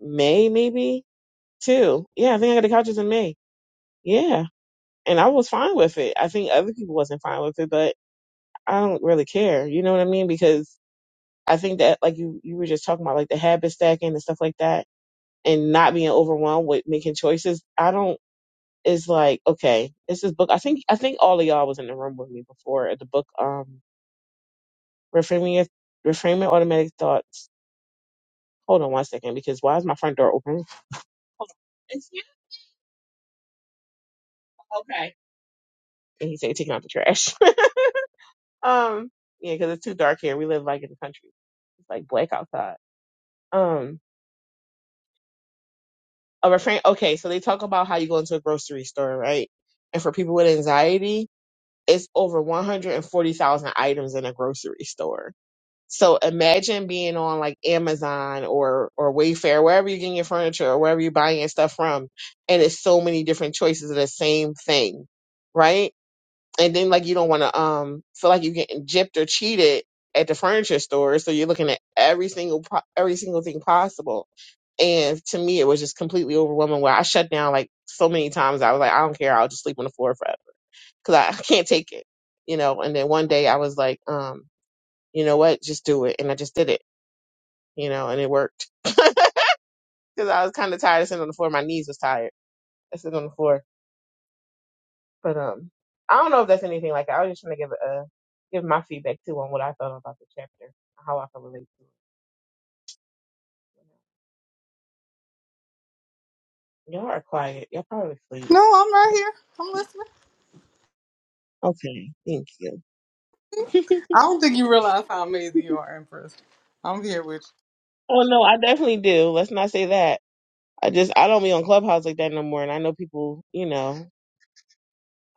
May, maybe too. Yeah, I think I got the couches in May. Yeah, and I was fine with it. I think other people wasn't fine with it, but I don't really care. You know what I mean? Because I think that like you you were just talking about like the habit stacking and stuff like that, and not being overwhelmed with making choices. I don't. It's like okay, it's this book. I think I think all of y'all was in the room with me before at the book. Um, Reframing your reframing automatic thoughts. Hold on one second, because why is my front door open? Hold on. It's you. Okay. And he said taking out the trash. um, yeah, because it's too dark here. We live like in the country. It's like black outside. Um a refrain okay, so they talk about how you go into a grocery store, right? And for people with anxiety, it's over one hundred and forty thousand items in a grocery store So imagine being on like Amazon or or Wayfair, wherever you're getting your furniture or wherever you're buying your stuff from, and it's so many different choices of the same thing, right? And then like you don't want to um feel like you're getting gypped or cheated at the furniture store, so you're looking at every single pro- every single thing possible. And to me, it was just completely overwhelming. Where I shut down like so many times, I was like, I don't care, I'll just sleep on the floor forever because I, can't take it, you know. And then one day I was like, um, you know what, just do it, and I just did it you know, and it worked because I was kind of tired of sitting on the floor. My knees was tired. I sit on the floor, but um, I don't know if that's anything like that. I was just trying to give a give my feedback too on what I thought about the chapter, how I can relate to it. Y'all are quiet. Y'all probably sleep. No, I'm right here. I'm listening. Okay, thank you. I don't think you realize how amazing you are, Empress. I'm here with oh no, I definitely do. Let's not say that. I just I don't be on Clubhouse like that no more, and I know people. You know,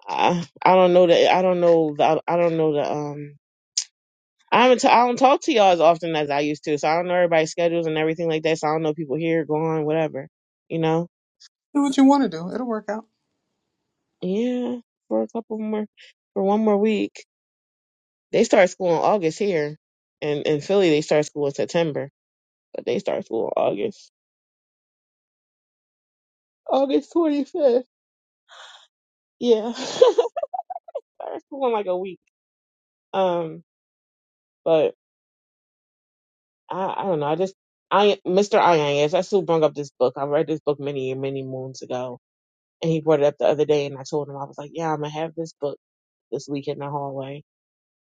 I I don't know that I don't know the I don't know the um. I'm t- I don't talk to y'all as often as I used to, so I don't know everybody's schedules and everything like that. So I don't know people here, gone, whatever. You know, you. Do what you want to do. It'll work out. yeah, for a couple more, for one more week. They start school in August here, and in in Philly they start school in September, but they start school in August, August twenty fifth. Yeah, start school in like a week. Um, but I I don't know. I just I Mr. Ianez, I still bring up this book. I read this book many many moons ago, and he brought it up the other day, and I told him I was like, yeah, I'm gonna have this book this week in the hallway.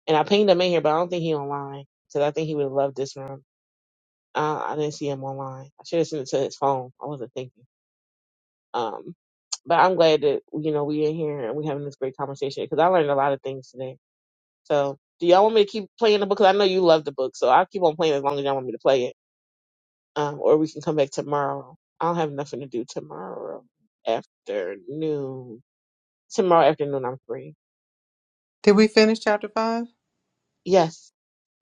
And I pinged him in here, but I don't think he online because I think he would have loved this room. Uh, I didn't see him online. I should have sent it to his phone. I wasn't thinking. Um, but I'm glad that you know we in here and we having this great conversation because I learned a lot of things today. So do y'all want me to keep playing the book? 'Cause I know you love the book, so I'll keep on playing as long as y'all want me to play it. Um, or we can come back tomorrow. I don't have nothing to do tomorrow afternoon. Tomorrow afternoon I'm free. Did we finish chapter five? Yes.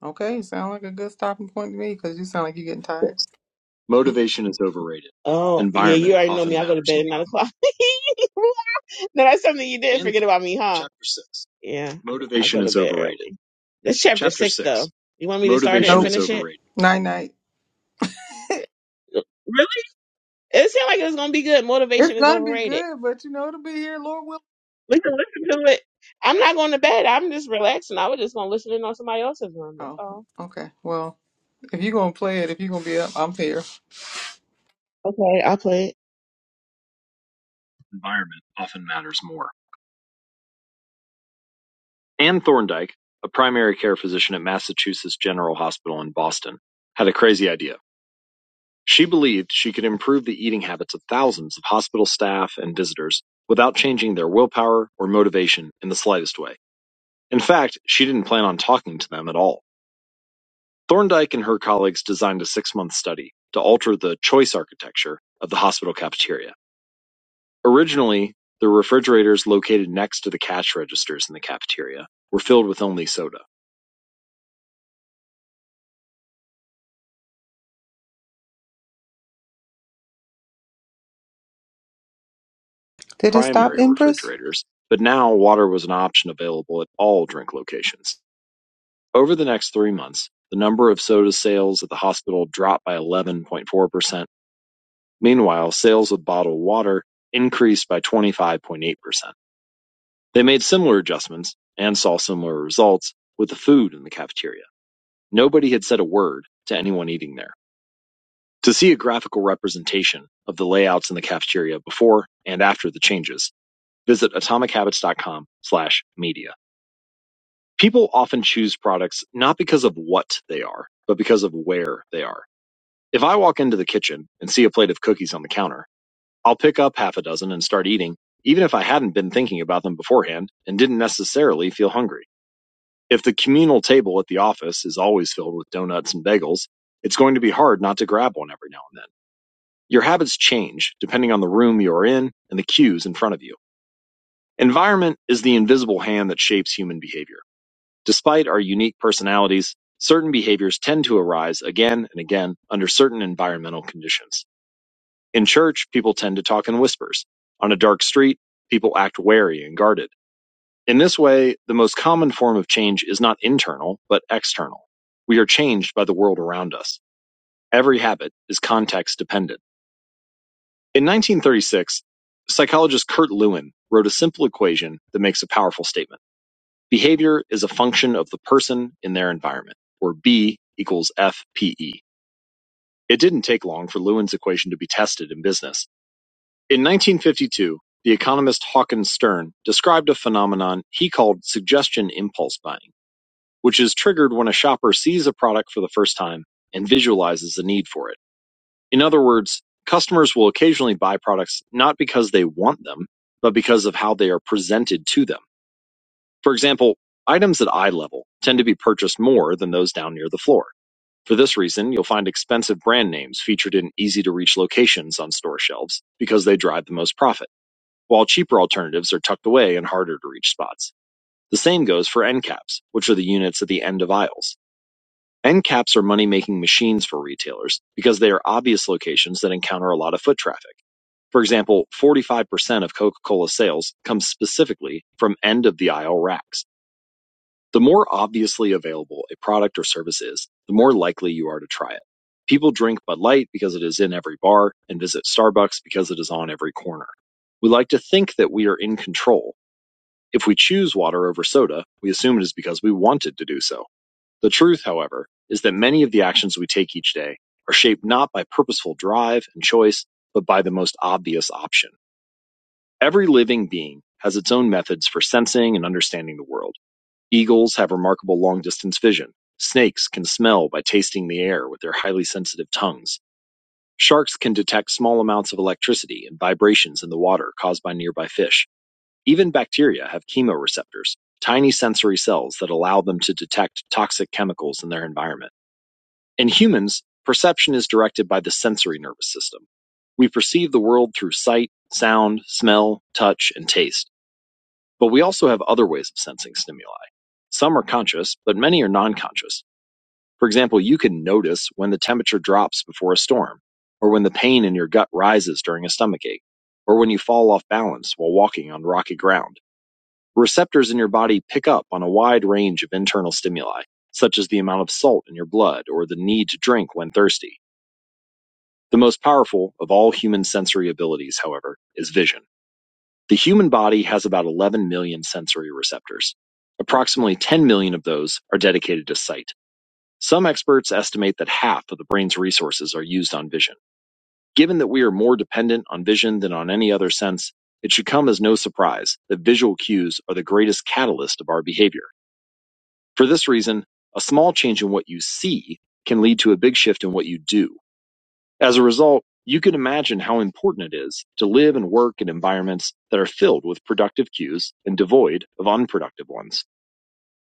Okay, sound like a good stopping point to me because you sound like you're getting tired. Motivation is overrated. Oh, yeah, you already know me. I go to bed at nine o'clock. no, that's something you did And forget about me, huh? chapter six. Yeah, I Motivation I go to is bed overrated. early. That's chapter Chapter six, six. though. You want me to start it and Nope. finish it? Night night. Really? It seemed like it was gonna be good. Motivation It's is gonna be overrated. good, but you know it'll be here, Lord willing. We can listen to it. I'm not going to bed. I'm just relaxing. I was just gonna listen in on somebody else's room. That's Oh, all. okay. Well, if you're gonna play it, if you're gonna be up, I'm here. Okay, I'll play it. Environment often matters more. Ann Thorndike, a primary care physician at Massachusetts General Hospital in Boston, had a crazy idea. She believed she could improve the eating habits of thousands of hospital staff and visitors without changing their willpower or motivation in the slightest way. In fact, she didn't plan on talking to them at all. Thorndike and her colleagues designed a six month study to alter the choice architecture of the hospital cafeteria. Originally, the refrigerators located next to the cash registers in the cafeteria were filled with only soda. Did it stop, primary Empress? refrigerators, but now water was an option available at all drink locations. Over the next three months, the number of soda sales at the hospital dropped by 11.4%. Meanwhile, sales of bottled water increased by 25.8%. They made similar adjustments and saw similar results with the food in the cafeteria. Nobody had said a word to anyone eating there. To see a graphical representation of the layouts in the cafeteria before and after the changes, visit atomichabits.com slash media. People often choose products not because of what they are, but because of where they are. If I walk into the kitchen and see a plate of cookies on the counter, I'll pick up half a dozen and start eating, even if I hadn't been thinking about them beforehand and didn't necessarily feel hungry. If the communal table at the office is always filled with donuts and bagels, it's going to be hard not to grab one every now and then. Your habits change depending on the room you are in and the cues in front of you. Environment is the invisible hand that shapes human behavior. Despite our unique personalities, certain behaviors tend to arise again and again under certain environmental conditions. In church, people tend to talk in whispers. On a dark street, people act wary and guarded. In this way, the most common form of change is not internal, but external. We are changed by the world around us. Every habit is context dependent. In 1936, psychologist Kurt Lewin wrote a simple equation that makes a powerful statement. Behavior is a function of the person in their environment, or B equals FPE. It didn't take long for Lewin's equation to be tested in business. In 1952, the economist Hawkins Stern described a phenomenon he called suggestion impulse buying, which is triggered when a shopper sees a product for the first time and visualizes a need for it. In other words, customers will occasionally buy products not because they want them, but because of how they are presented to them. For example, items at eye level tend to be purchased more than those down near the floor. For this reason, you'll find expensive brand names featured in easy to reach locations on store shelves because they drive the most profit, while cheaper alternatives are tucked away in harder to reach spots. The same goes for end caps, which are the units at the end of aisles. End caps are money making machines for retailers because they are obvious locations that encounter a lot of foot traffic. For example, 45% of Coca Cola sales come specifically from end of the aisle racks. The more obviously available a product or service is, the more likely you are to try it. People drink Bud Light because it is in every bar and visit Starbucks because it is on every corner. We like to think that we are in control. If we choose water over soda, we assume it is because we wanted to do so. The truth, however, is that many of the actions we take each day are shaped not by purposeful drive and choice, but by the most obvious option. Every living being has its own methods for sensing and understanding the world. Eagles have remarkable long-distance vision. Snakes can smell by tasting the air with their highly sensitive tongues. Sharks can detect small amounts of electricity and vibrations in the water caused by nearby fish. Even bacteria have chemoreceptors, tiny sensory cells that allow them to detect toxic chemicals in their environment. In humans, perception is directed by the sensory nervous system. We perceive the world through sight, sound, smell, touch, and taste. But we also have other ways of sensing stimuli. Some are conscious, but many are non conscious. For example, you can notice when the temperature drops before a storm, or when the pain in your gut rises during a stomach ache, or when you fall off balance while walking on rocky ground. Receptors in your body pick up on a wide range of internal stimuli, such as the amount of salt in your blood or the need to drink when thirsty. The most powerful of all human sensory abilities, however, is vision. The human body has about eleven million sensory receptors. Approximately 10 million of those are dedicated to sight. Some experts estimate that half of the brain's resources are used on vision. Given that we are more dependent on vision than on any other sense, it should come as no surprise that visual cues are the greatest catalyst of our behavior. For this reason, a small change in what you see can lead to a big shift in what you do as a result, you can imagine how important it is to live and work in environments that are filled with productive cues and devoid of unproductive ones.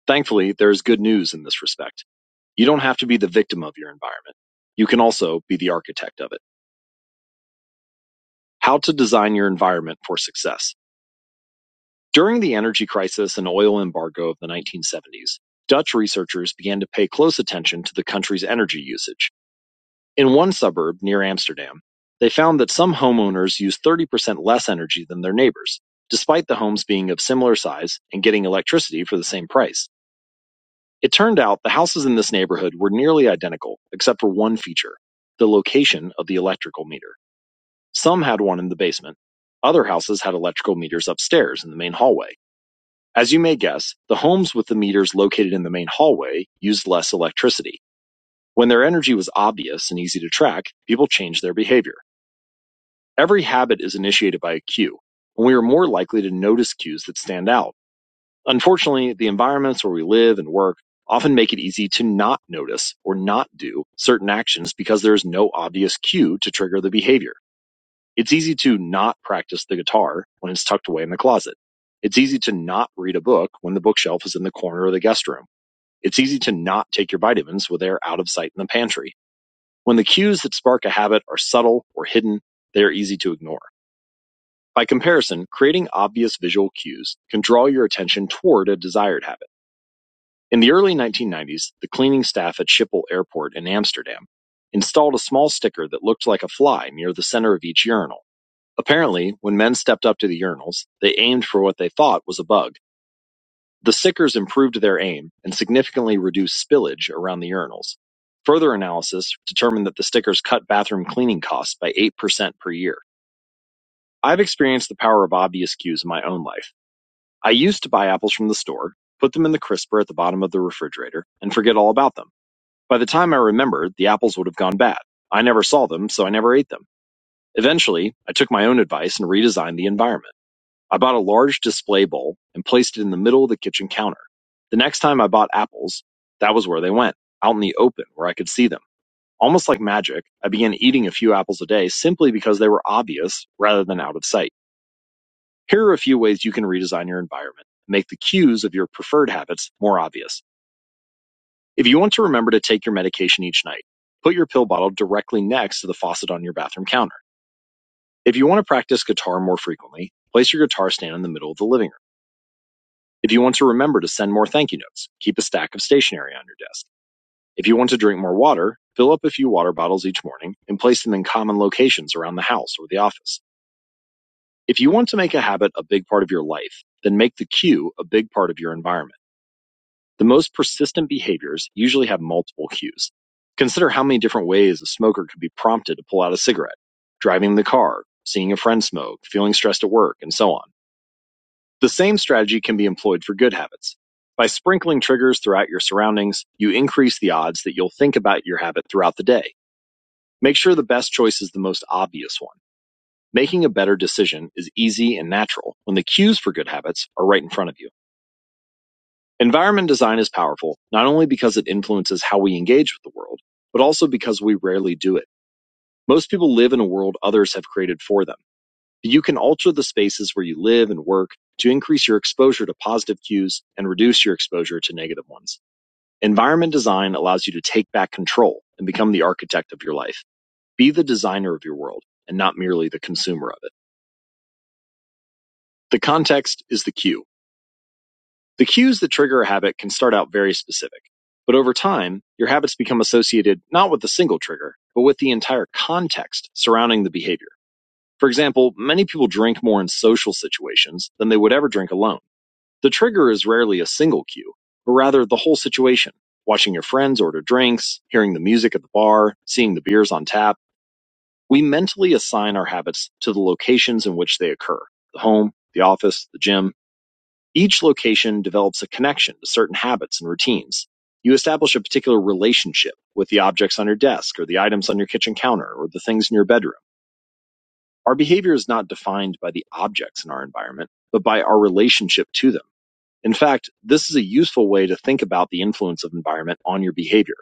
Thankfully, there is good news in this respect. You don't have to be the victim of your environment. You can also be the architect of it. How to design your environment for success. During the energy crisis and oil embargo of the 1970s, Dutch researchers began to pay close attention to the country's energy usage. In one suburb, near Amsterdam, they found that some homeowners used 30% less energy than their neighbors, despite the homes being of similar size and getting electricity for the same price. It turned out the houses in this neighborhood were nearly identical, except for one feature the location of the electrical meter. Some had one in the basement. Other houses had electrical meters upstairs in the main hallway. As you may guess, the homes with the meters located in the main hallway used less electricity. When their energy was obvious and easy to track, people changed their behavior. Every habit is initiated by a cue, and we are more likely to notice cues that stand out. Unfortunately, the environments where we live and work often make it easy to not notice or not do certain actions because there is no obvious cue to trigger the behavior. It's easy to not practice the guitar when it's tucked away in the closet. It's easy to not read a book when the bookshelf is in the corner of the guest room. It's easy to not take your vitamins when they are out of sight in the pantry. When the cues that spark a habit are subtle or hidden, they are easy to ignore. By comparison, creating obvious visual cues can draw your attention toward a desired habit. In the early 1990s, the cleaning staff at Schiphol Airport in Amsterdam installed a small sticker that looked like a fly near the center of each urinal. Apparently, when men stepped up to the urinals, they aimed for what they thought was a bug. The stickers improved their aim and significantly reduced spillage around the urinals. Further analysis determined that the stickers cut bathroom cleaning costs by 8% per year. I've experienced the power of obvious cues in my own life. I used to buy apples from the store, put them in the crisper at the bottom of the refrigerator, and forget all about them. By the time I remembered, the apples would have gone bad. I never saw them, so I never ate them. Eventually, I took my own advice and redesigned the environment. I bought a large display bowl and placed it in the middle of the kitchen counter. The next time I bought apples, that was where they went, out in the open where I could see them. Almost like magic, I began eating a few apples a day simply because they were obvious rather than out of sight. Here are a few ways you can redesign your environment and make the cues of your preferred habits more obvious. If you want to remember to take your medication each night, put your pill bottle directly next to the faucet on your bathroom counter. If you want to practice guitar more frequently, place your guitar stand in the middle of the living room. If you want to remember to send more thank you notes, keep a stack of stationery on your desk. If you want to drink more water, fill up a few water bottles each morning and place them in common locations around the house or the office. If you want to make a habit a big part of your life, then make the cue a big part of your environment. The most persistent behaviors usually have multiple cues. Consider how many different ways a smoker could be prompted to pull out a cigarette driving the car, seeing a friend smoke, feeling stressed at work, and so on. The same strategy can be employed for good habits. By sprinkling triggers throughout your surroundings, you increase the odds that you'll think about your habit throughout the day. Make sure the best choice is the most obvious one. Making a better decision is easy and natural when the cues for good habits are right in front of you. Environment design is powerful, not only because it influences how we engage with the world, but also because we rarely do it. Most people live in a world others have created for them, but you can alter the spaces where you live and work to increase your exposure to positive cues and reduce your exposure to negative ones. Environment design allows you to take back control and become the architect of your life. Be the designer of your world and not merely the consumer of it. The context is the cue. The cues that trigger a habit can start out very specific, but over time, your habits become associated not with a single trigger, but with the entire context surrounding the behavior. For example, many people drink more in social situations than they would ever drink alone. The trigger is rarely a single cue, but rather the whole situation. Watching your friends order drinks, hearing the music at the bar, seeing the beers on tap. We mentally assign our habits to the locations in which they occur the home, the office, the gym, each location develops a connection to certain habits and routines. You establish a particular relationship with the objects on your desk or the items on your kitchen counter or the things in your bedroom. Our behavior is not defined by the objects in our environment, but by our relationship to them. In fact, this is a useful way to think about the influence of environment on your behavior.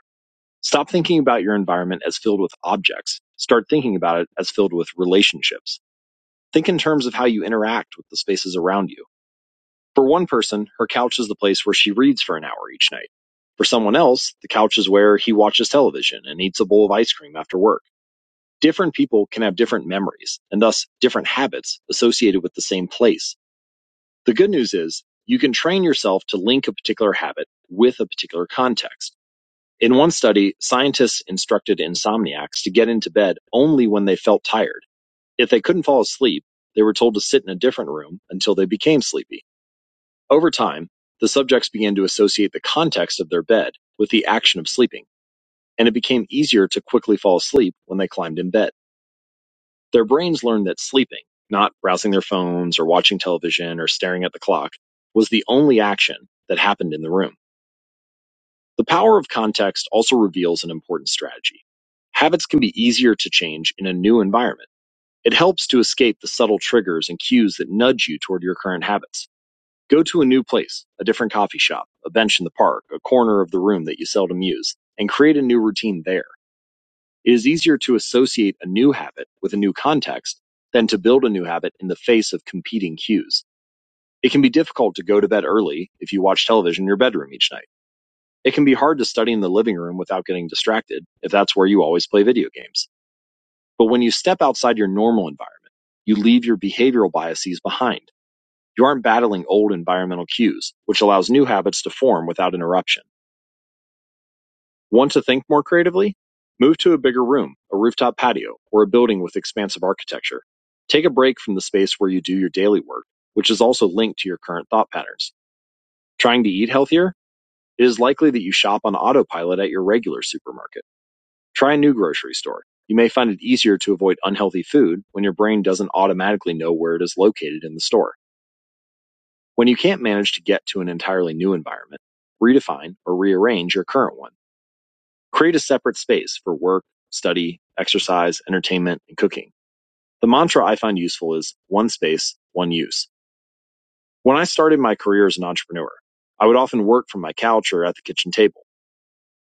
Stop thinking about your environment as filled with objects. Start thinking about it as filled with relationships. Think in terms of how you interact with the spaces around you. For one person, her couch is the place where she reads for an hour each night. For someone else, the couch is where he watches television and eats a bowl of ice cream after work. Different people can have different memories and thus different habits associated with the same place. The good news is you can train yourself to link a particular habit with a particular context. In one study, scientists instructed insomniacs to get into bed only when they felt tired. If they couldn't fall asleep, they were told to sit in a different room until they became sleepy. Over time, the subjects began to associate the context of their bed with the action of sleeping, and it became easier to quickly fall asleep when they climbed in bed. Their brains learned that sleeping, not browsing their phones or watching television or staring at the clock, was the only action that happened in the room. The power of context also reveals an important strategy. Habits can be easier to change in a new environment. It helps to escape the subtle triggers and cues that nudge you toward your current habits. Go to a new place, a different coffee shop, a bench in the park, a corner of the room that you seldom use, and create a new routine there. It is easier to associate a new habit with a new context than to build a new habit in the face of competing cues. It can be difficult to go to bed early if you watch television in your bedroom each night. It can be hard to study in the living room without getting distracted if that's where you always play video games. But when you step outside your normal environment, you leave your behavioral biases behind you aren't battling old environmental cues, which allows new habits to form without interruption. Want to think more creatively? Move to a bigger room, a rooftop patio, or a building with expansive architecture. Take a break from the space where you do your daily work, which is also linked to your current thought patterns. Trying to eat healthier? It is likely that you shop on autopilot at your regular supermarket. Try a new grocery store. You may find it easier to avoid unhealthy food when your brain doesn't automatically know where it is located in the store. When you can't manage to get to an entirely new environment, redefine or rearrange your current one. Create a separate space for work, study, exercise, entertainment, and cooking. The mantra I find useful is one space, one use. When I started my career as an entrepreneur, I would often work from my couch or at the kitchen table.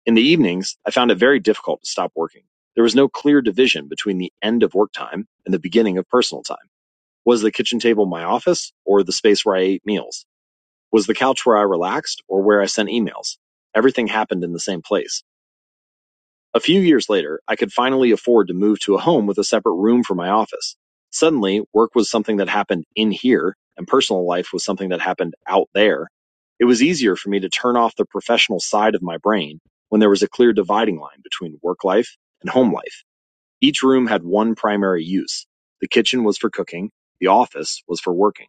In the evenings, I found it very difficult to stop working. There was no clear division between the end of work time and the beginning of personal time. Was the kitchen table my office or the space where I ate meals? Was the couch where I relaxed or where I sent emails? Everything happened in the same place. A few years later, I could finally afford to move to a home with a separate room for my office. Suddenly, work was something that happened in here, and personal life was something that happened out there. It was easier for me to turn off the professional side of my brain when there was a clear dividing line between work life and home life. Each room had one primary use. The kitchen was for cooking, the office was for working.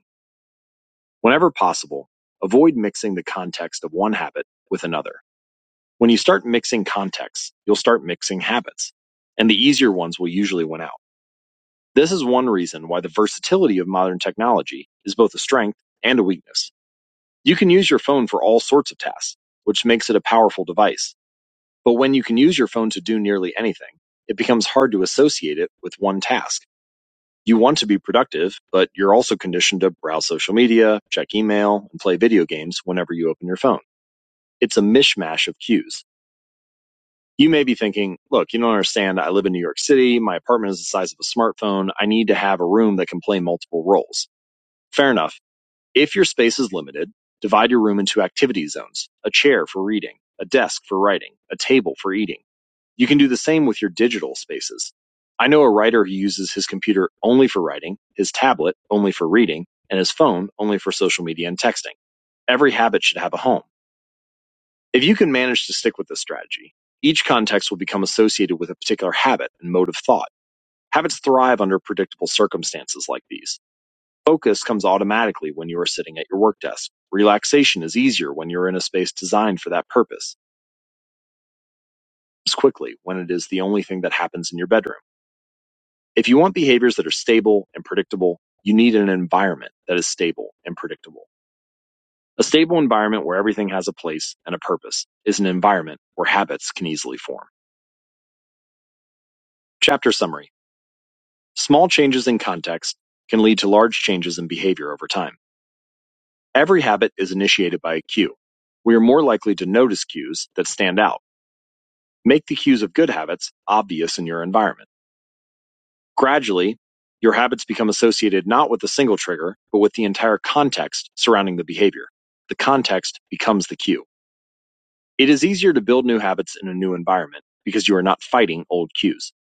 Whenever possible, avoid mixing the context of one habit with another. When you start mixing contexts, you'll start mixing habits, and the easier ones will usually win out. This is one reason why the versatility of modern technology is both a strength and a weakness. You can use your phone for all sorts of tasks, which makes it a powerful device. But when you can use your phone to do nearly anything, it becomes hard to associate it with one task you want to be productive, but you're also conditioned to browse social media, check email, and play video games whenever you open your phone. It's a mishmash of cues. You may be thinking, look, you don't understand. I live in New York City. My apartment is the size of a smartphone. I need to have a room that can play multiple roles. Fair enough. If your space is limited, divide your room into activity zones a chair for reading, a desk for writing, a table for eating. You can do the same with your digital spaces. I know a writer who uses his computer only for writing, his tablet only for reading, and his phone only for social media and texting. Every habit should have a home. If you can manage to stick with this strategy, each context will become associated with a particular habit and mode of thought. Habits thrive under predictable circumstances like these. Focus comes automatically when you are sitting at your work desk. Relaxation is easier when you're in a space designed for that purpose. It's quickly when it is the only thing that happens in your bedroom. If you want behaviors that are stable and predictable, you need an environment that is stable and predictable. A stable environment where everything has a place and a purpose is an environment where habits can easily form. Chapter summary. Small changes in context can lead to large changes in behavior over time. Every habit is initiated by a cue. We are more likely to notice cues that stand out. Make the cues of good habits obvious in your environment. Gradually, your habits become associated not with a single trigger, but with the entire context surrounding the behavior. The context becomes the cue. It is easier to build new habits in a new environment because you are not fighting old cues.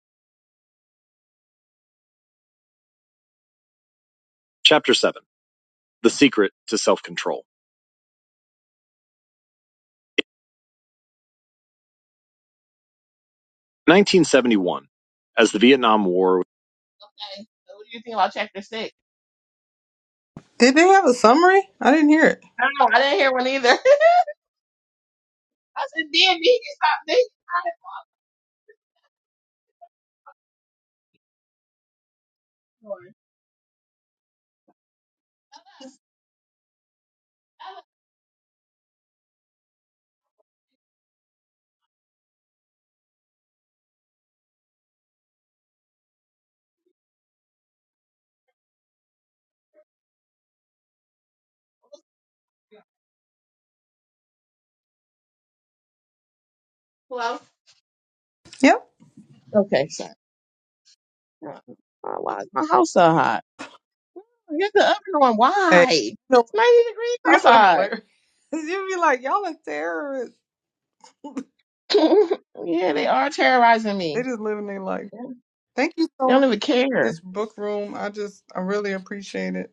Chapter 7 The Secret to Self Control. 1971. As the Vietnam War Okay. So what do you think about chapter six? Did they have a summary? I didn't hear it. I don't know. I didn't hear one either. I said, damn, me, you stopped. thinking Yep. about it. Okay, sorry. Uh, Why is my house so high? Get the oven on. Hey, Why? no, It's 90 degrees kids are outside. hilarious. You'd be like, y'all are terrorists. yeah, they are terrorizing they me. just living their life. They Thank you so don't much. even for This care. book room, I just, I really appreciate it.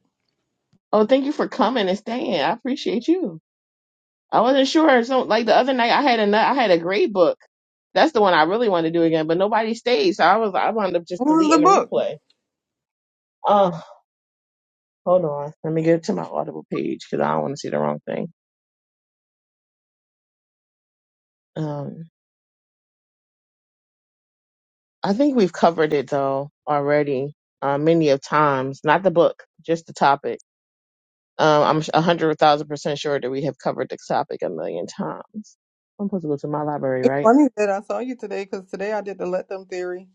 Oh, thank you for coming and staying. I appreciate you. I wasn't sure. So, like the other night, I had a I had a grade book. That's the one I really wanted to do again, but nobody stayed, so I was I wound up just What was deleting the the book? replay. Oh, hold on. Let me get to my Audible page because I don't want to see the wrong thing. Um, I think we've covered it though already, uh, many of times. Not the book, just the topic. Um, I'm a hundred thousand percent sure that we have covered this topic a million times. I'm supposed to go to my library, It's right? funny that I saw you today because today I did the let them theory.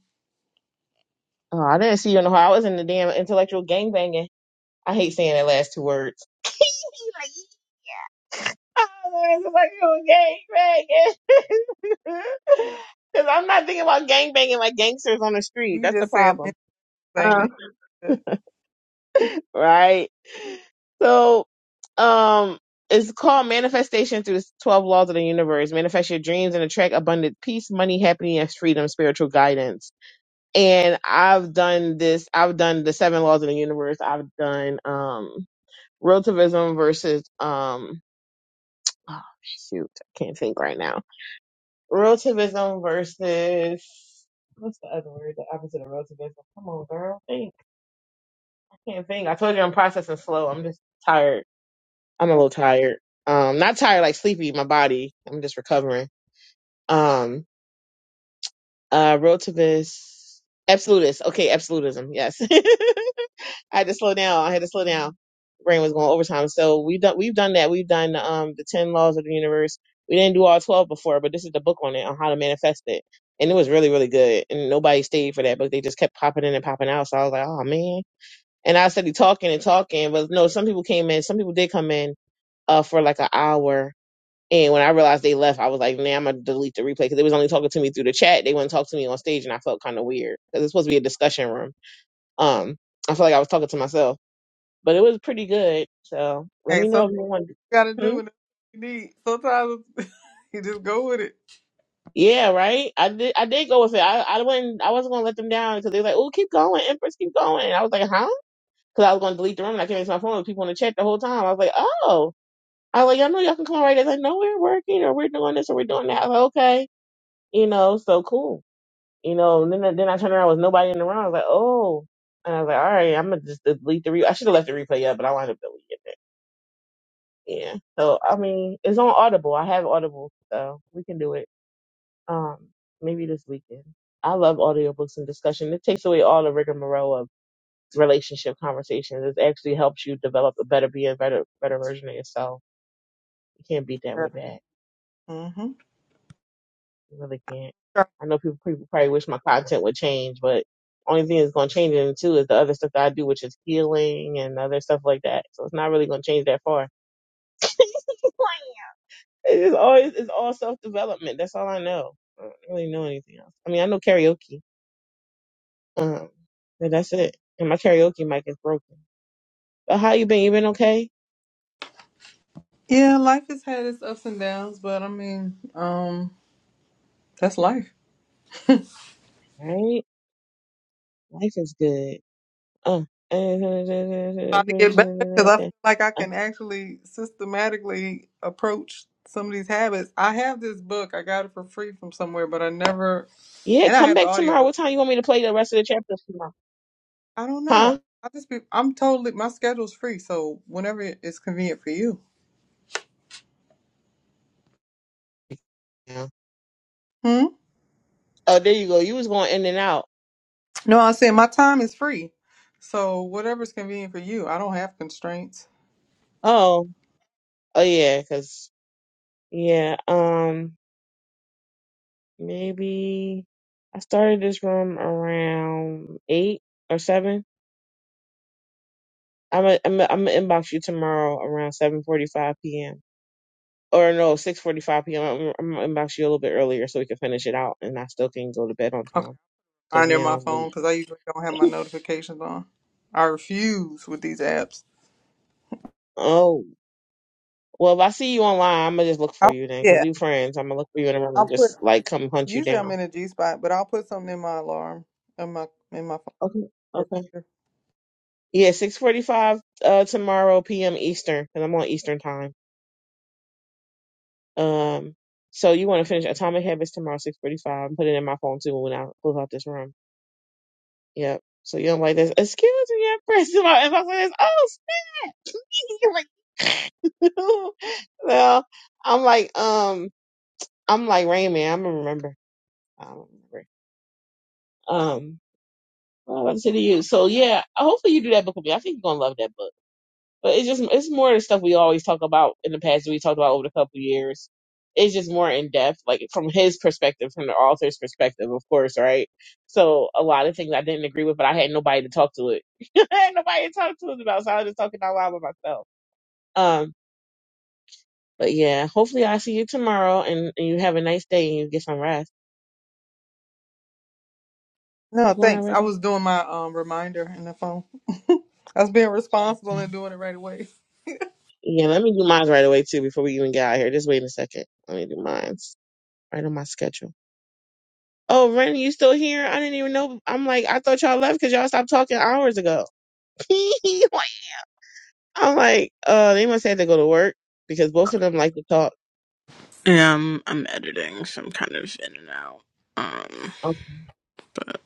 Oh, I didn't see you in the hall. I was in the damn intellectual gangbanging. I hate saying that last two words. like, I was intellectual gangbanging. Because I'm not thinking about gangbanging like gangsters on the street. You That's the just saying problem. anything. and shit. right? So, um, it's called Manifestation through the 12 Laws of the Universe. Manifest your dreams and attract abundant peace, money, happiness, freedom, spiritual guidance. And I've done this, I've done the seven laws of the universe. I've done, um, relativism versus, um, oh, shoot, I can't think right now. Relativism versus, what's the other word? The opposite of relativism. Come on, girl. Think. I can't think. I told you I'm processing slow. I'm just tired I'm a little Okay. tired. Um, not tired like sleepy. My body. I'm just recovering. Um, uh, relativist, absolutist. Okay, absolutism. Yes. I had to slow down. I had to slow down. Brain was going overtime. So we've done we've done that. We've done um the ten laws of the universe. We didn't do all twelve before, but this is the book on it on how to manifest it, and it was really really good. And nobody stayed for that book. They just kept popping in and popping out. So I was like, oh man. And I started talking and talking, but no, some people came in. Some people did come in uh for like an hour And when I realized they left, I was like, nah, I'm going to delete the replay because they was only talking to me through the chat. They wouldn't talk to me on stage, and I felt kind of weird because it's supposed to be a discussion room. Um, I felt like I was talking to myself, but it was pretty good. So let Hey, me know sometimes if you want. you gotta do Hmm? what you need. Sometimes you just go with it. Yeah, right. I did. I did go with it. I, I wouldn't. I wasn't gonna let them down because they were like, "Oh, keep going, Empress, keep going." And I was like, "Huh?" Because I was gonna delete the room and I came into my phone with people in the chat the whole time. I was like, "Oh." I was like, "Y'all know y'all can come right." They're like, "No, we're working or we're doing this or we're doing that." I was like, "Okay." You know, so cool. you know, and then I- then I turned around, was nobody in the room. I was like, oh, and I was like, all right, I'm gonna just delete the re. I should have left the replay up, but I wound up deleting it. Yeah. So I mean, it's on Audible. I have Audible, so we can do it. Um, maybe this weekend. I love audiobooks and discussion. It takes away all the rigmarole of relationship conversations. It actually helps you develop a better, be a better, better version of yourself. You can't beat that with a bag. Mm-hmm. I really can't. I know people, people probably wish my content would change, but only thing that's going to change it too is the other stuff that I do, which is healing and other stuff like that. So it's not really going to change that far. it's always it's all self development. That's all I know. I don't really know anything else. I mean, I know karaoke. Um, but that's it. And my karaoke mic is broken. But how you been? You been okay? Yeah, life has had its ups and downs, but I mean, um, that's life. Right? Life is good. Uh, uh, About to get better because I feel like I can actually systematically approach some of these habits. I have this book. I got it for free from somewhere, but I never. yeah, And I come have the back tomorrow. audiobook. What time you want me to play the rest of the chapters tomorrow? I don't know. Huh? I just be I'm totally my schedule's free, so whenever it's convenient for you. Yeah. Hmm? Oh, there you go. You was going in and out. No, I said my time is free. So whatever's convenient for you. I don't have constraints. Oh, oh yeah, cause yeah, um, maybe I started this room around eight or seven. I'm i I'm i am I'm gonna inbox you tomorrow around 7:45 p.m. or no, six forty-five p.m. I'm, I'm, I'm actually a little bit earlier so we can finish it out, and I still can go to bed on Okay. time because I'm near now my it's phone late. because I usually don't have my notifications on. I refuse with these apps. Oh, well, if I see you online, I'm gonna just look for I'll, you then because yeah. we friends. I'm gonna look for you in the room I'll and put just like come hunt you usually down. I'm in a G spot, but I'll put something in my alarm in my in my phone. Okay, okay. Yeah, six forty-five uh tomorrow p.m. Eastern because I'm on Eastern time. Um, so you want to finish Atomic Habits tomorrow six forty-five? Put it in my phone too when I close out this room. Yep. So you don't like this. Excuse me, I'm pressing my inbox like this. Oh, snap. like, well, I'm like, um, I'm like Rain Man. I'm gonna remember. I don't remember. Um, what I'm saying to you. So yeah, hopefully you do that book with me. I think you're gonna love that book. But it's just it's more of the stuff we always talk about in the past. that We talked about over the couple years. It's just more in depth, like from his perspective, from the author's perspective, of course, right? So a lot of things I didn't agree with, but I had nobody to talk to it. I had nobody to talk to it about, so I was just talking out loud with myself. Um, but yeah, hopefully I see you tomorrow, and, and you have a nice day and you get some rest. No, You going thanks. I already? was doing my um reminder in the phone. I was being responsible Okay. and doing it right away. Yeah, let me do mine right away too before we even get out of here. Just wait a second. Let me do mine right on my schedule. Oh, Ren, you still here? I didn't even know. I'm like, I thought y'all left because y'all stopped talking hours ago. Like, I'm like, uh, they must have to go to work because both of them like to talk. Yeah, I'm, I'm editing, so I'm kind of in and out. Um, Um, but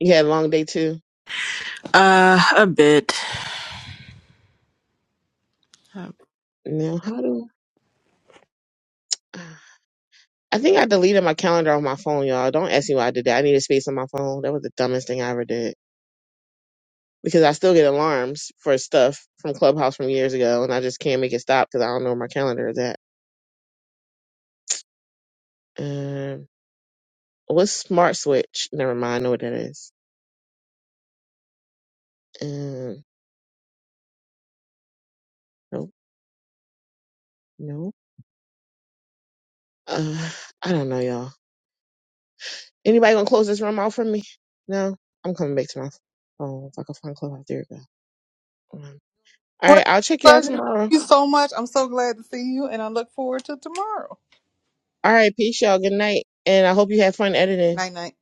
You had a long day too. uh, a bit. Uh, Now, how do I think I deleted my calendar on my phone, y'all. Don't ask me why I did that. I needed space on my phone. That was the dumbest thing I ever did because I still get alarms for stuff from Clubhouse from years ago, and I just can't make it stop because I don't know where my calendar is at. Um, what's Smart Switch? Never mind. I know what that is. Um, nope. no. Uh, I don't know, y'all. Anybody gonna close this room out for me? No, I'm coming back to my phone if I can find clubhouse. There we go. Um, all Well, it right, I'll check y'all was a pleasure. Thank tomorrow. you so much. I'm so glad to see you, and I look forward to tomorrow. All right, peace, y'all. Good night, and I hope you had fun editing. Night night.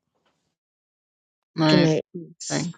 Good my night. Peace. thing.